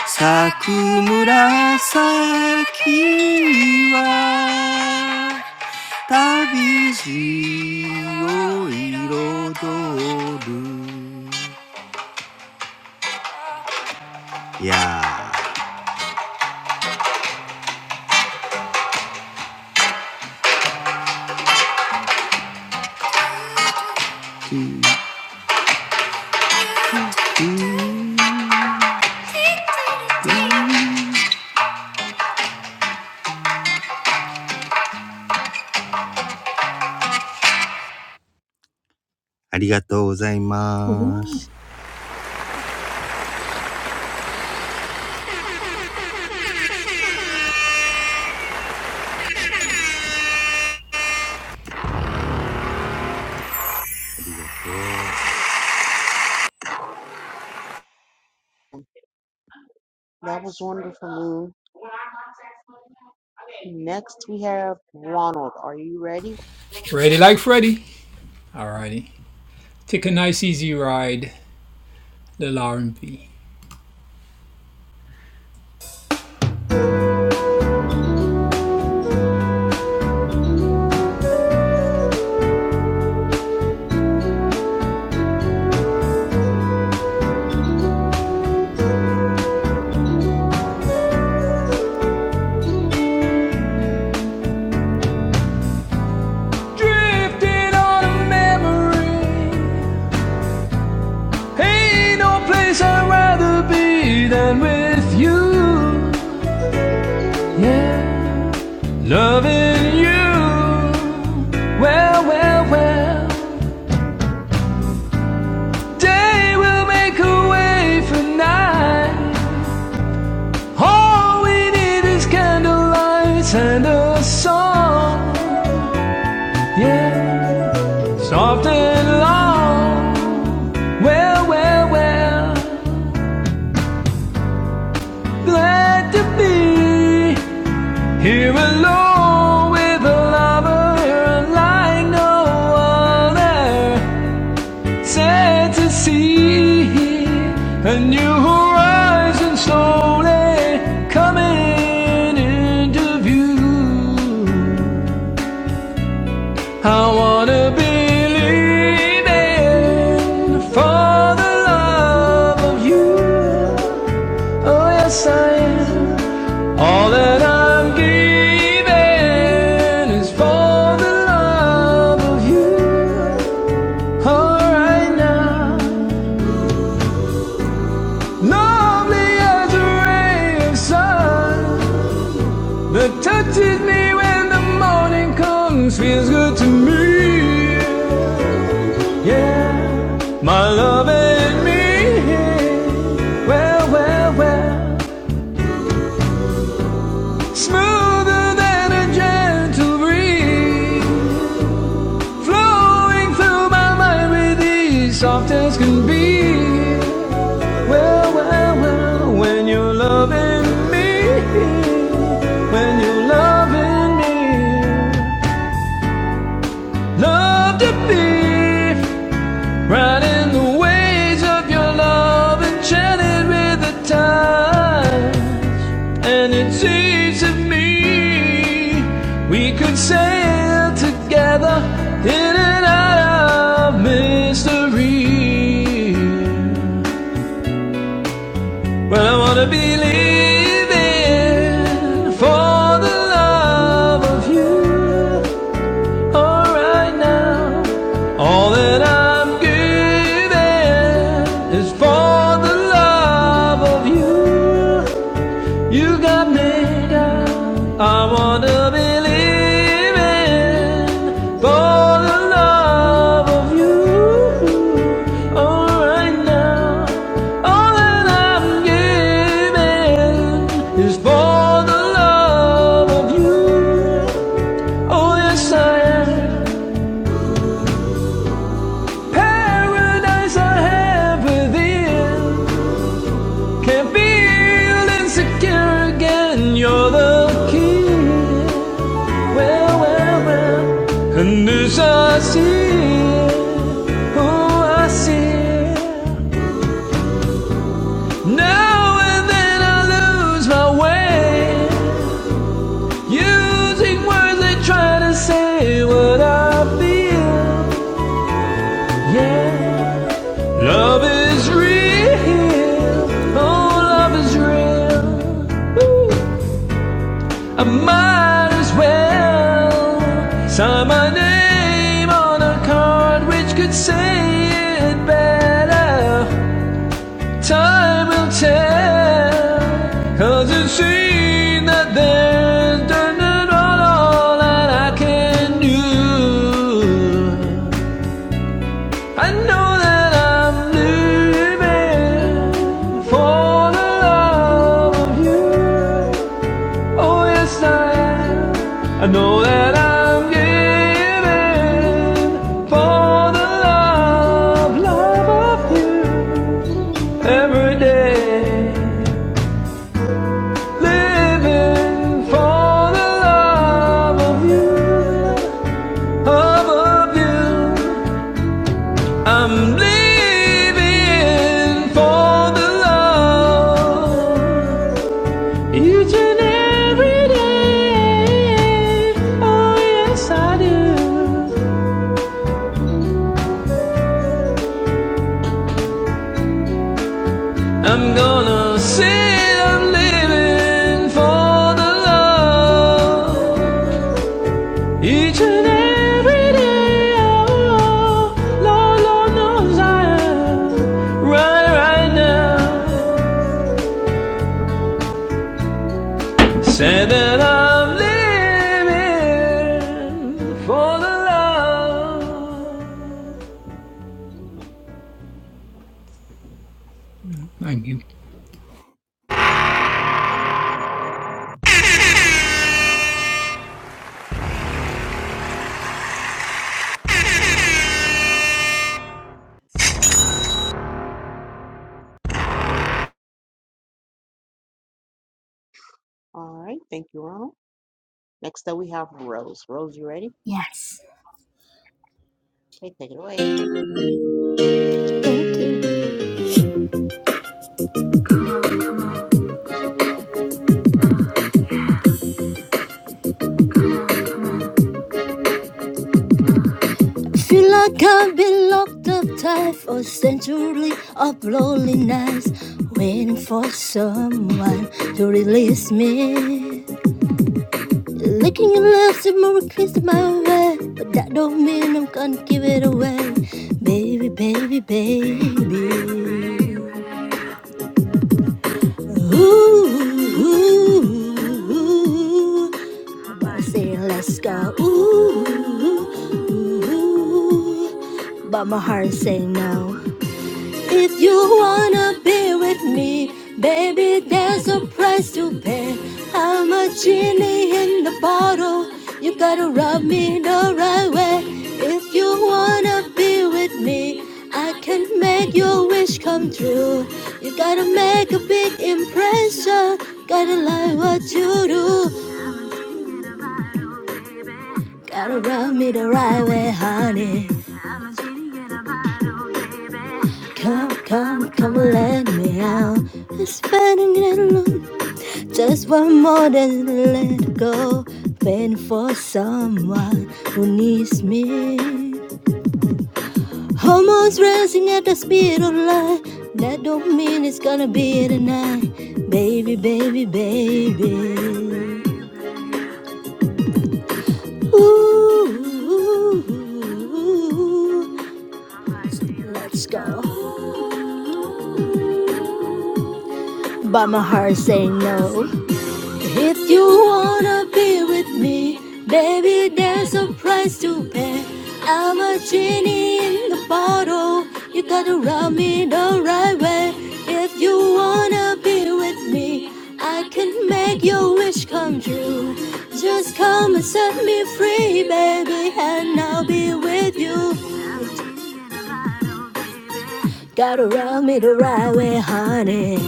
S10: 咲く紫は旅路を彩るやーんありがとうございます。ありがとう。
S2: That was wonderful, Moon. Next, we have Ronald. Are you ready?
S12: Ready like Freddy. Alrighty. Take a nice easy ride, little R&B. Drifting on a memory Ain't no place I'd rather be than with you. Yeah, loving you. Well, well, well. Day will make a way for night. All we need is candlelight and a song. Yeah, soft and long. Well, well, well. Glad to be Here alone with a lover like no other. Sad to see a new horizon slowly coming into view. I wanna believe in for the love of you. Oh, yes, I am. All that I'm giving is for the love of you. All right now, lovely as a ray of sun that touches me when the morning comes, feels good to me. Yeah, my love and me. Well, well, well. Smoother than a gentle breeze, flowing through my mind with ease, soft as can be. Well, well, well, when you're loving me, when you're loving me, love to be right in the waves of your love, enchanted with the time. and it's easy me. We could sail together in and out of mystery. Well, I wanna be living for the love of you. All right now, all that I'm giving is for the love of you. You got me down. I wanna believe in for the love of you. All right now, all that I'm giving is for the love of you. Oh yes, I am paradise I have within. Can't feel insecure again. You're the key. Well, well, well. And this I see. Oh, I see. Now and then I lose my way. Using words that try to say what I feel. Yeah. Love is real. Oh, love is real. Ooh. I might as well sign my name on a card which could say it better. Time will tell, 'cause it seems that there's done it all, all that I can do. I know that I'm living for the love of you. Oh, yes, I am. I know that I'm giving for the love, love of you every day. Living for the love of you, of, of you. I'm living for the love. Each and every day. Oh, yes, I do. I'm gonna say I'm living for the love. Each and every day. Oh, Lord, Lord knows I am. Right, right now. Say that I'm living for the love.
S2: All right, thank you, Ronald. Next up, we have Rose. Rose, you ready?
S13: Yes.
S2: Okay, take it away.
S13: Thank you. Feel like I've been locked up tight for a century of lonely nights, waiting for someone to release me. Licking your lips and more kiss my way, but that don't mean I'm gonna give it away, baby, baby, baby. Ooh, I'm let's go. ooh, ooh. but my heart say no. If you wanna be with me, baby, there's a price to pay. I'm a genie in the bottle. You gotta rub me the right way. If you wanna be with me, I can make your wish come true. You gotta make a big impression. Gotta like what you do. Gotta rub me the right way, honey. Come, come, come, let me out. It's spending it alone. Just one more than let go. Pain for someone who needs me. Hormones racing at the speed of light. That don't mean it's gonna be tonight. Baby, baby, baby. Ooh, ooh, ooh. let's go. But my heart say no. If you wanna be with me, baby, there's a price to pay. I'm a genie in the bottle. You gotta rub me the right way. If you wanna be with me, I can make your wish come true. Just come and set me free, baby, and I'll be with you. Gotta rub me the right way, honey.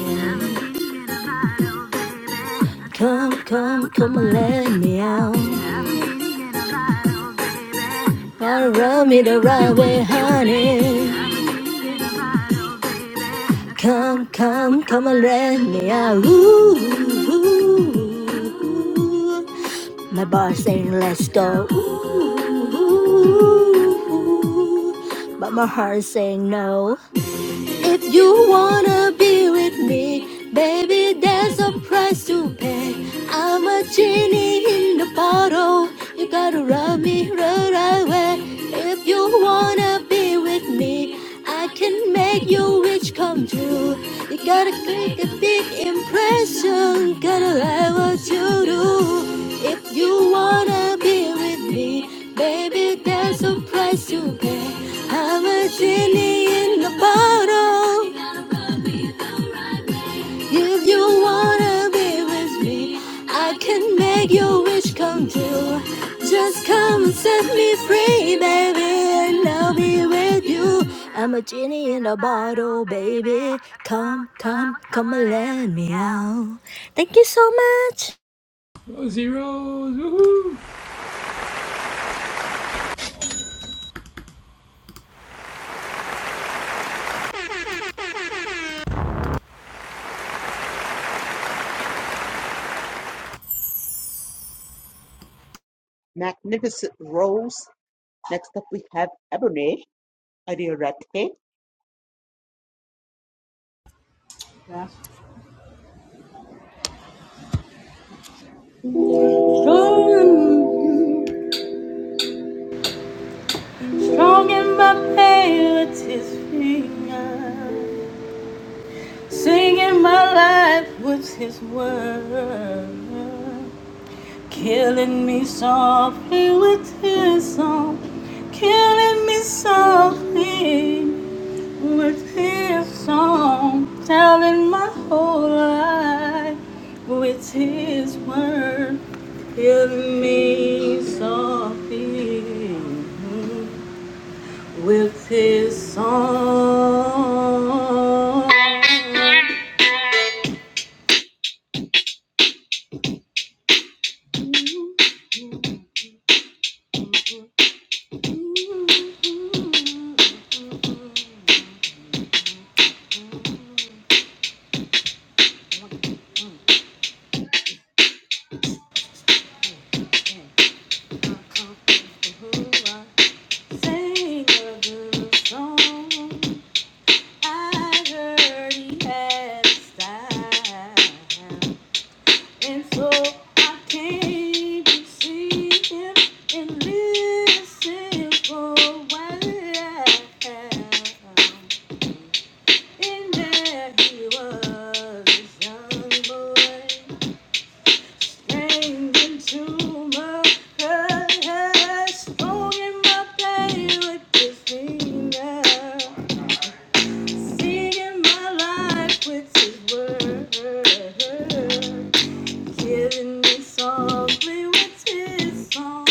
S13: Come, come, come and let me out. Gonna run me the right way, honey. Come, come, come and let me out. Ooh, ooh, ooh. My boss saying let's go. Ooh, ooh, ooh. But my heart saying no. If you wanna be with me, baby, there's a price to pay. I'm a genie in the bottle. You gotta rub me right right away. If you wanna be with me, I can make your wish come true. You gotta make a big impression. Gotta like what you do. If you wanna be with me, baby, there's a price to pay. I'm a genie in the bottle. If you wanna be with me, I can make your wish come true. Just come and set me free, baby, and I'll be with you. I'm a genie in a bottle, baby. Come, come, come and let me out. Thank you so much.
S12: Oh, zeros! Woohoo!
S2: Magnificent Rose. Next up, we have Ebony. Abernage Adiorete.
S4: very much. Strong strong in my pain, it's his finger. Singing my life with his word. Killing me softly with his song. Killing me softly with his song. Telling my whole life with his word. Killing me softly. with his song. sing a good song. I heard he had style. And so I came to see him and listen for a while. And there he was, this young boy, strangling to my heart, holding my pain with his finger. Singing my life with his word. Killing me softly with his song.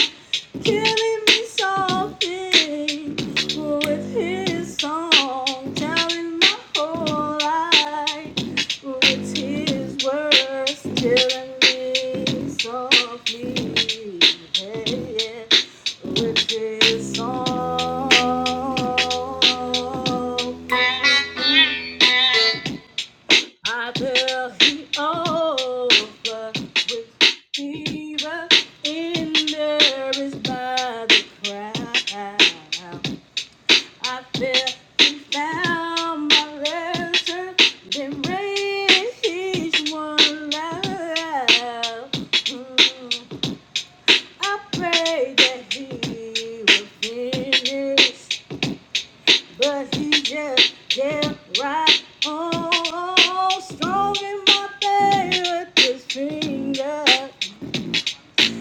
S4: Killing me softly with his song. Telling my whole life with his words. Killing me softly. Hey, yeah. With his song. I will be over with fever in there is by the crowd. I feel he found my lesson, then raised each one love. Mm, I pray that he will finish. But he just kept right on, strong in my faith with his finger,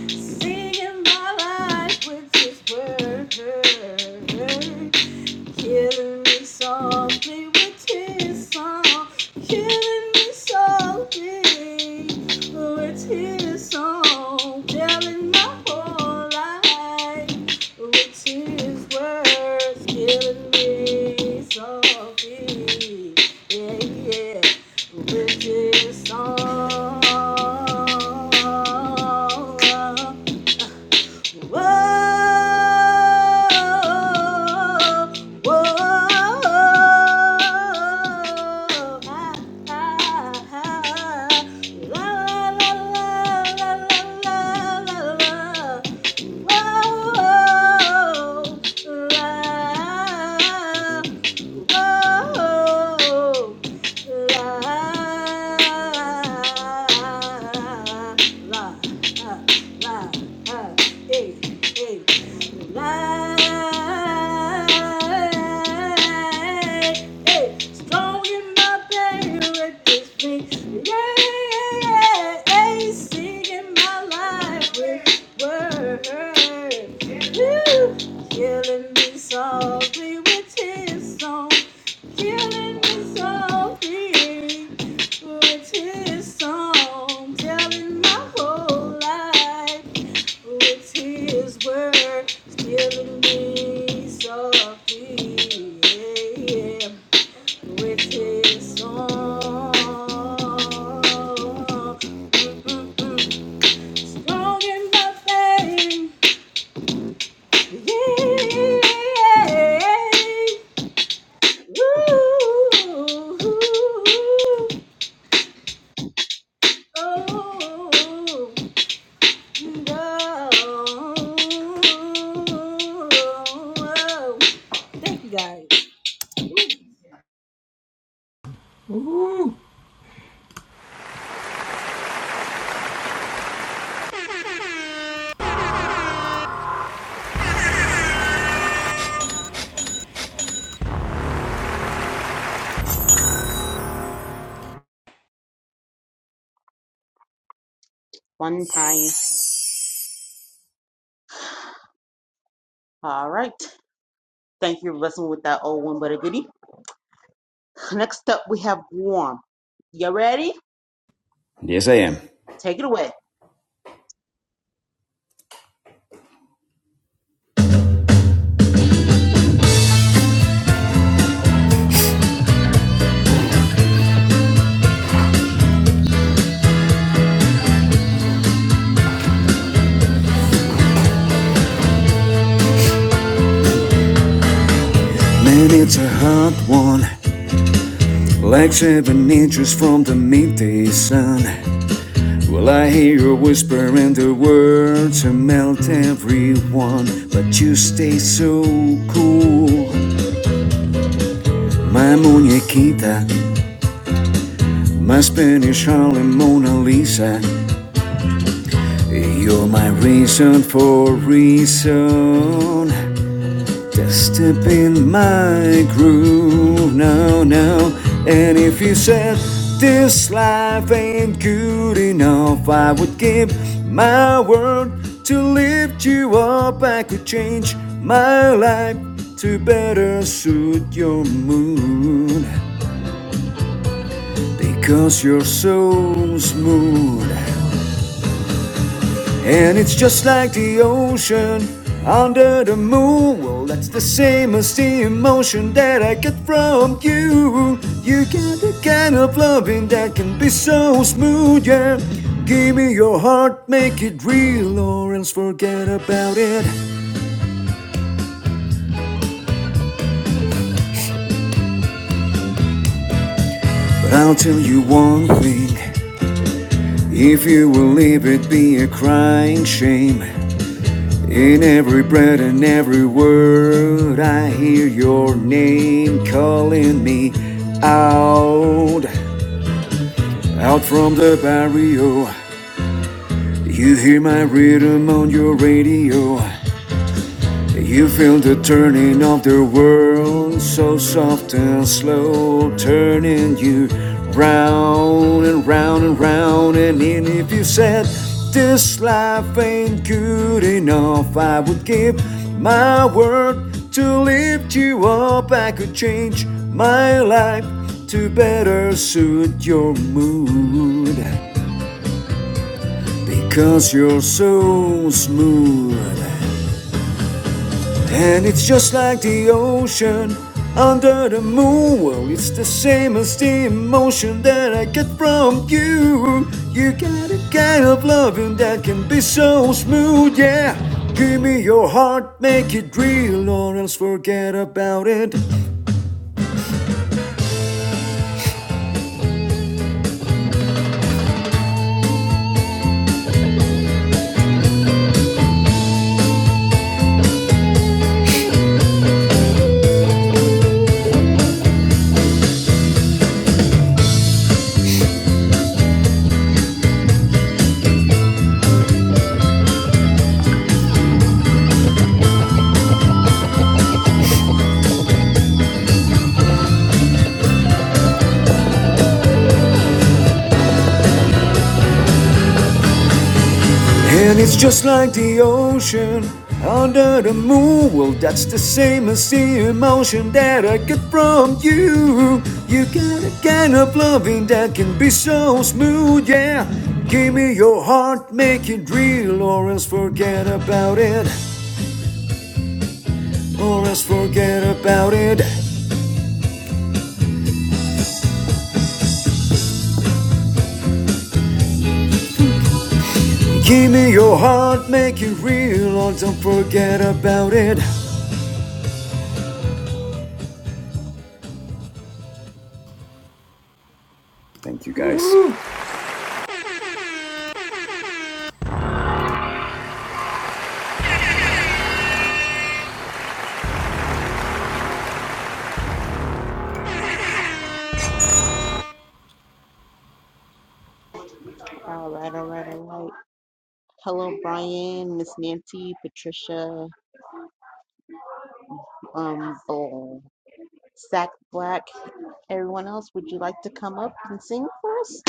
S4: singing my life with his words, Killing me softly with his song. Killing me softly with his song. Telling my whole life. Which is worth killing me softly. Yeah, yeah. Which is song? Whoa, whoa, ah, ah, ah. la, la, la, la, la, la, la. Whoa, la, whoa. Strong in my pain with this thing. Yeah, singing my life with words. Killing me softly with his song. Killing me softly with his song. Telling my whole life with his word. Killing me softly. Yeah, yeah with his song. Mm-mm-mm. Strong in my faith, yeah. Ooh, oh, no. Thank you guys.
S12: Woohoo!
S2: One time. All right. Thank you for blessing with that old one, but a goodie. Next up, we have Warm. You ready?
S14: Yes, I am.
S2: Take it away.
S14: Man, it's a hot one, like seven inches from the midday sun. Well, I hear you whisper and the words melt everyone, but you stay so cool. My muñequita, my Spanish Harlem Mona Lisa, you're my reason for reason. Just step in my groove now, now. And if you said this life ain't good enough, I would give my word to lift you up. I could change my life to better suit your mood because you're so smooth. And it's just like the ocean under the moon. Well, that's the same as the emotion that I get from you. You got the kind of loving that can be so smooth, yeah. Give me your heart, make it real, or else forget about it. But I'll tell you one thing if you will leave it be a crying shame. In every breath and every word, I hear your name calling me out, out from the barrio. You hear my rhythm on your radio. You feel the turning of the world so soft and slow, turning you round and round and round. And even if you said this life ain't good enough, I would give my word to lift you up. I could change my life to better suit your mood because you're so smooth. And it's just like the ocean under the moon. Well, it's the same as the emotion that I get from you. You got a kind of loving that can be so smooth, yeah. Give me your heart, make it real, or else forget about it. And it's just like the ocean under the moon. Well, that's the same as the emotion that I get from you. You got a kind of loving that can be so smooth, yeah. Give me your heart, make it real, or else forget about it. Or else forget about it. Give me your heart, make it real, or don't forget about it. Thank you guys.
S12: Woohoo!
S2: All right, all right, all right. Hello, Brian, Miss Nancy, Patricia, um, Oh. Zach Black, everyone else. Would you like to come up and sing for us?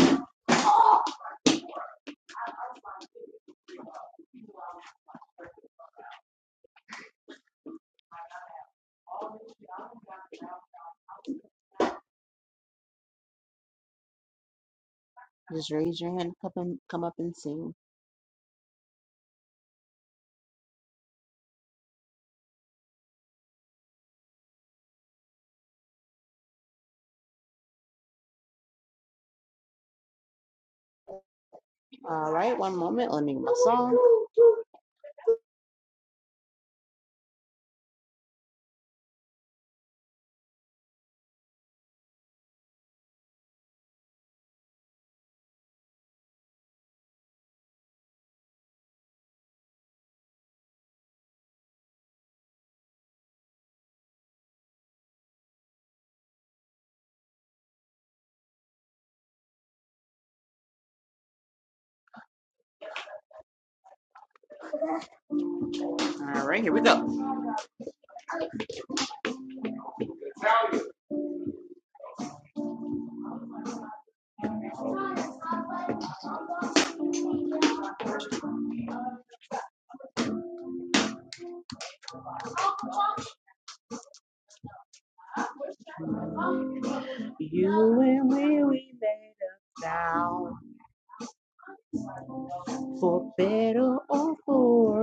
S2: Just raise your hand, come up and come up and sing. All right, one moment. Let me get my song. All right, here we go. You and me, we made a vow for better or for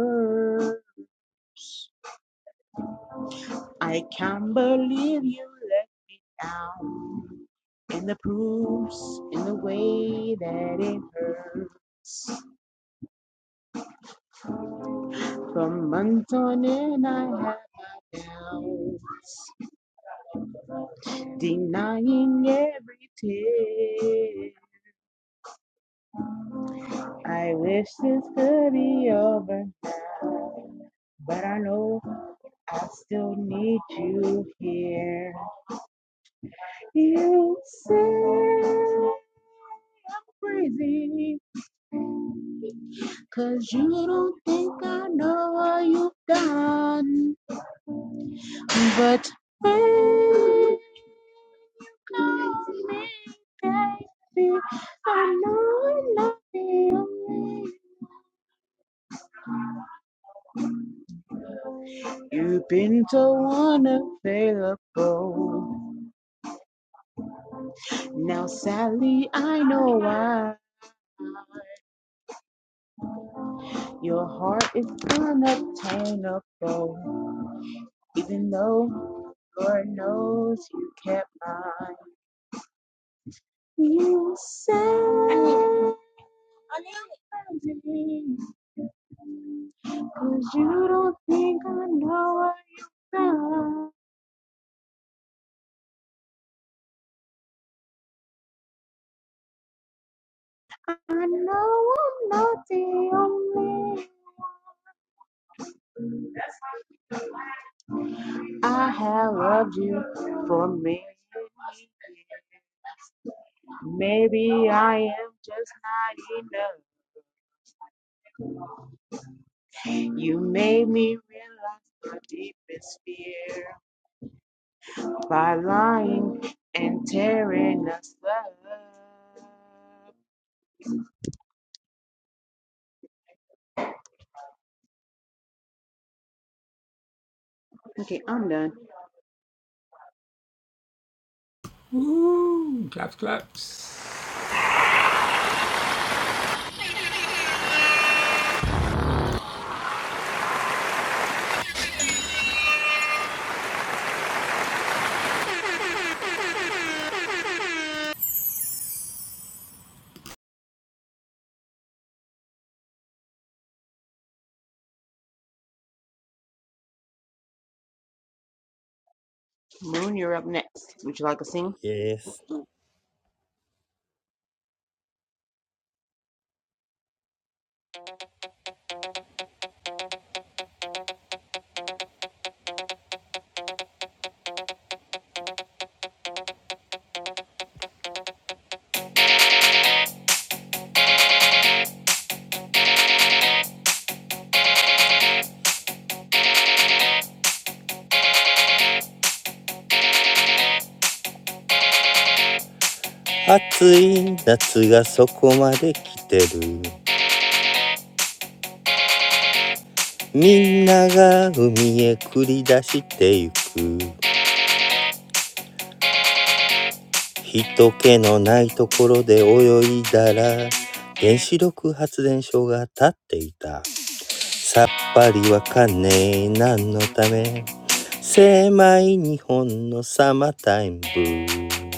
S2: worse. I can't believe you let me down. And the proof's in the way that it hurts. For month on end, I had my doubts, denying every tear. I wish this could be over now, but I know. I still need you here. You sound crazy, 'cause you don't think I know what you've done. But baby, you've been so unavailable. Now, sadly, I know why your heart is unobtainable, even though. Lord knows you kept mine. You said me, 'cause you don't think I know what you felt. I know I'm not the only. I have loved you for me. Maybe I am just not enough. You made me realize my deepest fear by lying and tearing us up. Okay, I'm done.
S12: Woohoo! Claps, claps.
S2: Moon, you're up next. Would you like to sing?
S10: Yes。
S2: All
S10: 暑い夏がそこまで来てる。みんなが海へ繰り出してゆく。人気のないところで泳いだら、原子力発電所が立っていた。さっぱりわかんねえ何のため。狭い日本のサマータイムブー。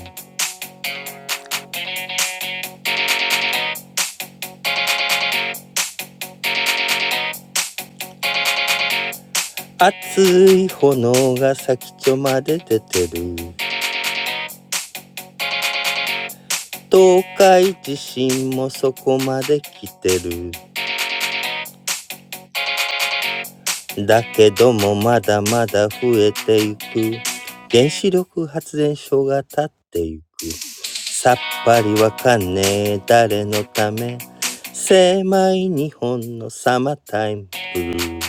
S10: 熱い炎が先っちょまで出てる東海地震もそこまで来てるだけどもまだまだ増えていく原子力発電所が立っていくさっぱりわかんねえ誰のため狭い日本のサマータイムブルー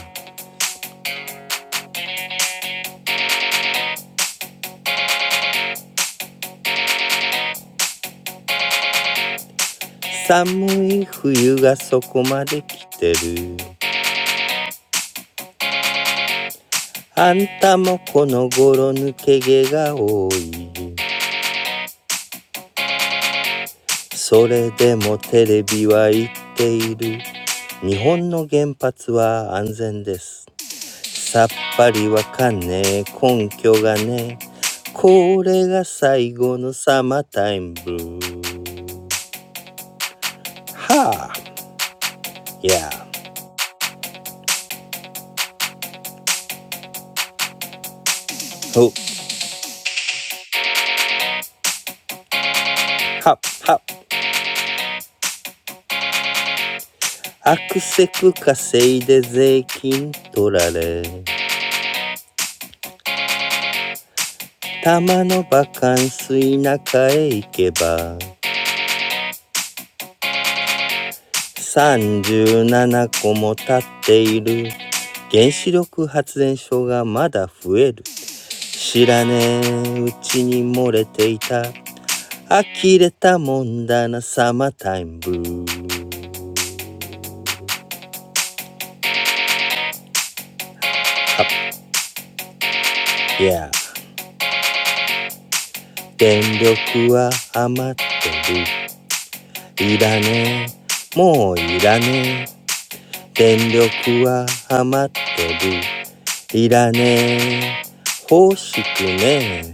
S10: 寒い冬がそこまで来てるあんたもこの頃抜け毛が多いそれでもテレビは言っている日本の原発は安全ですさっぱりわかんねえ根拠がねえこれが最後のサマータイムブルーはあいやほっはっはっアクセク稼いで税金取られたまのバカンス田舎へ行けば37個も建っている原子力発電所がまだ増える知らねえうちに漏れていた呆れたもんだなサマータイムブーハッ。いや電力は余ってるいらねえもういらねえ電力は余ってるいらねえ欲しくねえ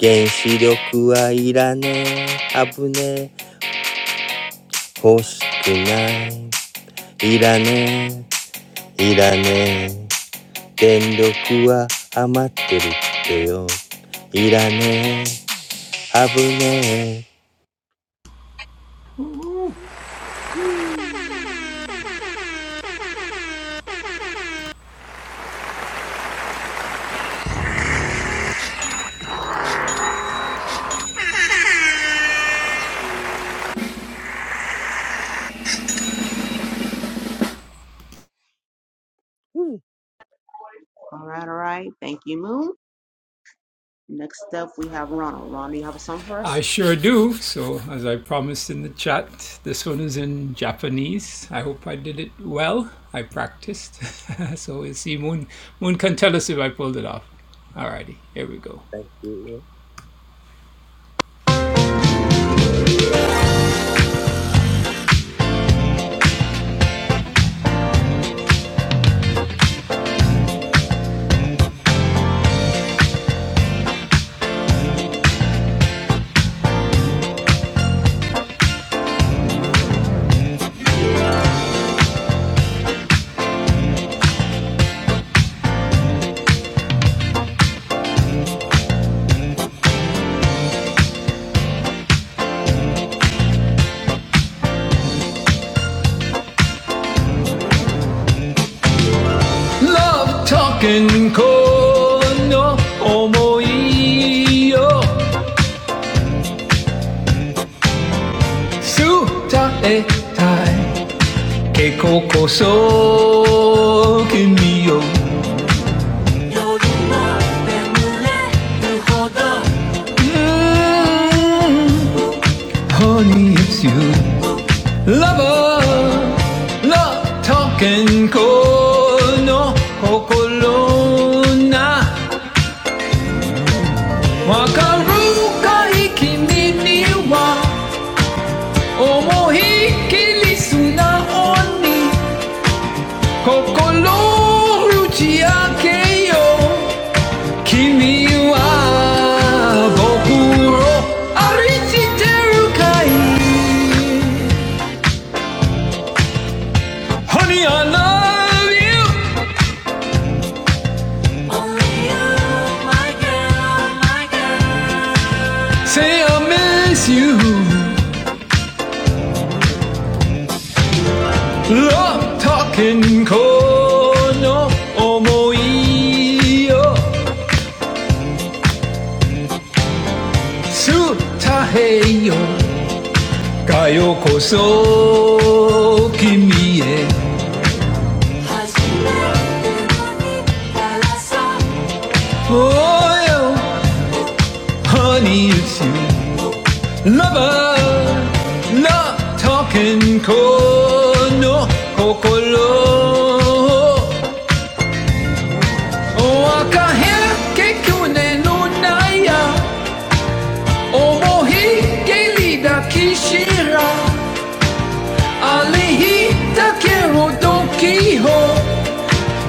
S10: 原子力はいらねえ危ねえ欲しくないいらねえいらねえ電力は余ってるってよいらねえ危ねえうん
S2: right, all right. Thank you, Moon. Next up, we have Ronald. Ronald, you have a song for
S12: I
S2: us?
S12: sure do. So, as I promised in the chat, this one is in Japanese. I hope I did it well. I practiced. so, we'll see. Moon, Moon can tell us if I pulled it off. Alrighty, here we go.
S10: Thank you
S12: Love talking この想いを伝えたい E coco so che mio Mm, Honey, it's you Lover Love talking kono Kokoro na Wakaru kai kimi ni wa Omohiki lisu na Kokoro uchi ake yo 君は僕を愛してるかい Honey, I love you Say I miss you Love talking この想いを伝えようかよこそ君へ Oh yeah, honey, it's you. Lover, not talking cold, no, kokoro. Oh, kekune no naya. Omohi, keli da kishira. Alihi, takeru don kiho.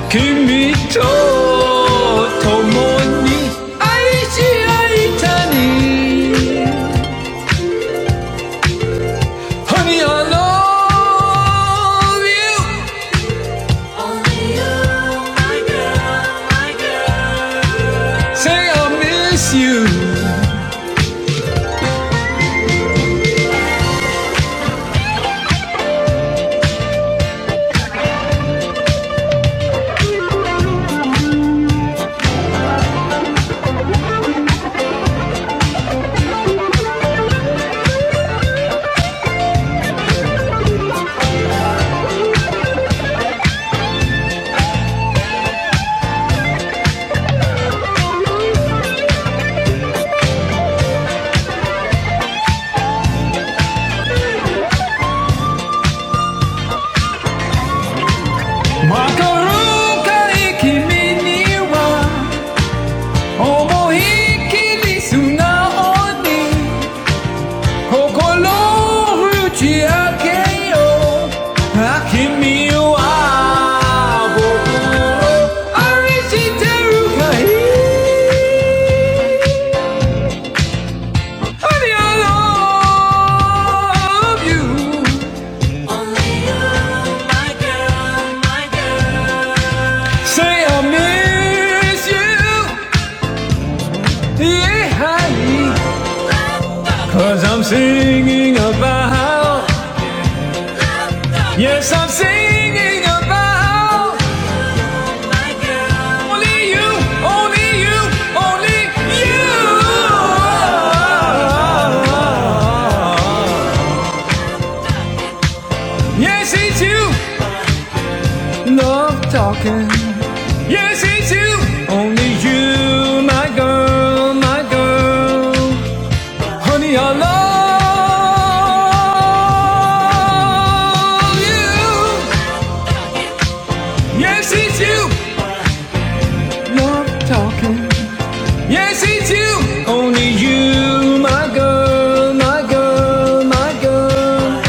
S12: 君と共に愛し合いたに Honey, I love you. Only you. my girl, my girl. Say I miss you. 马卡鲁卡，え君には思い切り素直に。心打ち明けよ君は僕を愛してるかい Honey, I love you Say I miss you Yeah, Cause I'm singing about Yes, I'm singing about my girl. Only you, only you, only you. Yes, it's you. Love talking. Yes, it's you. Only you, my girl, my girl. Honey, I love you. Yes, it's you. Love talking. Yes, it's you, only you, my girl, my girl, my girl.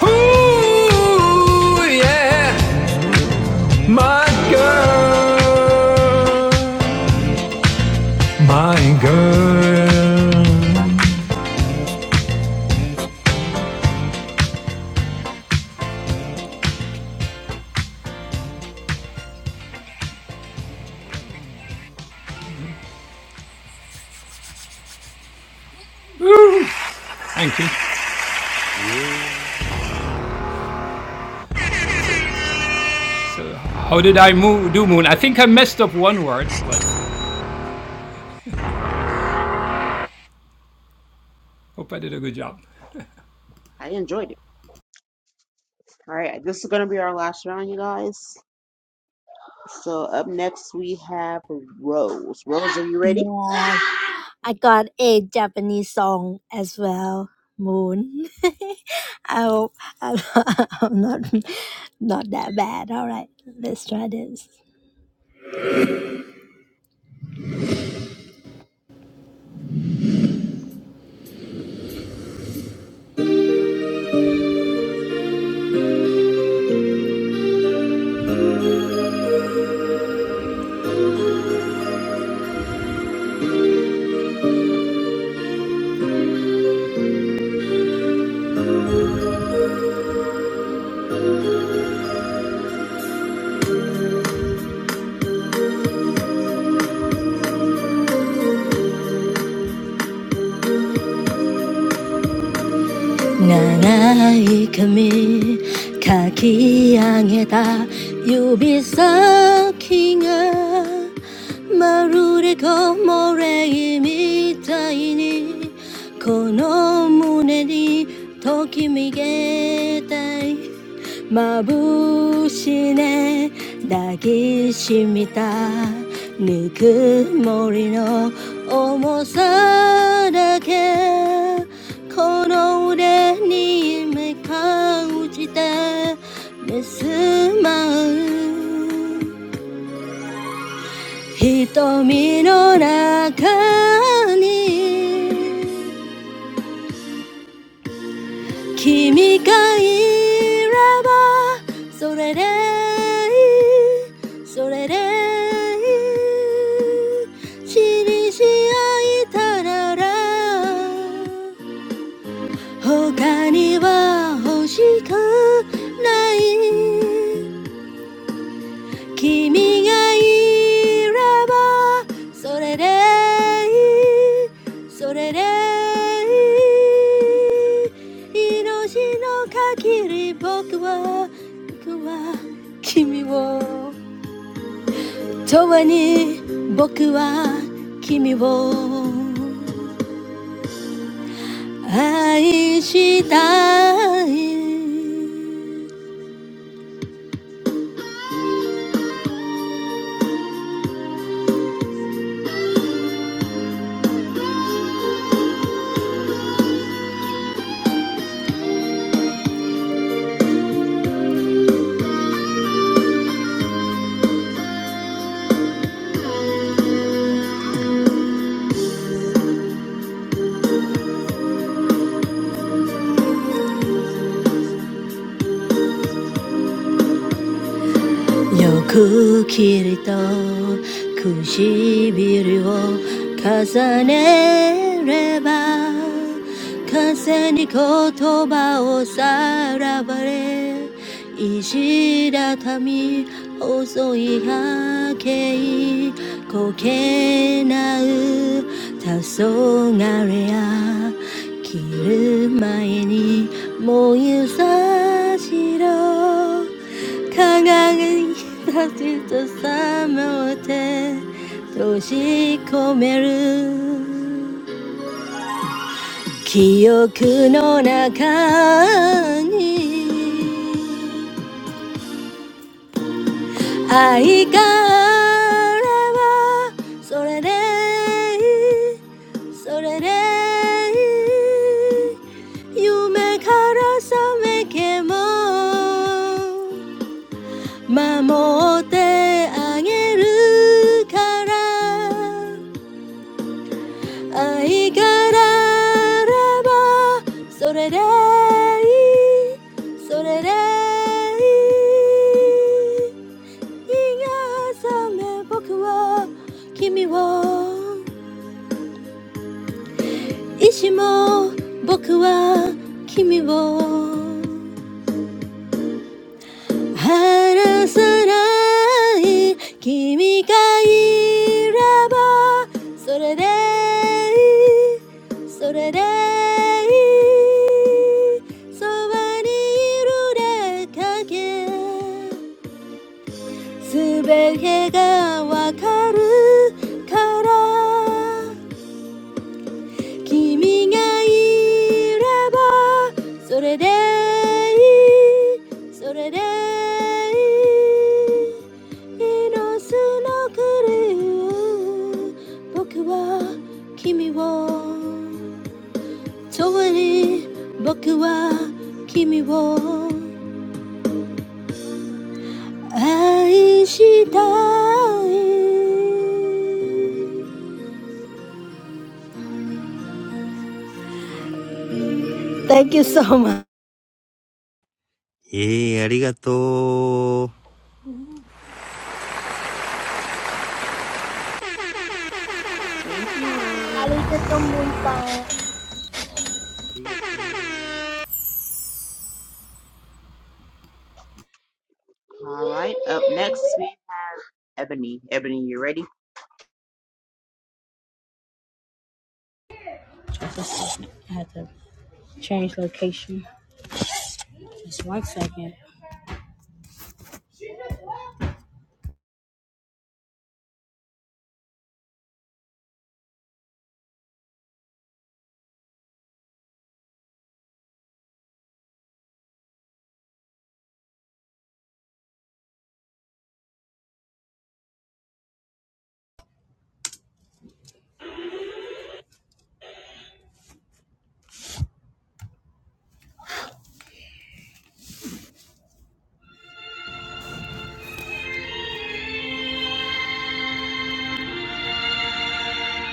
S12: Ooh, yeah, my girl, my girl. Ooh, thank you. So, so how did I mo- do, Moon? I think I messed up one word, but hope I did a good job.
S2: I enjoyed it. All right, this is going to be our last round, you guys. So up next, we have Rose. Rose, are you ready?
S13: Yeah, I got a Japanese song as well, Moon. I hope I'm not, I'm not not that bad. All right, let's try this. 長い髪かき上げた指先がまるで木漏れ日みたいにこの胸にときめけたい眩しね抱きしめたぬくもりの重さだけこの腕に目感じて目すまう瞳の中に Kimi ga ira sore de, sore de chiri shiaita nara, honka ni wa hoshikanai. 君がいればそれでいいそれでいい命の限り僕は僕は君を永遠に僕は君を愛したいよくきりと唇を重ねれば風に言葉をさらばれ石畳細い波形こけなう黄昏や切る前に燃ゆさしろ輝かしとさまて閉じ込める記憶の中に愛があればそれでいいそれでいい夢から覚めけも守ってあげるから愛があればそれでいいそれでいい朝目僕は君を意志も僕は君を 하나 사람이, 키미가 이래봐. So래대, so래대. Somewhere in the dark, everything gets clearer. 君がいればそれでいい、それでいい。のスノークル、僕は君を遠い、僕は君を愛したい。Thank you so much.
S10: えー、えー、ありがとう
S2: Thank you, Rose.
S10: ありがとう
S2: All right, up next, we have Ebony. Ebony, you ready?
S4: Just one second.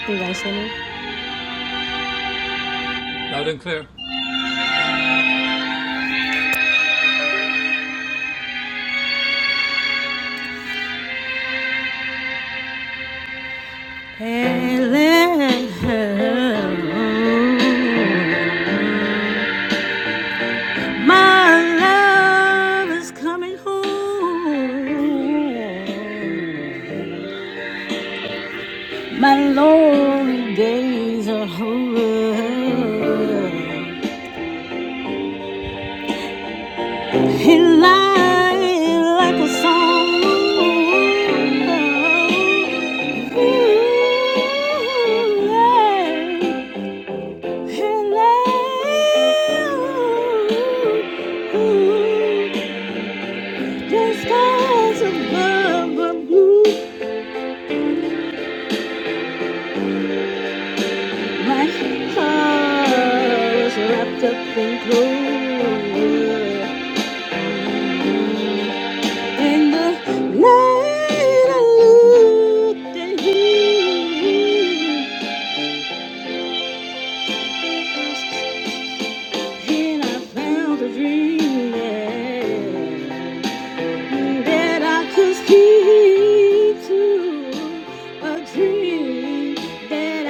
S4: You guys hear me?
S12: Loud and clear.
S4: Hello, my love is coming home. My lonely days are over. He lied like a song. Ooh, yeah. Hello, the skies above are blue. My heart is wrapped up in glory. In the night, I looked at him, and I found a dream. yeah. that I could keep to a dream that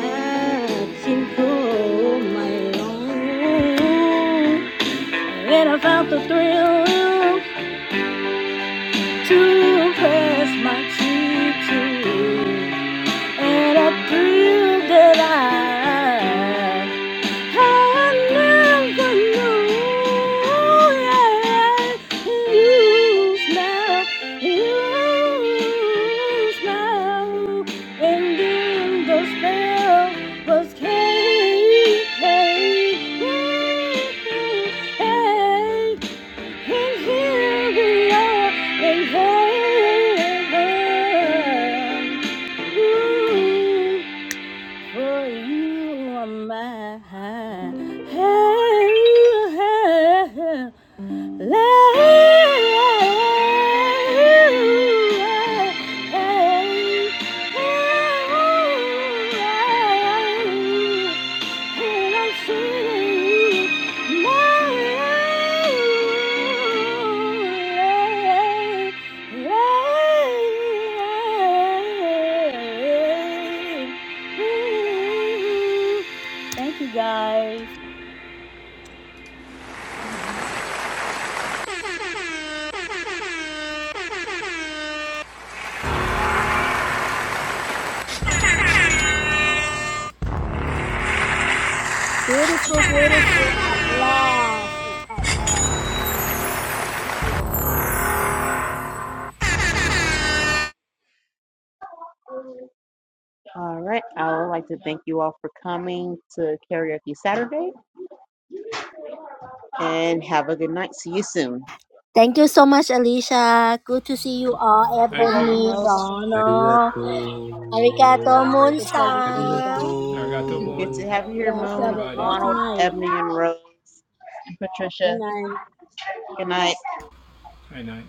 S4: I can call my own. And I found the thrill to press my cheek to. And I proved that I, I never knew Yeah, you smile, you smile. And then the spell was came. Hey, hey, and here we are in heaven. Ooh, for you are mine. Thank you guys.
S13: ありがとう、ムンさん。
S2: All right, I would like to thank you all for coming to Karaoke Saturday and have a good night. See you soon.
S13: Thank you so much, Alicia. Good to see you all.
S2: You're
S12: Thank you.
S2: welcome,
S13: Ebony,
S2: Rose.
S10: ありが
S13: Ronald,
S10: とう
S4: It was
S13: Arigato,
S4: always a pleasure
S10: あ
S4: seeing
S10: りが
S4: you
S13: Moonsang.
S4: guys.
S12: Arigato,
S2: Good
S10: と
S12: Moon.
S2: to
S10: う
S2: have you
S4: You
S2: here,
S4: guys have
S2: Moon,
S4: an
S12: Everybody.
S4: awesome
S2: Ronald,
S4: night.
S2: Ebony, and Rose, and
S4: Good
S2: Patricia.
S4: night.
S2: Good night.
S12: Hi, night.